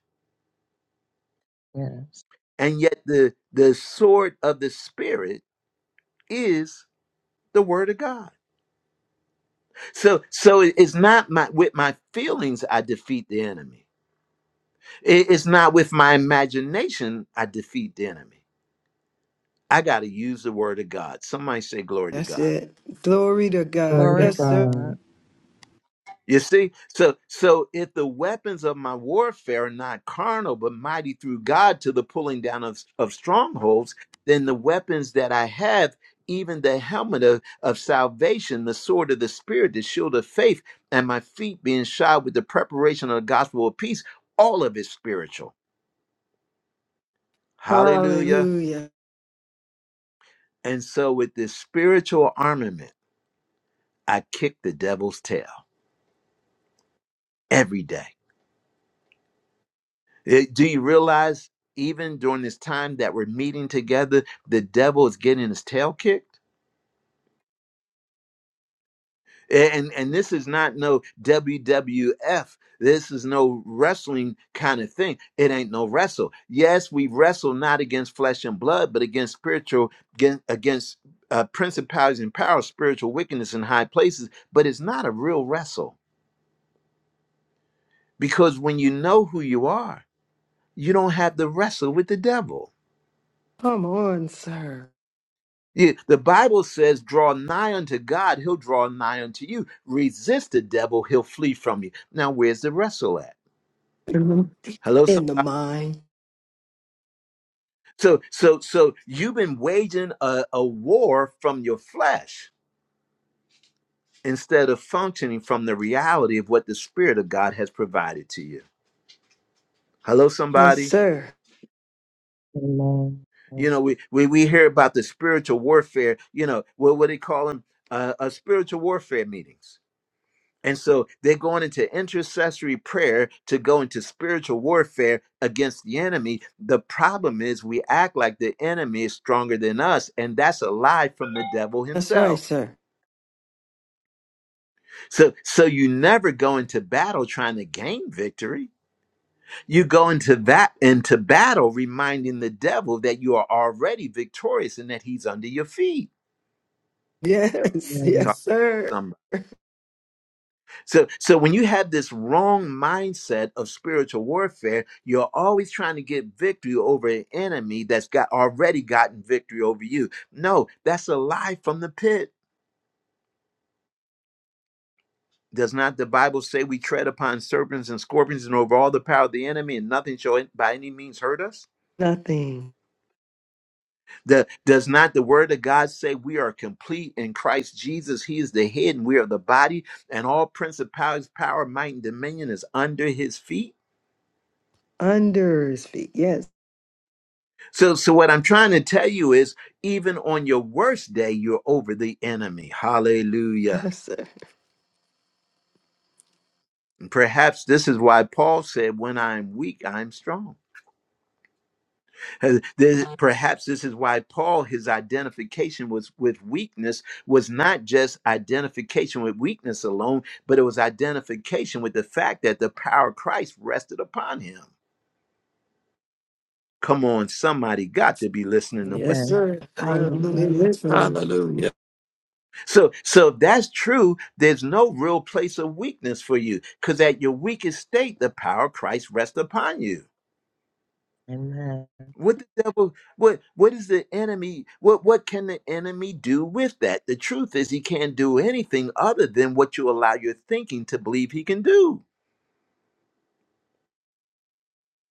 Speaker 6: Yes.
Speaker 1: And yet the the sword of the spirit is the word of God. So so it- it's not my with my feelings I defeat the enemy. It- It's not with my imagination I defeat the enemy. I got to use the word of God. Somebody say glory to
Speaker 3: That's
Speaker 1: God.
Speaker 3: it. Glory to God.
Speaker 6: Glory
Speaker 7: Glory
Speaker 6: to
Speaker 7: to
Speaker 3: Yes, sir.
Speaker 7: God.
Speaker 6: God.
Speaker 1: You see, so so if the weapons of my warfare are not carnal but mighty through God to the pulling down of, of strongholds, then the weapons that I have, even the helmet of, of salvation, the sword of the spirit, the shield of faith, and my feet being shod with the preparation of the gospel of peace, all of it spiritual. Hallelujah.
Speaker 3: Hallelujah.
Speaker 1: And so with this spiritual armament, I kick the devil's tail every day. It- do you realize even during this time that we're meeting together, the devil is getting his tail kicked? And and this is not no WWF. This is no wrestling kind of thing. It ain't no wrestle. Yes, we wrestle not against flesh and blood, but against spiritual, against, against uh, principalities and powers, spiritual wickedness in high places. But it's not a real wrestle because when you know who you are, you don't have to wrestle with the devil.
Speaker 3: Come on, sir.
Speaker 1: You- the Bible says, draw nigh unto God, he'll draw nigh unto you. Resist the devil, he'll flee from you. Now, where's the wrestle at?
Speaker 3: Mhm.
Speaker 1: Hello,
Speaker 3: In the
Speaker 1: somebody.
Speaker 3: mind.
Speaker 1: So, so, so you've been waging a, a war from your flesh instead of functioning from the reality of what the Spirit of God has provided to you. Hello,
Speaker 3: Yes,
Speaker 1: somebody.
Speaker 3: sir.
Speaker 6: Amen.
Speaker 1: You
Speaker 6: Yes.
Speaker 1: know, we we, we hear about the spiritual warfare. You know, what what they call them? Uh, uh, spiritual warfare meetings. And so they're going into intercessory prayer to go into spiritual warfare against the enemy. The problem is we act like the enemy is stronger than us, and that's a lie from the devil
Speaker 3: That's right,
Speaker 1: himself.
Speaker 3: sir.
Speaker 1: So so you never go into battle trying to gain victory. You go into that into battle reminding the devil that you are already victorious and that he's under your feet.
Speaker 3: Yes.
Speaker 6: Amen.
Speaker 3: Yes,
Speaker 1: Talk
Speaker 3: sir.
Speaker 1: to somebody. So, so when you have this wrong mindset of spiritual warfare, you're always trying to get victory over an enemy that's got already gotten victory over you. No, that's a lie from the pit. Does not the Bible say we tread upon serpents and scorpions and over all the power of the enemy, and nothing shall by any means hurt us?
Speaker 3: Nothing
Speaker 1: The, does not the Word of God say we are complete in Christ Jesus? He is the head, and we are the body, and all principalities, power, might, and dominion is under His feet.
Speaker 3: under his feet. Yes.
Speaker 1: So, so what I'm trying to tell you is, even on your worst day, you're over the enemy. Hallelujah.
Speaker 3: Yes, sir.
Speaker 1: And Perhaps this is why Paul said, "When I am weak, I am strong." Uh, this- Perhaps this is why Paul, his identification was with weakness, was not just identification with weakness alone, but it was identification with the fact that the power of Christ rested upon him. Come on, somebody got to be listening to what
Speaker 3: Yes,
Speaker 6: Amen.
Speaker 3: sir.
Speaker 1: they're saying.
Speaker 3: Hallelujah.
Speaker 6: Amen.
Speaker 2: Hallelujah.
Speaker 3: Listen.
Speaker 2: Hallelujah.
Speaker 1: So, so if that's true, there's no real place of weakness for you, because at your weakest state, the power of Christ rests upon you.
Speaker 6: Amen.
Speaker 1: What the devil? What what is the enemy? What what can the enemy do with that? The truth is, he can't do anything other than what you allow your thinking to believe he can do.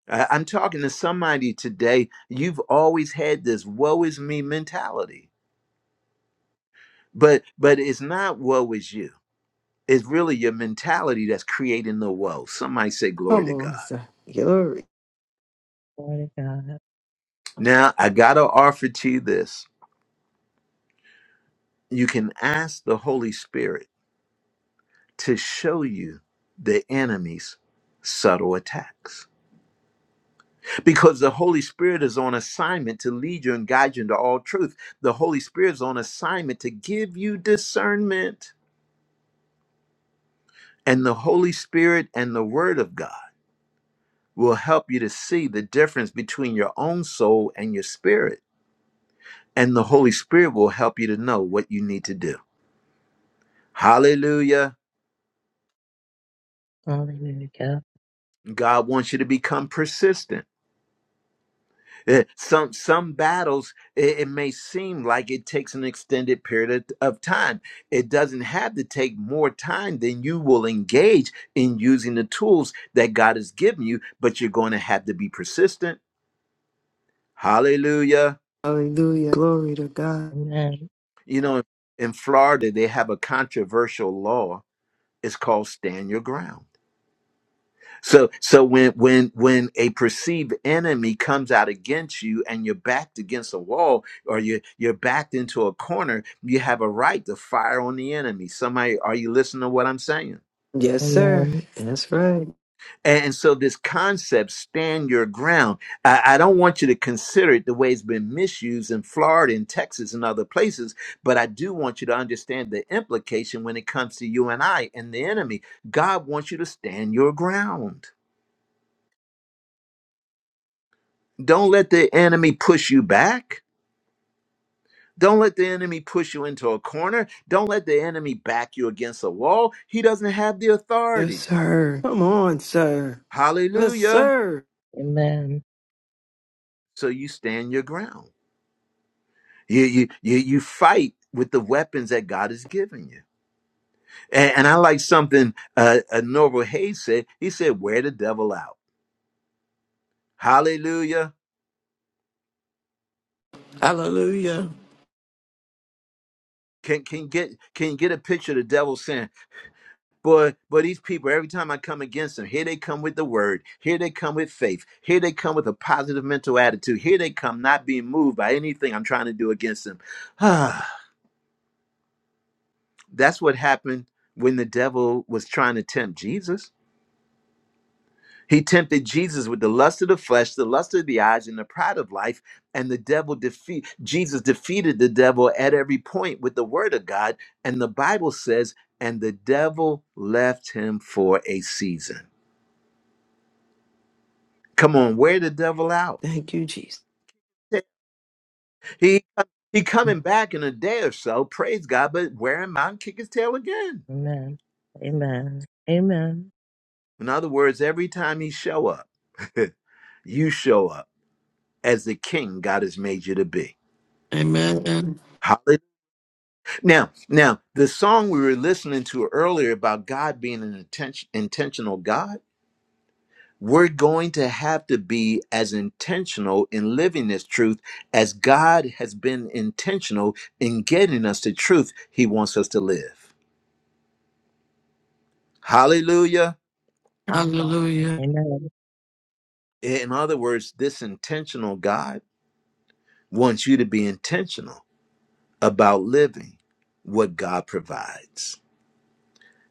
Speaker 1: I, I'm talking to somebody today. You've always had this "woe is me" mentality, but but it's not "woe is you." It's really your mentality that's creating the woe. Somebody say "Glory
Speaker 3: Come
Speaker 1: to
Speaker 3: on,
Speaker 1: God."
Speaker 3: sir. Glory.
Speaker 6: Glory to God.
Speaker 1: Now, I got to offer to you this. You can ask the Holy Spirit to show you the enemy's subtle attacks because the Holy Spirit is on assignment to lead you and guide you into all truth. The Holy Spirit is on assignment to give you discernment, and the Holy Spirit and the Word of God will help you to see the difference between your own soul and your spirit. And the Holy Spirit will help you to know what you need to do. Hallelujah.
Speaker 6: Hallelujah.
Speaker 1: God wants you to become persistent. Eh, Some some battles it, it may seem like it takes an extended period of of time. It doesn't have to take more time than you will engage in using the tools that God has given you, but you're going to have to be persistent. Hallelujah.
Speaker 3: Hallelujah. Glory to God.
Speaker 6: Amen.
Speaker 1: You know, in Florida they have a controversial law. It's called stand your ground. So so when when when a perceived enemy comes out against you and you're backed against a wall or you you're backed into a corner, you have a right to fire on the enemy. Somebody, are you listening to what I'm saying?
Speaker 3: Yes, sir.
Speaker 6: Amen.
Speaker 3: That's right.
Speaker 1: And, so this concept, stand your ground. I, I don't want you to consider it the way it's been misused in Florida and Texas and other places, but I do want you to understand the implication when it comes to you and I and the enemy. God wants you to stand your ground. Don't let the enemy push you back. Don't let the enemy push you into a corner. Don't let the enemy back you against a wall. He doesn't have the
Speaker 3: Yes,
Speaker 1: authority.
Speaker 3: sir. Come on, sir. Yes,
Speaker 1: Hallelujah.
Speaker 3: sir.
Speaker 6: Amen.
Speaker 1: So you stand your ground. You you you, you fight with the weapons that God has given you. And, and I like something uh, uh Norval Hayes said. He said, "Wear the devil out." Hallelujah.
Speaker 2: Hallelujah.
Speaker 1: Can can you get can you get a picture of the devil saying, But but these people, every time I come against them, here they come with the word, here they come with faith, here they come with a positive mental attitude, here they come not being moved by anything I'm trying to do against them. Ah, that's what happened when the devil was trying to tempt Jesus. He tempted Jesus with the lust of the flesh, the lust of the eyes, and the pride of life. And the devil defeat Jesus defeated the devil at every point with the word of God. And the Bible says, and the devil left him for a season. Come on, wear the devil out.
Speaker 3: Thank you, Jesus.
Speaker 1: He he coming back in a day or so. Praise God, but wear him out and kick his tail again.
Speaker 6: Amen. Amen.
Speaker 1: In other words, every time he show up, you show up as the king God has made you to be.
Speaker 2: Amen.
Speaker 1: Hallelujah. Now, now the song we were listening to earlier about God being an intention, intentional God, we're going to have to be as intentional in living this truth as God has been intentional in getting us the truth He wants us to live. Hallelujah.
Speaker 2: Hallelujah.
Speaker 6: Amen.
Speaker 1: In other words, this intentional God wants you to be intentional about living what God provides.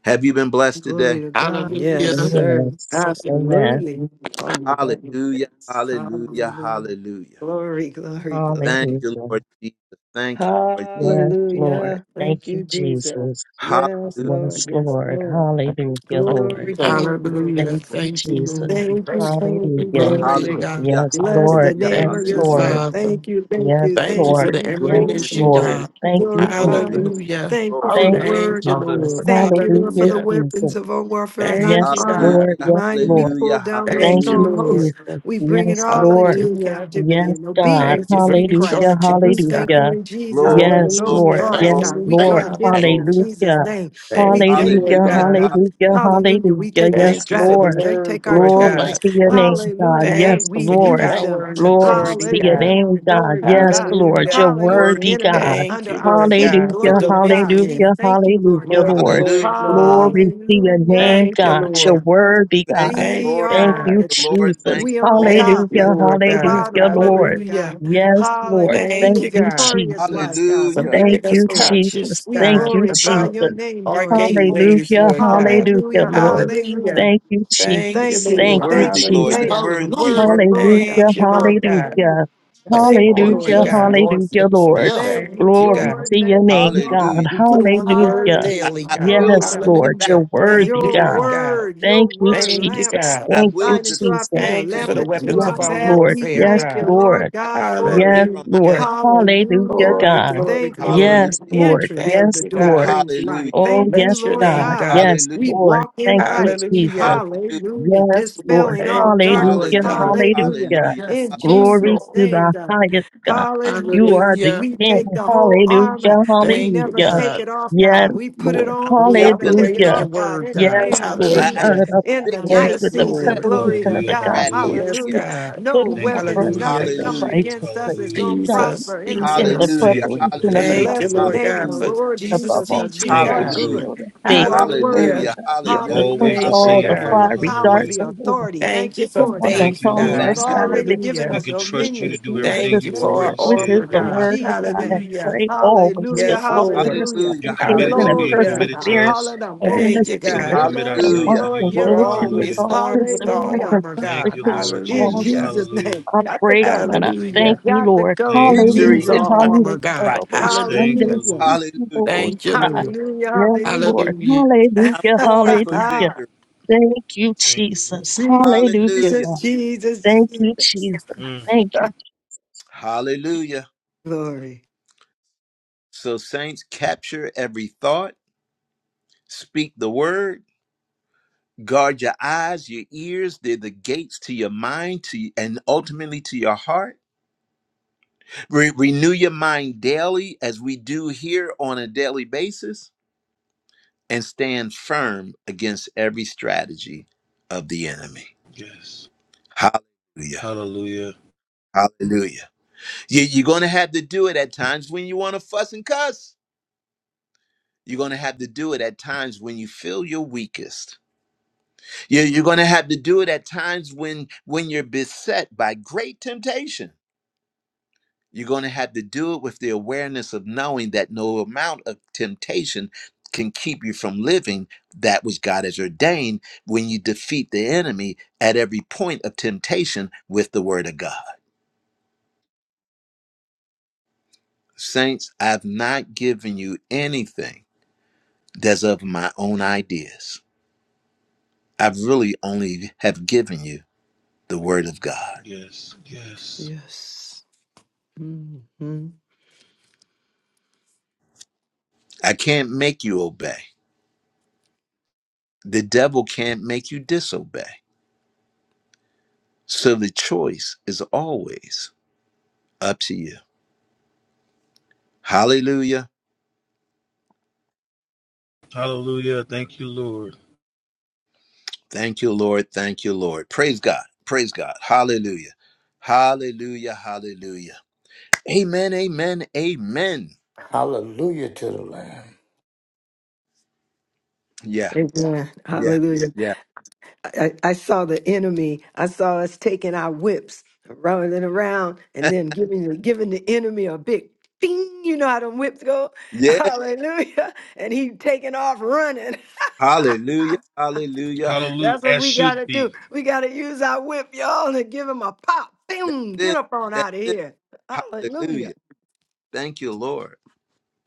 Speaker 1: Have you been blessed
Speaker 3: Glory
Speaker 1: today?
Speaker 3: to God. Yes,
Speaker 2: Hallelujah.
Speaker 6: Amen.
Speaker 3: sir.
Speaker 6: Yes. Amen.
Speaker 3: Absolutely. Oh, my God.
Speaker 1: Hallelujah,
Speaker 3: Yes.
Speaker 1: hallelujah,
Speaker 3: Hallelujah.
Speaker 1: hallelujah.
Speaker 3: Glory, glory,
Speaker 1: Thank
Speaker 3: glory.
Speaker 1: you,
Speaker 6: Hallelujah.
Speaker 1: Lord Jesus. Thank you, Lord Jesus.
Speaker 6: Yes, Lord.
Speaker 3: Hallelujah. Thank
Speaker 6: Thank you,
Speaker 3: you, Jesus.
Speaker 6: Jesus.
Speaker 1: Hallelujah.
Speaker 3: Yes,
Speaker 1: Thank
Speaker 3: Lord.
Speaker 6: Yes,
Speaker 3: Yes,
Speaker 6: Lord.
Speaker 3: Lord.
Speaker 4: Thank
Speaker 6: Hallelujah,
Speaker 4: you.
Speaker 3: Glory,
Speaker 6: Lord.
Speaker 1: you,
Speaker 4: Thank
Speaker 1: Lord.
Speaker 4: you.
Speaker 3: glory, glory.
Speaker 2: Hallelujah.
Speaker 6: Thank you,
Speaker 2: Thank you,
Speaker 6: Jesus.
Speaker 2: Lord.
Speaker 3: Thank you,
Speaker 4: Bless
Speaker 3: thank
Speaker 4: you.
Speaker 3: you,
Speaker 4: The
Speaker 6: Hallelujah.
Speaker 4: name
Speaker 3: thank
Speaker 4: of
Speaker 2: Glory
Speaker 4: the
Speaker 2: to
Speaker 3: you.
Speaker 4: Lord.
Speaker 2: God.
Speaker 1: Hallelujah,
Speaker 6: Yes,
Speaker 3: Bless the
Speaker 6: Lord.
Speaker 4: Hallelujah.
Speaker 1: hallelujah,
Speaker 3: name
Speaker 6: Yes,
Speaker 3: of
Speaker 2: Thank
Speaker 3: your
Speaker 2: you,
Speaker 3: God.
Speaker 6: Lord.
Speaker 1: hallelujah.
Speaker 2: Father.
Speaker 3: Thank you, thank
Speaker 6: Yes,
Speaker 3: you,
Speaker 2: Thank you
Speaker 3: thank
Speaker 2: for
Speaker 3: you.
Speaker 6: Lord.
Speaker 2: the
Speaker 3: We
Speaker 6: Yes,
Speaker 1: Glory,
Speaker 3: praise
Speaker 2: ammunition,
Speaker 3: you,
Speaker 6: Lord.
Speaker 1: glory,
Speaker 2: God.
Speaker 3: we
Speaker 6: Thank
Speaker 1: glory,
Speaker 6: you,
Speaker 3: glorify
Speaker 1: glory, glory,
Speaker 3: you.
Speaker 6: Jesus.
Speaker 2: Hallelujah.
Speaker 3: Thank you for
Speaker 1: glory.
Speaker 3: your
Speaker 6: Thank
Speaker 4: Hallelujah.
Speaker 6: you,
Speaker 2: Thank
Speaker 3: word.
Speaker 2: you,
Speaker 4: Hallelujah.
Speaker 6: Jesus.
Speaker 2: Lord.
Speaker 3: Thank you, Lord, for
Speaker 6: Hallelujah,
Speaker 3: the
Speaker 2: Hallelujah.
Speaker 6: Jesus.
Speaker 3: weapons of our warfare are not
Speaker 2: Thank you,
Speaker 6: Yes,
Speaker 3: carnal.
Speaker 2: God.
Speaker 6: Lord. Yes,
Speaker 1: Hallelujah,
Speaker 3: Mighty,
Speaker 6: Lord.
Speaker 3: we pull
Speaker 1: hallelujah,
Speaker 3: down those
Speaker 6: Thank
Speaker 2: Thank you,
Speaker 1: hallelujah,
Speaker 6: you,
Speaker 3: strongholds.
Speaker 2: Lord.
Speaker 6: Jesus.
Speaker 3: We bring it
Speaker 6: Yes,
Speaker 3: all
Speaker 6: Lord.
Speaker 3: into
Speaker 2: Hallelujah.
Speaker 3: captivity
Speaker 6: Yes,
Speaker 3: and
Speaker 6: God.
Speaker 2: Thank
Speaker 3: obedience
Speaker 2: you
Speaker 3: of
Speaker 2: for
Speaker 3: you,
Speaker 6: Hallelujah.
Speaker 3: Christ.
Speaker 2: recharging
Speaker 3: We
Speaker 2: us,
Speaker 3: thank you
Speaker 2: God.
Speaker 6: Hallelujah.
Speaker 3: in Jesus'
Speaker 1: Glory,
Speaker 3: name.
Speaker 6: Yes,
Speaker 3: Those
Speaker 1: glory,
Speaker 6: Lord.
Speaker 2: Hallelujah.
Speaker 3: thoughts,
Speaker 1: glory,
Speaker 4: Thank you.
Speaker 6: Yes,
Speaker 3: God,
Speaker 2: Hallelujah.
Speaker 3: we
Speaker 4: Thank
Speaker 3: come
Speaker 6: Lord.
Speaker 1: glory,
Speaker 4: you.
Speaker 3: against
Speaker 4: Thank
Speaker 3: them
Speaker 4: you.
Speaker 3: in
Speaker 1: glory.
Speaker 2: Hallelujah.
Speaker 3: Jesus'
Speaker 6: Hallelujah.
Speaker 3: name. We
Speaker 2: Thank you,
Speaker 3: thank you,
Speaker 2: Lord
Speaker 6: Hallelujah.
Speaker 1: Hallelujah,
Speaker 3: Lord
Speaker 2: God.
Speaker 3: God.
Speaker 6: Hallelujah.
Speaker 1: hallelujah.
Speaker 3: Hallelujah. We
Speaker 6: Hallelujah.
Speaker 3: take the
Speaker 6: Yes,
Speaker 2: Thank you for the
Speaker 3: strategies,
Speaker 6: Lord.
Speaker 3: they
Speaker 2: word,
Speaker 3: take our
Speaker 2: Lord
Speaker 6: Glory
Speaker 2: God.
Speaker 3: tools.
Speaker 4: Thank
Speaker 6: to
Speaker 4: you,
Speaker 6: your
Speaker 4: Holy
Speaker 6: name,
Speaker 4: Spirit.
Speaker 6: God.
Speaker 3: Hallelujah.
Speaker 6: Yes,
Speaker 3: And
Speaker 2: Thank you
Speaker 3: we
Speaker 2: for your
Speaker 6: Lord.
Speaker 3: use
Speaker 4: Thank
Speaker 2: power
Speaker 3: them.
Speaker 2: and
Speaker 4: you, Jesus.
Speaker 6: Glory
Speaker 2: authority,
Speaker 6: to your
Speaker 2: God.
Speaker 3: Hallelujah.
Speaker 6: name, God.
Speaker 3: Glory to
Speaker 1: Your
Speaker 6: Yes,
Speaker 3: God.
Speaker 6: Lord.
Speaker 2: Hallelujah.
Speaker 6: You're
Speaker 3: Hallelujah.
Speaker 1: word,
Speaker 3: The
Speaker 6: worthy,
Speaker 3: enemy is
Speaker 6: God.
Speaker 2: Thank
Speaker 3: under
Speaker 2: you,
Speaker 3: our
Speaker 2: Lord
Speaker 3: feet.
Speaker 2: God, for
Speaker 6: Hallelujah.
Speaker 3: Glory to God. We
Speaker 2: dominion.
Speaker 6: Hallelujah.
Speaker 3: thank you, Lord
Speaker 6: Hallelujah,
Speaker 3: God.
Speaker 2: Glory,
Speaker 6: Lord.
Speaker 1: hallelujah.
Speaker 2: glory, glory.
Speaker 6: Glory to your
Speaker 3: Hallelujah.
Speaker 6: name,
Speaker 2: Thank you,
Speaker 6: God.
Speaker 3: Glory
Speaker 6: You're
Speaker 1: Thank,
Speaker 2: Lord.
Speaker 3: to God.
Speaker 6: worthy,
Speaker 1: thank
Speaker 6: God.
Speaker 1: you,
Speaker 2: Thank
Speaker 3: We
Speaker 2: you,
Speaker 1: Lord.
Speaker 3: are
Speaker 6: Thank
Speaker 3: on
Speaker 2: God.
Speaker 6: you,
Speaker 3: the
Speaker 1: Thank you,
Speaker 3: top.
Speaker 1: Lord,
Speaker 6: Jesus.
Speaker 1: thank
Speaker 3: We
Speaker 1: you,
Speaker 3: on
Speaker 1: Lord.
Speaker 2: Thank
Speaker 3: top,
Speaker 2: you,
Speaker 6: Hallelujah,
Speaker 2: Lord
Speaker 3: not the
Speaker 2: God.
Speaker 6: hallelujah,
Speaker 3: bottom. Glory
Speaker 6: Lord.
Speaker 3: to God.
Speaker 2: Hallelujah.
Speaker 6: Yes, Lord.
Speaker 3: Hallelujah. We
Speaker 2: Thank
Speaker 6: Thank
Speaker 2: you,
Speaker 3: live
Speaker 6: you,
Speaker 2: God,
Speaker 3: victorious
Speaker 6: Jesus.
Speaker 3: life, God.
Speaker 2: for
Speaker 3: We
Speaker 1: Hallelujah.
Speaker 6: Thank
Speaker 2: making
Speaker 3: thank you
Speaker 2: us
Speaker 6: you,
Speaker 3: for it.
Speaker 6: Jesus.
Speaker 2: conscious,
Speaker 3: We
Speaker 6: Thank
Speaker 2: God,
Speaker 6: you,
Speaker 3: glorify
Speaker 2: about
Speaker 3: your
Speaker 6: Jesus.
Speaker 3: name,
Speaker 2: our
Speaker 3: Lord Jesus.
Speaker 2: gateways,
Speaker 6: Hallelujah,
Speaker 2: Lord God.
Speaker 6: hallelujah,
Speaker 3: Hallelujah.
Speaker 6: Lord.
Speaker 2: Hallelujah.
Speaker 3: Hallelujah.
Speaker 6: Thank you,
Speaker 2: Thank you,
Speaker 3: Thank
Speaker 6: Jesus.
Speaker 1: You're
Speaker 3: you.
Speaker 6: Thank
Speaker 2: Lord.
Speaker 6: you,
Speaker 1: worthy,
Speaker 3: Thank you.
Speaker 1: Lord.
Speaker 4: Hallelujah.
Speaker 6: Jesus.
Speaker 1: You're
Speaker 3: Thank
Speaker 2: Hallelujah.
Speaker 3: you. The
Speaker 1: worthy. You're
Speaker 4: Hallelujah.
Speaker 3: word
Speaker 1: worthy.
Speaker 3: of Lord
Speaker 6: Hallelujah,
Speaker 3: God.
Speaker 2: Thank you, Lord God.
Speaker 3: Hallelujah.
Speaker 6: hallelujah,
Speaker 4: Yes,
Speaker 3: Thank
Speaker 2: Thank you,
Speaker 4: Lord.
Speaker 3: you,
Speaker 2: Lord
Speaker 6: hallelujah,
Speaker 4: Yes,
Speaker 3: Jesus.
Speaker 2: God.
Speaker 4: Lord.
Speaker 6: hallelujah,
Speaker 4: Yes,
Speaker 6: Lord.
Speaker 4: yes.
Speaker 3: Thank you,
Speaker 2: Thank you,
Speaker 6: Glory
Speaker 2: God.
Speaker 3: Lord.
Speaker 6: to your
Speaker 3: Thank you,
Speaker 6: name,
Speaker 3: Lord.
Speaker 6: God.
Speaker 1: Hallelujah.
Speaker 2: We put on the word
Speaker 6: Hallelujah.
Speaker 1: I,
Speaker 3: Hallelujah.
Speaker 2: daily,
Speaker 1: I
Speaker 2: God.
Speaker 1: will
Speaker 3: Oh
Speaker 6: Yes,
Speaker 1: win
Speaker 3: God.
Speaker 1: the
Speaker 6: Lord,
Speaker 1: battle
Speaker 6: you're
Speaker 2: Hallelujah.
Speaker 1: for my.
Speaker 2: Thank
Speaker 6: worthy,
Speaker 2: you,
Speaker 3: Your
Speaker 2: Lord
Speaker 6: God.
Speaker 2: God.
Speaker 3: word, your
Speaker 6: Thank you,
Speaker 3: word.
Speaker 2: Thank you,
Speaker 3: lamp
Speaker 6: Jesus.
Speaker 2: God.
Speaker 1: I
Speaker 6: Thank you,
Speaker 1: will
Speaker 3: light into
Speaker 1: defeat
Speaker 3: our feet,
Speaker 6: Jesus.
Speaker 1: the
Speaker 3: a
Speaker 2: Thank you
Speaker 1: enemy
Speaker 2: for
Speaker 3: lamp
Speaker 2: the
Speaker 4: Mm,
Speaker 3: into
Speaker 2: weapons
Speaker 4: mm,
Speaker 3: our
Speaker 2: of
Speaker 6: Yes,
Speaker 2: our
Speaker 4: mm.
Speaker 3: path.
Speaker 6: Lord.
Speaker 3: We
Speaker 2: warfare,
Speaker 6: Yes,
Speaker 3: thank you,
Speaker 2: God.
Speaker 1: that
Speaker 6: Lord.
Speaker 3: Lord
Speaker 1: drives
Speaker 3: God, for
Speaker 1: me
Speaker 3: it.
Speaker 6: Yes,
Speaker 1: from my
Speaker 6: Lord.
Speaker 1: death.
Speaker 2: Hallelujah.
Speaker 6: Hallelujah,
Speaker 3: Hallelujah.
Speaker 2: Glory,
Speaker 6: God.
Speaker 2: glory,
Speaker 3: Thank you for
Speaker 2: glory.
Speaker 1: Hallelujah.
Speaker 3: the
Speaker 6: Yes, Lord.
Speaker 3: entrance of
Speaker 2: Thank
Speaker 6: Yes,
Speaker 3: the
Speaker 2: you,
Speaker 3: door
Speaker 2: God.
Speaker 6: Lord.
Speaker 3: brings
Speaker 1: Hallelujah.
Speaker 3: light.
Speaker 6: Oh,
Speaker 3: Thank you,
Speaker 6: yes,
Speaker 2: Bless your
Speaker 3: Lord
Speaker 6: God.
Speaker 2: name,
Speaker 3: God.
Speaker 2: God.
Speaker 6: Yes,
Speaker 1: Hallelujah.
Speaker 3: We
Speaker 6: Lord.
Speaker 3: walk in
Speaker 6: Thank you,
Speaker 3: light.
Speaker 6: Jesus.
Speaker 2: Hallelujah.
Speaker 1: Hallelujah.
Speaker 3: Hallelujah.
Speaker 6: Yes, Lord.
Speaker 3: Dispelling all
Speaker 2: Thank you,
Speaker 6: Hallelujah.
Speaker 4: Look.
Speaker 3: darkness.
Speaker 2: Lord
Speaker 1: Hallelujah.
Speaker 2: God.
Speaker 3: Hallelujah.
Speaker 6: Hallelujah.
Speaker 1: Hallelujah.
Speaker 4: Yes,
Speaker 3: In
Speaker 4: yes,
Speaker 6: Glory
Speaker 3: Jesus'
Speaker 4: Lord.
Speaker 6: to
Speaker 3: name,
Speaker 6: the
Speaker 3: God.
Speaker 6: highest God. You
Speaker 3: Hallelujah.
Speaker 6: are the
Speaker 2: Hallelujah.
Speaker 3: We
Speaker 6: King.
Speaker 3: take the whole armor.
Speaker 6: Hallelujah.
Speaker 3: We
Speaker 2: Thank you,
Speaker 3: never
Speaker 6: Hallelujah.
Speaker 3: take
Speaker 2: God.
Speaker 3: it off,
Speaker 6: Yes,
Speaker 3: God. We put it
Speaker 6: Lord.
Speaker 3: on,
Speaker 2: We
Speaker 1: More
Speaker 3: never
Speaker 1: than
Speaker 3: take
Speaker 2: operate
Speaker 3: it
Speaker 2: in
Speaker 6: Hallelujah.
Speaker 3: off,
Speaker 2: your
Speaker 3: God.
Speaker 2: word,
Speaker 3: In the
Speaker 2: God.
Speaker 6: Yes,
Speaker 3: name of
Speaker 6: Lord.
Speaker 1: I I
Speaker 3: Jesus
Speaker 6: God
Speaker 1: have
Speaker 2: Hallelujah.
Speaker 6: of my
Speaker 3: in the
Speaker 1: victory
Speaker 6: glories
Speaker 3: night
Speaker 6: with
Speaker 2: Yes,
Speaker 6: the
Speaker 3: season.
Speaker 1: themselves
Speaker 2: Lord.
Speaker 3: Glory
Speaker 1: every
Speaker 6: preparation
Speaker 3: to
Speaker 6: of
Speaker 5: Hallelujah,
Speaker 6: the
Speaker 3: God.
Speaker 6: gospel of
Speaker 1: strategy
Speaker 5: hallelujah.
Speaker 2: Yes,
Speaker 1: again.
Speaker 6: truth.
Speaker 3: Hallelujah.
Speaker 2: God.
Speaker 6: Put
Speaker 3: No
Speaker 6: on the
Speaker 5: Thank you,
Speaker 3: weapons,
Speaker 5: Lord
Speaker 6: breastplate
Speaker 2: Hallelujah.
Speaker 3: nothing
Speaker 6: of
Speaker 5: Jesus,
Speaker 3: coming
Speaker 1: Hallelujah.
Speaker 5: Lord.
Speaker 3: against us
Speaker 6: righteousness.
Speaker 3: is
Speaker 5: Hallelujah.
Speaker 3: going to
Speaker 6: God,
Speaker 2: Jesus,
Speaker 3: prosper
Speaker 6: be
Speaker 3: in the
Speaker 6: in
Speaker 3: name
Speaker 6: the
Speaker 3: of
Speaker 2: Jesus.
Speaker 1: Hallelujah.
Speaker 5: Thank
Speaker 3: Jesus.
Speaker 5: you,
Speaker 6: preparation
Speaker 5: Lord.
Speaker 6: of the
Speaker 1: Hallelujah.
Speaker 5: Thank
Speaker 2: Thank
Speaker 5: you,
Speaker 2: you,
Speaker 3: Bless the
Speaker 6: gospel
Speaker 2: Lord
Speaker 6: of
Speaker 5: Lord.
Speaker 3: name of
Speaker 6: peace
Speaker 2: God,
Speaker 3: the
Speaker 2: for
Speaker 1: Hallelujah.
Speaker 3: Lord
Speaker 2: Jesus'
Speaker 6: above
Speaker 3: Jesus
Speaker 6: all,
Speaker 3: because
Speaker 6: take
Speaker 2: teaching,
Speaker 3: you
Speaker 5: Thank
Speaker 3: are
Speaker 6: the
Speaker 5: you,
Speaker 2: God.
Speaker 5: Lord.
Speaker 1: Hallelujah.
Speaker 3: good.
Speaker 6: shield of
Speaker 3: You
Speaker 6: faith,
Speaker 3: are
Speaker 6: wherewith
Speaker 2: Hallelujah.
Speaker 3: worthy.
Speaker 1: Hallelujah.
Speaker 6: thou art
Speaker 1: Hallelujah.
Speaker 6: able quench
Speaker 5: Always
Speaker 3: Hallelujah.
Speaker 5: the
Speaker 1: Hallelujah.
Speaker 2: Thank you,
Speaker 6: all
Speaker 3: Thank you
Speaker 6: the
Speaker 5: same,
Speaker 2: God.
Speaker 3: for
Speaker 5: Lord.
Speaker 3: the
Speaker 6: fiery
Speaker 3: power,
Speaker 5: Hallelujah.
Speaker 6: darts
Speaker 3: the
Speaker 6: of the
Speaker 3: authority.
Speaker 6: wicked.
Speaker 3: Thank
Speaker 2: Thank you
Speaker 3: you
Speaker 2: for
Speaker 6: Put
Speaker 3: for it,
Speaker 6: on the
Speaker 3: God.
Speaker 5: Thank
Speaker 2: faith,
Speaker 5: you,
Speaker 6: helmet
Speaker 5: Lord.
Speaker 6: of
Speaker 3: You've
Speaker 2: God.
Speaker 1: Thank you.
Speaker 3: already given
Speaker 2: Hallelujah.
Speaker 5: We
Speaker 6: salvation,
Speaker 3: us
Speaker 5: can
Speaker 6: take
Speaker 5: trust you
Speaker 6: the
Speaker 5: to
Speaker 3: dominion.
Speaker 5: do
Speaker 6: shield of
Speaker 3: We
Speaker 5: everything
Speaker 6: the
Speaker 2: Thank you
Speaker 5: you
Speaker 3: thank
Speaker 2: for
Speaker 3: you
Speaker 2: our
Speaker 5: already
Speaker 6: Spirit,
Speaker 3: for
Speaker 6: which
Speaker 3: it,
Speaker 5: said,
Speaker 6: is
Speaker 2: armor,
Speaker 3: Lord,
Speaker 6: the
Speaker 5: Lord.
Speaker 3: in
Speaker 2: God.
Speaker 6: word of
Speaker 3: Jesus'
Speaker 6: God,
Speaker 3: name.
Speaker 6: and
Speaker 2: Hallelujah.
Speaker 6: pray always
Speaker 3: Hallelujah.
Speaker 6: with
Speaker 2: Yes,
Speaker 6: all prayer,
Speaker 2: Lord.
Speaker 3: Hallelujah.
Speaker 5: You're
Speaker 1: Hallelujah.
Speaker 6: supplication,
Speaker 5: committed to
Speaker 6: and
Speaker 5: being
Speaker 3: Glory
Speaker 1: Hallelujah.
Speaker 3: to
Speaker 2: Hallelujah.
Speaker 5: committed
Speaker 3: God.
Speaker 5: to
Speaker 6: perseverance,
Speaker 5: us,
Speaker 3: Hallelujah.
Speaker 6: and in
Speaker 3: Okay,
Speaker 6: the
Speaker 2: Thank
Speaker 3: so
Speaker 2: you,
Speaker 5: so we
Speaker 6: Spirit,
Speaker 3: yeah,
Speaker 2: God.
Speaker 5: commit
Speaker 3: Lord.
Speaker 6: and
Speaker 3: Yeah,
Speaker 5: ourselves
Speaker 6: watch
Speaker 5: to
Speaker 1: Hallelujah.
Speaker 5: you,
Speaker 3: Lord.
Speaker 6: and
Speaker 3: Yeah,
Speaker 6: go
Speaker 5: Lord.
Speaker 2: We're
Speaker 6: to
Speaker 3: Lord.
Speaker 6: with
Speaker 5: Hallelujah.
Speaker 2: always
Speaker 6: all
Speaker 2: armed with our
Speaker 6: perseverance and
Speaker 3: Hallelujah.
Speaker 2: armor,
Speaker 5: Thank
Speaker 2: God.
Speaker 5: you,
Speaker 6: supplication
Speaker 5: Lord
Speaker 6: for
Speaker 3: In
Speaker 6: all
Speaker 5: Jesus.
Speaker 6: saints
Speaker 2: Hallelujah.
Speaker 3: Jesus'
Speaker 5: Hallelujah.
Speaker 3: name.
Speaker 6: I
Speaker 3: Got to
Speaker 6: pray to
Speaker 3: go.
Speaker 6: and I thank
Speaker 5: Ooh,
Speaker 2: Hallelujah.
Speaker 6: you,
Speaker 3: Got to
Speaker 6: Lord.
Speaker 3: go
Speaker 5: thank
Speaker 2: We
Speaker 3: in
Speaker 5: you,
Speaker 6: Hallelujah,
Speaker 1: Victory
Speaker 2: use
Speaker 5: Lord.
Speaker 3: Jesus'
Speaker 1: is
Speaker 2: our
Speaker 1: my
Speaker 3: name.
Speaker 2: armor,
Speaker 6: hallelujah.
Speaker 2: God.
Speaker 1: right.
Speaker 6: hallelujah.
Speaker 5: Thank
Speaker 6: Sunday,
Speaker 2: Hallelujah.
Speaker 5: you,
Speaker 3: Hallelujah.
Speaker 5: Lord.
Speaker 6: thank you,
Speaker 1: Hallelujah.
Speaker 6: Lord.
Speaker 2: Thank you, Lord.
Speaker 6: Yes, Lord.
Speaker 3: Hallelujah.
Speaker 2: Hallelujah.
Speaker 1: I'm
Speaker 6: Hallelujah,
Speaker 1: born for
Speaker 6: hallelujah.
Speaker 3: Hallelujah.
Speaker 1: victory.
Speaker 6: Thank you,
Speaker 5: Thank you, Lord.
Speaker 6: Jesus. Hallelujah,
Speaker 1: Hallelujah.
Speaker 6: God.
Speaker 3: Jesus, Jesus,
Speaker 6: Thank you,
Speaker 3: Jesus.
Speaker 6: Jesus.
Speaker 5: Mm.
Speaker 6: Thank you.
Speaker 1: Hallelujah.
Speaker 3: Glory.
Speaker 1: So, saints, capture every thought, speak the word, guard your eyes, your ears. They're the gates to your mind to, and ultimately to your heart Re- renew your mind daily as we do here on a daily basis and stand firm against every strategy of the enemy.
Speaker 5: Yes.
Speaker 1: Hallelujah.
Speaker 5: Hallelujah.
Speaker 1: Hallelujah. You- You're going to have to do it at times when you want to fuss and cuss. You're going to have to do it at times when you feel your weakest. You- You're going to have to do it at times when when you're beset by great temptation. You're going to have to do it with the awareness of knowing that no amount of temptation can keep you from living that which God has ordained when you defeat the enemy at every point of temptation with the word of God. Saints, I've not given you anything that's of my own ideas. I've really only have given you the word of God.
Speaker 5: Yes. Yes.
Speaker 3: Yes. Mhm.
Speaker 1: I can't make you obey. The devil can't make you disobey. So the choice is always up to you. Hallelujah.
Speaker 5: Hallelujah. Thank you, Lord.
Speaker 1: Thank you, Lord. Thank you, Lord. Praise God. Praise God. Hallelujah. Hallelujah. Hallelujah. Amen. Amen. Amen.
Speaker 4: Hallelujah to the Lamb.
Speaker 1: Yeah.
Speaker 3: Amen.
Speaker 1: Yeah.
Speaker 3: Hallelujah.
Speaker 1: Yeah.
Speaker 3: I, I saw the enemy. I saw us taking our whips, rolling around, and then giving the, giving the enemy a big ding. You know how them whips go?
Speaker 1: Yeah.
Speaker 3: Hallelujah. And he taking off running.
Speaker 1: Hallelujah. Hallelujah.
Speaker 5: Hallelujah.
Speaker 3: That's what
Speaker 5: As
Speaker 3: we got
Speaker 5: should
Speaker 3: to do.
Speaker 5: be.
Speaker 3: We got to use our whip, y'all, and give him a pop.
Speaker 1: That's
Speaker 3: Boom. Get
Speaker 1: it.
Speaker 3: up on
Speaker 1: That's
Speaker 3: out of
Speaker 1: it.
Speaker 3: here. Hallelujah.
Speaker 1: Hallelujah. Thank you, Lord.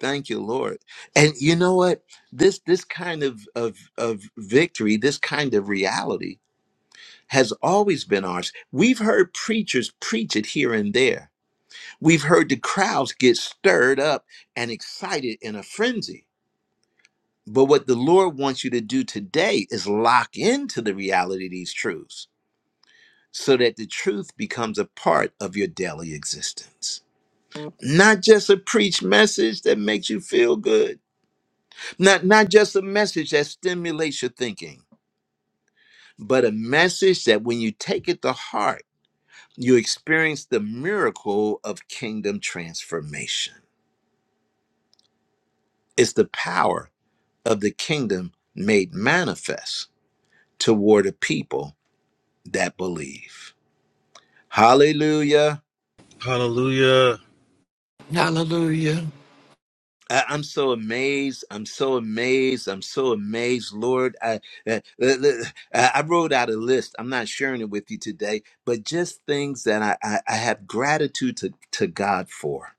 Speaker 1: Thank you, Lord. And you know what? This this kind of of of victory, this kind of reality has always been ours. We've heard preachers preach it here and there We've heard the crowds get stirred up and excited in a frenzy. But what the Lord wants you to do today is lock into the reality of these truths so that the truth becomes a part of your daily existence. Not just a preached message that makes you feel good, not, not just a message that stimulates your thinking, but a message that when you take it to heart, you experience the miracle of kingdom transformation. It's the power of the kingdom made manifest toward a people that believe. Hallelujah.
Speaker 5: Hallelujah.
Speaker 2: Hallelujah.
Speaker 1: I- I'm so amazed. I'm so amazed. I'm so amazed, Lord. I, I, I I wrote out a list. I'm not sharing it with you today, but just things that I, I, I have gratitude to, to God for.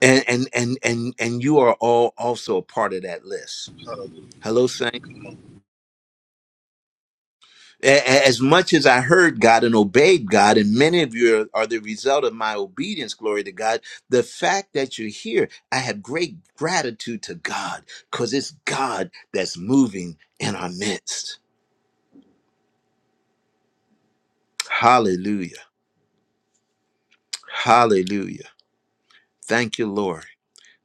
Speaker 1: And, and and and and you are all also a part of that list. Hello, Saint. A- As much as I heard God and obeyed God, and many of you are, are the result of my obedience, glory to God, the fact that you're here, I have great gratitude to God because it's God that's moving in our midst. Hallelujah. Hallelujah. Thank you, Lord.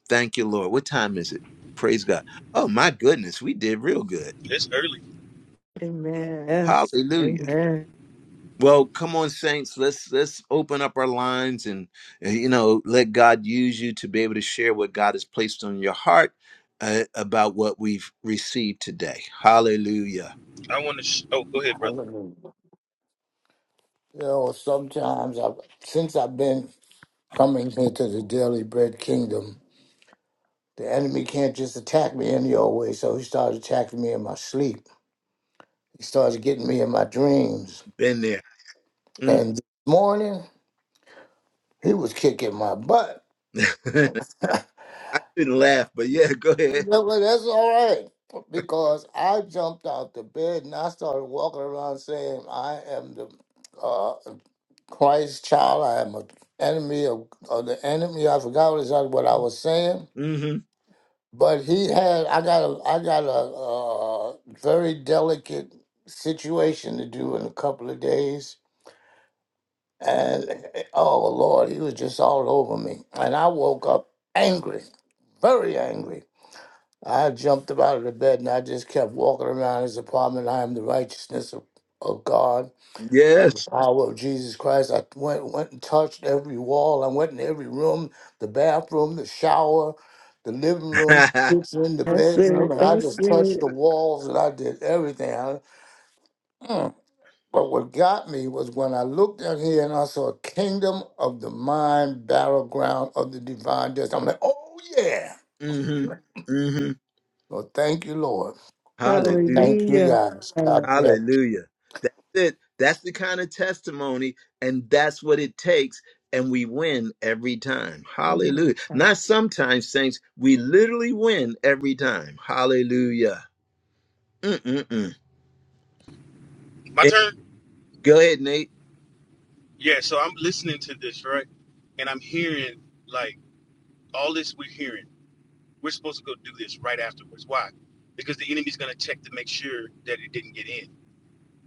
Speaker 1: Thank you, Lord. What time is it? Praise God. Oh, my goodness. We did real good.
Speaker 5: It's early.
Speaker 3: Amen. Yes.
Speaker 1: Hallelujah.
Speaker 3: Amen.
Speaker 1: Well, come on, saints. Let's let's open up our lines and uh, you know let God use you to be able to share what God has placed on your heart uh, about what we've received today. Hallelujah.
Speaker 5: I want to. Sh- oh, go ahead, brother.
Speaker 4: Hallelujah. You know, sometimes I, have since I've been coming here to the Daily Bread Kingdom, the enemy can't just attack me any old way. So he started attacking me in my sleep. He started getting me in my dreams.
Speaker 1: Been there. Mm.
Speaker 4: And this morning, he was kicking my butt.
Speaker 1: I shouldn't laugh, but yeah, go ahead.
Speaker 4: But that's all right. Because I jumped out the bed and I started walking around saying, I am the uh, Christ child. I am an enemy of, of the enemy. I forgot what, is, what I was saying
Speaker 1: hmm
Speaker 4: but he had I got a I got a, uh very delicate situation to do in a couple of days, and oh Lord, he was just all over me, and I woke up angry, very angry. I jumped up out of the bed and I just kept walking around his apartment. I am the righteousness of, of God by the
Speaker 1: Yes.
Speaker 4: power of Jesus Christ. I went went and touched every wall. I went in every room, the bathroom, the shower, the living room, the kitchen, the
Speaker 3: That's
Speaker 4: bedroom,
Speaker 3: it.
Speaker 4: and I
Speaker 3: That's
Speaker 4: just touched the
Speaker 3: it.
Speaker 4: walls and I did everything. I- Mm. But what got me was when I looked out here and I saw a kingdom of the mind, battleground of the divine destiny. I'm like, oh yeah.
Speaker 1: hmm hmm
Speaker 4: Well, thank you, Lord.
Speaker 1: Hallelujah.
Speaker 4: Thank you
Speaker 3: Hallelujah.
Speaker 4: guys. God bless.
Speaker 1: Hallelujah. That's it. That's the kind of testimony, and that's what it takes. And we win every time. Hallelujah. Not sometimes, saints. We literally win every time. Hallelujah. Mm-mm-mm.
Speaker 5: My
Speaker 1: Eh,
Speaker 5: turn.
Speaker 1: Go ahead, Nate.
Speaker 5: Yeah. So I'm listening to this, right? And I'm hearing like all this we're hearing. We're supposed to go do this right afterwards. Why? Because the enemy's going to check to make sure that it didn't get in.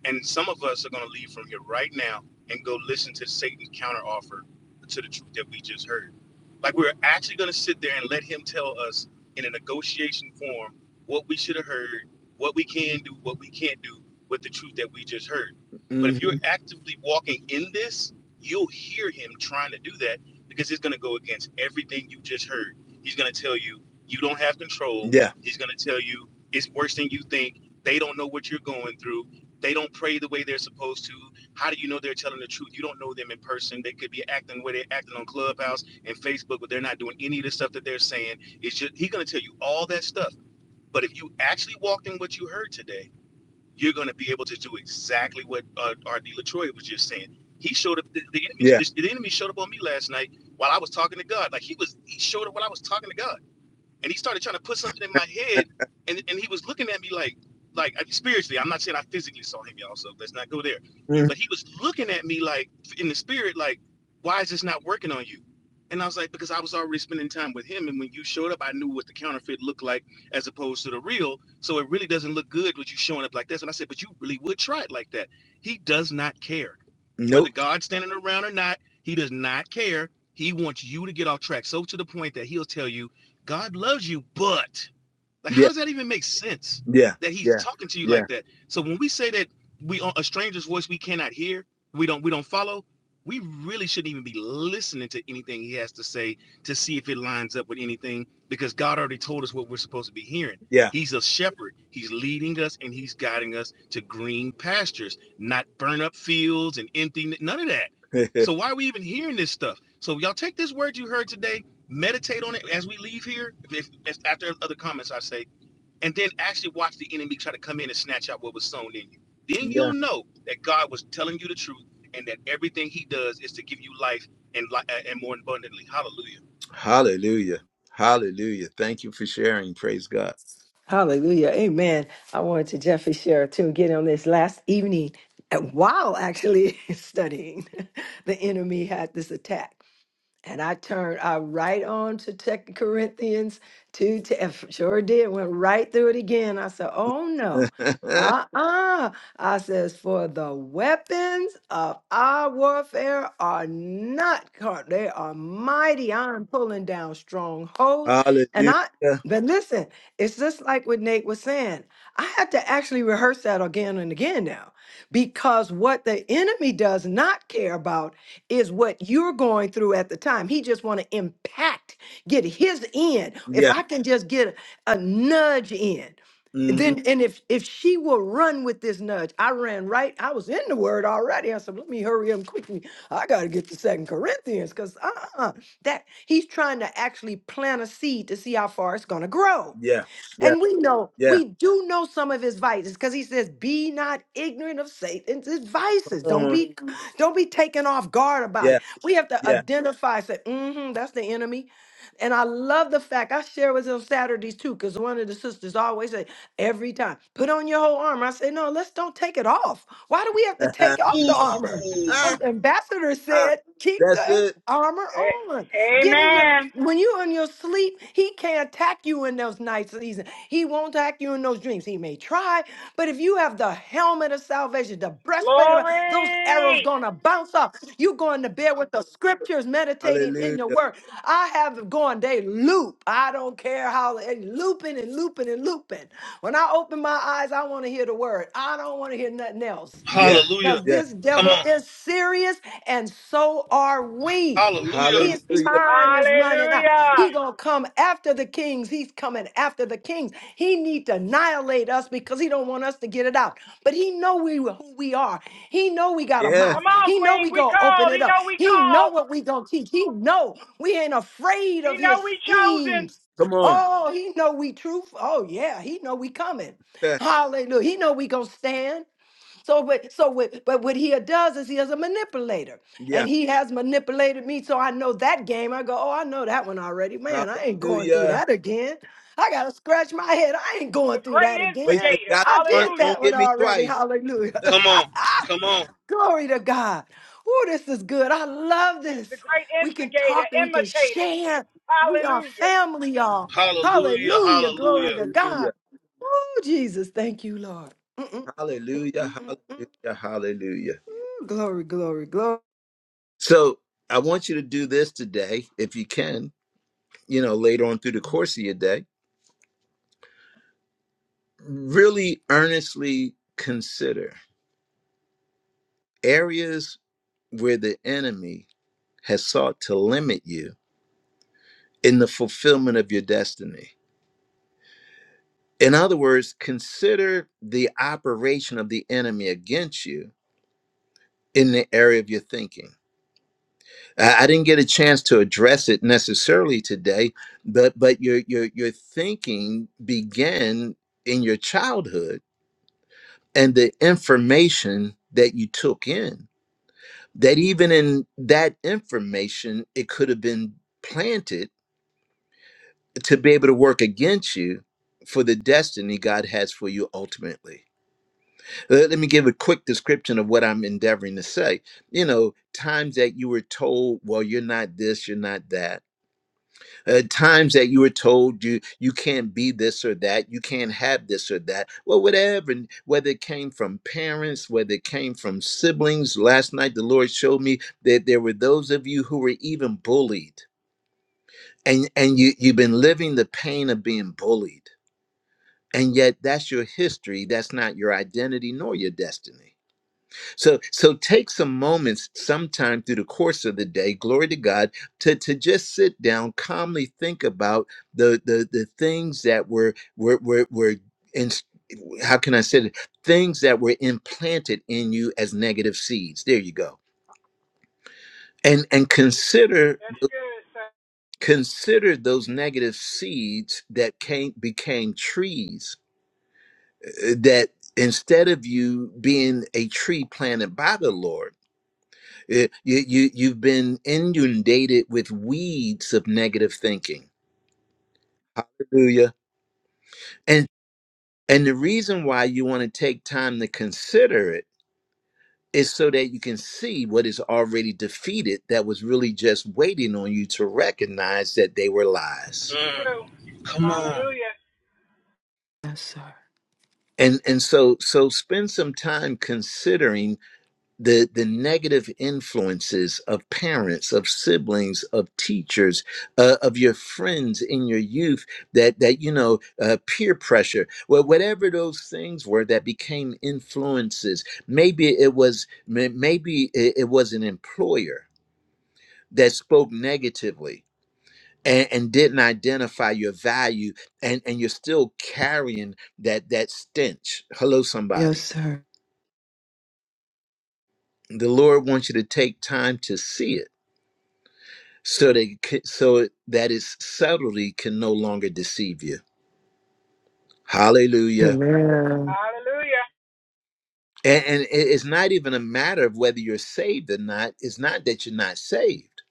Speaker 5: And some of us are going to leave from here right now and go listen to Satan's counteroffer to the truth that we just heard. Like we're actually going to sit there and let him tell us in a negotiation form what we should have heard, what we can do, what we can't do with the truth that we just heard. But
Speaker 1: hmm
Speaker 5: if you're actively walking in this, you'll hear him trying to do that because he's going to go against everything you just heard. He's going to tell you you don't have control.
Speaker 1: Yeah.
Speaker 5: He's going to tell you it's worse than you think. They don't know what you're going through they don't pray the way they're supposed to. How do you know they're telling the truth? You don't know them in person. They could be acting the way they're acting on Clubhouse and Facebook, but they're not doing any of the stuff that they're saying. It's just he's gonna tell you all that stuff. But if you actually walked in what you heard today, you're gonna be able to do exactly what uh, R.D. Latroy was just saying. He showed up. The, the enemy,
Speaker 1: Yeah.
Speaker 5: the, the enemy showed up on me last night while I was talking to God. Like he was, he showed up while I was talking to God and he started trying to put something in my head, and and he was looking at me like like spiritually. I'm not saying I physically saw him, y'all. So let's not go there.
Speaker 1: Mhm.
Speaker 5: But he was looking at me like in the spirit, like, why is this not working on you? And I was like, because I was already spending time with him, and when you showed up, I knew what the counterfeit looked like as opposed to the real. So it really doesn't look good with you showing up like this. And I said, but you really would try it like that. He does not care whether
Speaker 1: Nope.
Speaker 5: God's standing around or not. He does not care. He wants you to get off track, so to the point that he'll tell you God loves you, but like, how
Speaker 1: Yeah.
Speaker 5: does that even make sense
Speaker 1: Yeah.
Speaker 5: that he's
Speaker 1: Yeah.
Speaker 5: talking to you
Speaker 1: Yeah.
Speaker 5: like that? So when we say that we uh, a stranger's voice we cannot hear, we don't we don't follow, we really shouldn't even be listening to anything he has to say to see if it lines up with anything because God already told us what we're supposed to be hearing.
Speaker 1: Yeah.
Speaker 5: He's a shepherd. He's leading us and he's guiding us to green pastures, not burn up fields and empty, none of that. So why are we even hearing this stuff? So y'all take this word you heard today meditate on it as we leave here. If, if after other comments, I say, and then actually watch the enemy try to come in and snatch out what was sown in you. Then
Speaker 1: yeah.
Speaker 5: you'll know that God was telling you the truth, and that everything He does is to give you life and li- uh, and more abundantly. Hallelujah!
Speaker 1: Hallelujah. Hallelujah. Thank you for sharing. Praise God.
Speaker 3: Hallelujah. Amen. I wanted to Jeffrey share too, get on this last evening uh, while actually studying. The enemy had this attack. And I turned I right on to Second Corinthians two. te- Sure did. Went right through it again. I said, "Oh no, uh uh." I says, "For the weapons of our warfare are not carnal; they are mighty. I'm pulling down strongholds." And I,
Speaker 1: Hallelujah.
Speaker 3: but listen, it's just like what Nate was saying. I had to actually rehearse that again and again now, because what the enemy does not care about is what you're going through at the time. He just want to impact, get his in. If
Speaker 1: Yeah.
Speaker 3: I can just get a, a nudge in,
Speaker 1: Mhm.
Speaker 3: then and if if she will run with this nudge, I ran right. I was in the word already. I said, let me hurry up quickly. I got to get to Second Corinthians because uh-uh, that he's trying to actually plant a seed to see how far it's gonna grow.
Speaker 1: Yeah, yeah,
Speaker 3: And we know,
Speaker 1: yeah.
Speaker 3: we do know some of his vices because he says, be not ignorant of Satan's vices.
Speaker 1: Come
Speaker 3: Don't
Speaker 1: on.
Speaker 3: be Mhm. don't be taken off guard about
Speaker 1: Yeah,
Speaker 3: it. We have to
Speaker 1: yeah.
Speaker 3: identify, say, mm-hmm, that's the enemy. And I love the fact I share with him Saturdays too, because one of the sisters always say, every time, put on your whole armor. I say, no, let's don't take it off. Why do we have to take off the armor?
Speaker 5: Ooh,
Speaker 3: As the ambassador said, keep
Speaker 1: That's
Speaker 3: the
Speaker 1: it.
Speaker 3: armor on. Get in your when you're in your sleep, he can't attack you in those night seasons. He won't attack you in those dreams. He may try, but if you have the helmet of salvation, the breastplate of those arrows gonna bounce off. You going to bed with the scriptures, meditating in
Speaker 1: Hallelujah.
Speaker 3: the word. I have gone, they loop. I don't care how they looping and looping and looping. When I open my eyes, I want to hear the word. I don't want to hear nothing else
Speaker 1: Yeah,
Speaker 5: hallelujah!
Speaker 3: because
Speaker 1: yeah.
Speaker 3: this
Speaker 5: Come
Speaker 3: devil
Speaker 5: on,
Speaker 3: is serious and so are we.
Speaker 5: hallelujah!
Speaker 3: His
Speaker 1: Hallelujah.
Speaker 3: time is running out.
Speaker 8: Hallelujah.
Speaker 3: He gonna come after the kings. He's coming after the kings. He need to annihilate us because he don't want us to get it out. But he know we who we are. He know we got a
Speaker 1: Yeah.
Speaker 3: mouth.
Speaker 8: Come on,
Speaker 3: He know
Speaker 8: Queen.
Speaker 3: we
Speaker 8: We
Speaker 3: gonna open
Speaker 8: called.
Speaker 3: it
Speaker 8: He
Speaker 3: up.
Speaker 8: know we
Speaker 3: He know
Speaker 8: called.
Speaker 3: what we gonna teach. He know we ain't afraid
Speaker 8: He
Speaker 3: of his
Speaker 8: know we chosen.
Speaker 3: schemes.
Speaker 1: Come on.
Speaker 3: Oh, he know we truth. Oh yeah, he know we coming. Hallelujah. He know we gonna stand. So, but so what? But what he does is he is a manipulator,
Speaker 1: yeah.
Speaker 3: and he has manipulated me. So I know that game. I go, oh, I know that one already. Man, I ain't going through
Speaker 1: Hallelujah.
Speaker 3: that again. I gotta scratch my head. I ain't going
Speaker 8: The
Speaker 3: through
Speaker 8: great
Speaker 3: that
Speaker 1: But he
Speaker 3: again.
Speaker 1: said,
Speaker 8: instigator.
Speaker 1: "Got
Speaker 3: I
Speaker 1: me once,
Speaker 3: did
Speaker 8: Hallelujah.
Speaker 3: that
Speaker 1: won't
Speaker 3: one
Speaker 1: get me
Speaker 3: already.
Speaker 1: twice."
Speaker 3: Hallelujah.
Speaker 5: Come on, come on,
Speaker 3: Glory to God. Oh, this is good. I love
Speaker 8: He's the
Speaker 3: this.
Speaker 8: great
Speaker 3: We can
Speaker 8: instigator,
Speaker 3: talk and we can
Speaker 8: imitator.
Speaker 3: share. We are
Speaker 8: Hallelujah.
Speaker 3: family, y'all.
Speaker 5: hallelujah,
Speaker 3: Hallelujah. Glory
Speaker 5: hallelujah!
Speaker 3: to God.
Speaker 1: Hallelujah.
Speaker 3: Oh, Jesus. Thank you, Lord. Mm, mm, mm, mm,
Speaker 1: Hallelujah.
Speaker 3: mm, mm, mm.
Speaker 1: Hallelujah. Hallelujah.
Speaker 3: Glory, glory, glory.
Speaker 1: So I want you to do this today, if you can. You know, later on through the course of your day, really earnestly consider areas where the enemy has sought to limit you in the fulfillment of your destiny. In other words, consider the operation of the enemy against you in the area of your thinking. I, I didn't get a chance to address it necessarily today, but but your your your thinking began in your childhood and the information that you took in that even in that information it could have been planted to be able to work against you for the destiny God has for you ultimately. Let let me give a quick description of what I'm endeavoring to say. You know, times that you were told, well, you're not this, you're not that. Uh, times that you were told you you can't be this or that, you can't have this or that. Well, whatever, and whether it came from parents, whether it came from siblings. Last night the Lord showed me that there were those of you who were even bullied. And and you you've been living the pain of being bullied and yet that's your history that's not your identity nor your destiny so so take some moments sometime through the course of the day glory to god to to just sit down calmly think about the the the things that were were were, were in, how can i say it things that were implanted in you as negative seeds there you go and and consider
Speaker 8: That's good, sir.
Speaker 1: consider those negative seeds that came became trees uh, that instead of you being a tree planted by the Lord, uh, you, you you've been inundated with weeds of negative thinking. Hallelujah. And and the reason why you want to take time to consider it is so that you can see what is already defeated that was really just waiting on you to recognize that they were lies.
Speaker 5: Mm,
Speaker 8: True.
Speaker 5: come on,
Speaker 8: Hallelujah.
Speaker 3: Yes, sir.
Speaker 1: And and so so spend some time considering the the negative influences of parents of siblings of teachers uh, of your friends in your youth that that you know uh, peer pressure well whatever those things were that became influences maybe it was may- maybe it, it was an employer that spoke negatively and, and didn't identify your value and and you're still carrying that that stench hello
Speaker 3: Yes,
Speaker 1: somebody
Speaker 3: sir.
Speaker 1: the lord wants you to take time to see it so they c- so that his subtlety can no longer deceive you. Hallelujah.
Speaker 3: Amen.
Speaker 8: Hallelujah.
Speaker 1: And, and it- it's not even a matter of whether you're saved or not. It's not that you're not saved.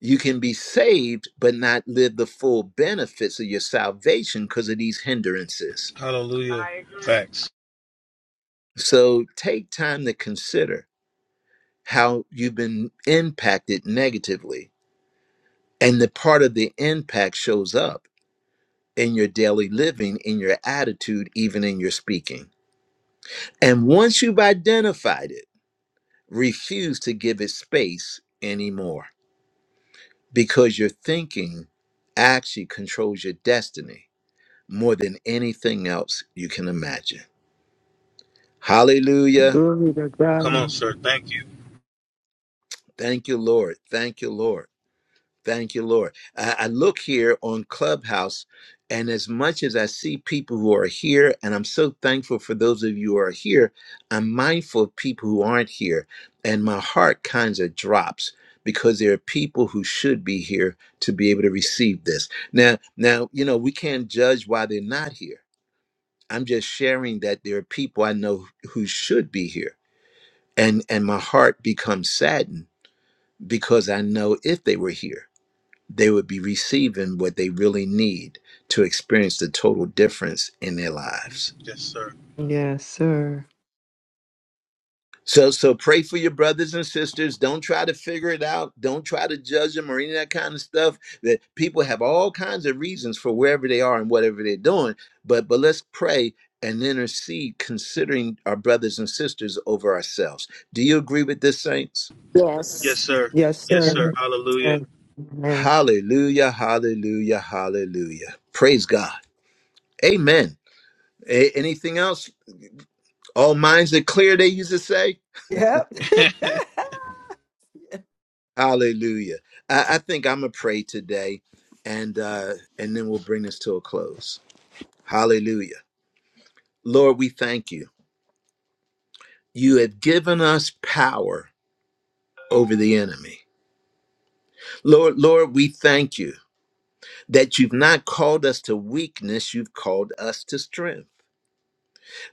Speaker 1: You can be saved, but not live the full benefits of your salvation because of these hindrances.
Speaker 5: hallelujah!
Speaker 8: I agree.
Speaker 5: Facts.
Speaker 1: So take time to consider how you've been impacted negatively. And the part of the impact shows up in your daily living, in your attitude, even in your speaking. And once you've identified it, refuse to give it space anymore because your thinking actually controls your destiny more than anything else you can imagine. Hallelujah.
Speaker 3: Glory to
Speaker 5: Come on,
Speaker 3: God.
Speaker 5: sir. Thank you.
Speaker 1: Thank you, Lord. Thank you, Lord. Thank you, Lord. I, I look here on Clubhouse, and as much as I see people who are here, and I'm so thankful for those of you who are here, I'm mindful of people who aren't here, and my heart kind of drops because there are people who should be here to be able to receive this. Now, now, you know, we can't judge why they're not here. I'm just sharing that there are people I know who should be here, and and my heart becomes saddened because I know if they were here they would be receiving what they really need to experience the total difference in their lives.
Speaker 5: Yes, sir.
Speaker 3: Yes, sir.
Speaker 1: So, so pray for your brothers and sisters. Don't try to figure it out. Don't try to judge them or any of that kind of stuff. That people have all kinds of reasons for wherever they are and whatever they're doing. But but let's pray and intercede, considering our brothers and sisters over ourselves. Do you agree with this, saints?
Speaker 5: Yes,
Speaker 2: Yes.
Speaker 5: sir.
Speaker 3: Yes,
Speaker 5: Yes,
Speaker 3: sir.
Speaker 5: sir.
Speaker 6: Jesus.
Speaker 5: Hallelujah.
Speaker 3: Amen.
Speaker 1: Hallelujah! Hallelujah! Hallelujah! Praise God. Amen. A- anything else? All minds are clear, they used to say.
Speaker 3: Yep.
Speaker 1: Hallelujah. I, I think I'm going to pray today and, uh, and then we'll bring this to a close. Hallelujah. Lord, we thank you. You have given us power over the enemy. Lord, Lord, we thank you that you've not called us to weakness, you've called us to strength.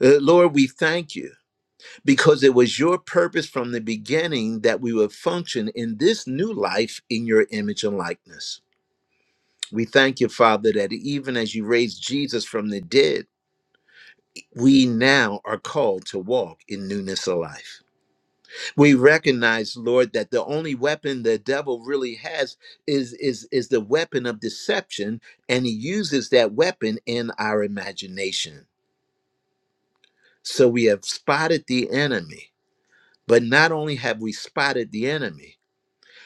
Speaker 1: Uh, Lord, we thank you because it was your purpose from the beginning that we would function in this new life in your image and likeness. We thank you, Father, that even as you raised Jesus from the dead, we now are called to walk in newness of life. We recognize, Lord, that the only weapon the devil really has is, is, is the weapon of deception, and he uses that weapon in our imagination. So we have spotted the enemy, but not only have we spotted the enemy,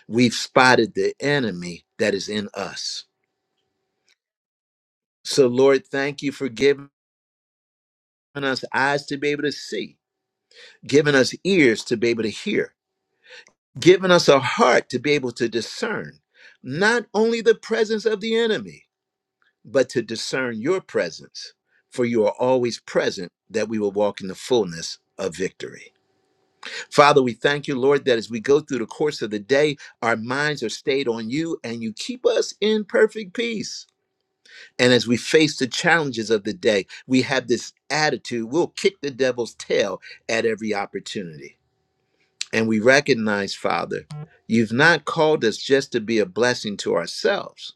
Speaker 1: we've spotted the enemy that is in us. So, Lord, thank you for giving us eyes to be able to see given us ears to be able to hear, given us a heart to be able to discern not only the presence of the enemy, but to discern your presence. For you are always present that we will walk in the fullness of victory. Father, we thank you, Lord, that as we go through the course of the day, our minds are stayed on you and you keep us in perfect peace. And as we face the challenges of the day, we have this attitude we'll kick the devil's tail at every opportunity. And we recognize, Father, you've not called us just to be a blessing to ourselves,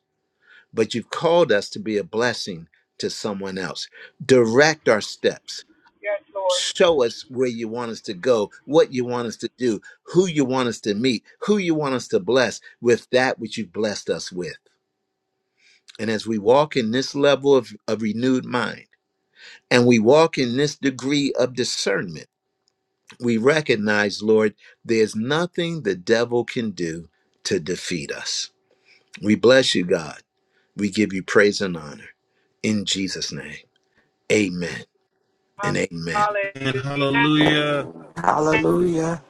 Speaker 1: but you've called us to be a blessing to someone else. Direct our steps.
Speaker 8: Yes, Lord.
Speaker 1: Show us where you want us to go, what you want us to do, who you want us to meet, who you want us to bless with that which you've blessed us with. And as we walk in this level of, of renewed mind, and we walk in this degree of discernment, we recognize, Lord, there's nothing the devil can do to defeat us. We bless you, God. We give you praise and honor. In Jesus' name, amen and amen.
Speaker 5: And
Speaker 8: Hallelujah.
Speaker 5: hallelujah.
Speaker 2: Hallelujah.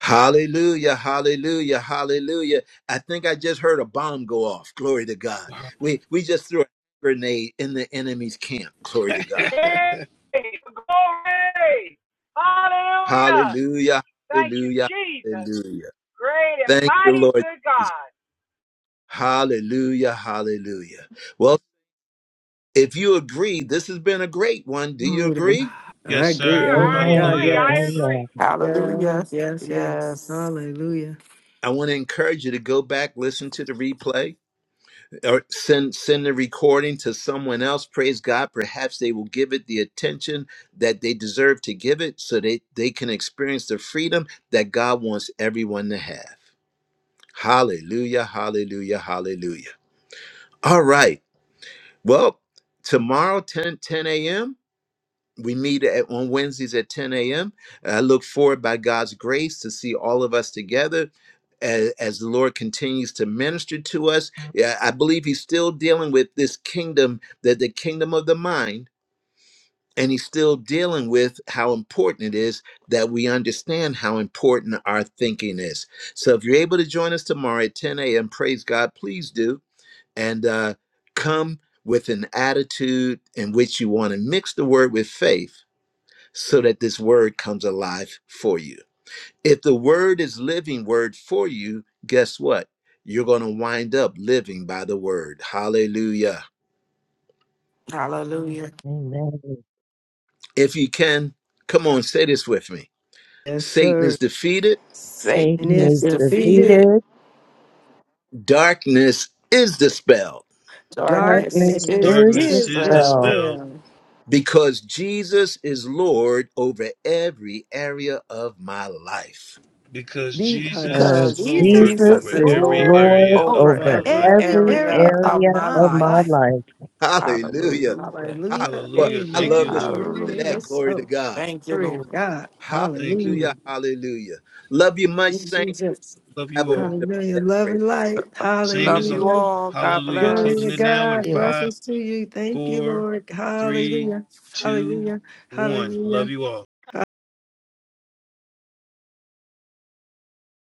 Speaker 1: Hallelujah, hallelujah, hallelujah. I think I just heard a bomb go off. Glory to God. We we just threw a grenade in the enemy's camp. Glory to God.
Speaker 8: Glory. Hallelujah.
Speaker 1: Hallelujah,
Speaker 8: Thank you,
Speaker 1: hallelujah,
Speaker 8: Jesus.
Speaker 1: hallelujah.
Speaker 8: Great and
Speaker 1: Thank you,
Speaker 8: mighty
Speaker 1: Lord
Speaker 8: good
Speaker 1: Jesus.
Speaker 8: God.
Speaker 1: Hallelujah, hallelujah. Well. If you agree, this has been a great one. Do you
Speaker 3: Glory to God.
Speaker 1: agree?
Speaker 3: I
Speaker 5: Yes, sir.
Speaker 8: Sir,
Speaker 3: agree. Oh my
Speaker 8: I
Speaker 3: God.
Speaker 6: Amen.
Speaker 8: agree.
Speaker 5: Hallelujah.
Speaker 8: I agree.
Speaker 3: Yes.
Speaker 6: Oh,
Speaker 2: Hallelujah.
Speaker 3: Yes. Yes. Yes.
Speaker 2: Yes.
Speaker 3: Hallelujah.
Speaker 1: I want to encourage you to go back, listen to the replay, or send send the recording to someone else. Praise God. Perhaps they will give it the attention that they deserve to give it so they, they can experience the freedom that God wants everyone to have. Hallelujah, hallelujah, hallelujah. All right. Well, tomorrow, 10 10 a.m. we meet at, on Wednesdays at 10 a.m. I look forward, by God's grace, to see all of us together as, as the Lord continues to minister to us. Yeah, I believe He's still dealing with this kingdom, that the kingdom of the mind, and He's still dealing with how important it is that we understand how important our thinking is. So, if you're able to join us tomorrow at 10 a.m., praise God, please do, and uh, come with an attitude in which you want to mix the word with faith so that this word comes alive for you. If the word is living word for you, guess what? You're going to wind up living by the word. Hallelujah.
Speaker 2: Hallelujah.
Speaker 6: yeah. Amen.
Speaker 1: If you can, come on, say this with me.
Speaker 3: Yes,
Speaker 1: Satan
Speaker 3: sir.
Speaker 1: is defeated,
Speaker 3: And
Speaker 2: Satan
Speaker 6: Satan
Speaker 3: it's
Speaker 6: is
Speaker 2: is
Speaker 3: defeated.
Speaker 2: defeated.
Speaker 6: defeated.
Speaker 1: darkness is dispelled
Speaker 2: darkness
Speaker 6: Darkness
Speaker 3: Darkness
Speaker 2: is
Speaker 6: is
Speaker 5: Darkness
Speaker 3: is
Speaker 5: is
Speaker 6: dispelled.
Speaker 2: dispelled
Speaker 5: dispelled
Speaker 3: dispelled
Speaker 1: because Jesus is Lord over every area of my life.
Speaker 5: because Jesus
Speaker 3: because
Speaker 5: is
Speaker 6: Because
Speaker 2: because
Speaker 3: Jesus
Speaker 5: Lord
Speaker 6: Jesus
Speaker 3: is
Speaker 2: Jesus
Speaker 5: over
Speaker 2: is
Speaker 6: is
Speaker 5: every
Speaker 3: Lord
Speaker 2: Lord
Speaker 6: Lord
Speaker 5: area of
Speaker 2: over
Speaker 3: over
Speaker 5: my
Speaker 6: over
Speaker 2: every
Speaker 5: life.
Speaker 3: every
Speaker 6: every
Speaker 2: area
Speaker 3: area
Speaker 2: of
Speaker 3: of
Speaker 6: area
Speaker 2: my
Speaker 3: my
Speaker 6: of my
Speaker 3: life.
Speaker 2: life.
Speaker 6: life.
Speaker 1: Hallelujah.
Speaker 2: Hallelujah.
Speaker 1: Ah,
Speaker 3: Hallelujah.
Speaker 1: boy,
Speaker 5: Hallelujah.
Speaker 1: I
Speaker 5: Thank you,
Speaker 1: love this
Speaker 3: Amen.
Speaker 5: Lord.
Speaker 3: Amen.
Speaker 1: to
Speaker 3: It
Speaker 1: that.
Speaker 2: Hallelujah.
Speaker 3: is
Speaker 1: Glory to
Speaker 3: so.
Speaker 1: God.
Speaker 2: Thank you,
Speaker 3: Glory to
Speaker 2: Lord.
Speaker 3: God.
Speaker 5: Thank you,
Speaker 3: Hallelujah.
Speaker 1: Hallelujah.
Speaker 5: Lord.
Speaker 1: Hallelujah. Love you much,
Speaker 3: In
Speaker 1: saints.
Speaker 3: Jesus.
Speaker 5: Love
Speaker 1: Have
Speaker 5: you
Speaker 1: a
Speaker 5: all.
Speaker 1: wonderful
Speaker 3: Hallelujah.
Speaker 1: day.
Speaker 3: Love
Speaker 1: Praise
Speaker 3: and light.
Speaker 5: Same
Speaker 2: Love
Speaker 5: as all.
Speaker 2: you
Speaker 3: Hallelujah.
Speaker 2: all. God
Speaker 5: Hallelujah.
Speaker 3: Glory to
Speaker 5: Closing it
Speaker 2: bless.
Speaker 5: now in
Speaker 3: God.
Speaker 5: five,
Speaker 3: Blessings to you. Thank you,
Speaker 5: four,
Speaker 3: Lord.
Speaker 5: three,
Speaker 3: Hallelujah.
Speaker 5: two,
Speaker 3: Hallelujah.
Speaker 5: one.
Speaker 3: Hallelujah.
Speaker 5: Love you all.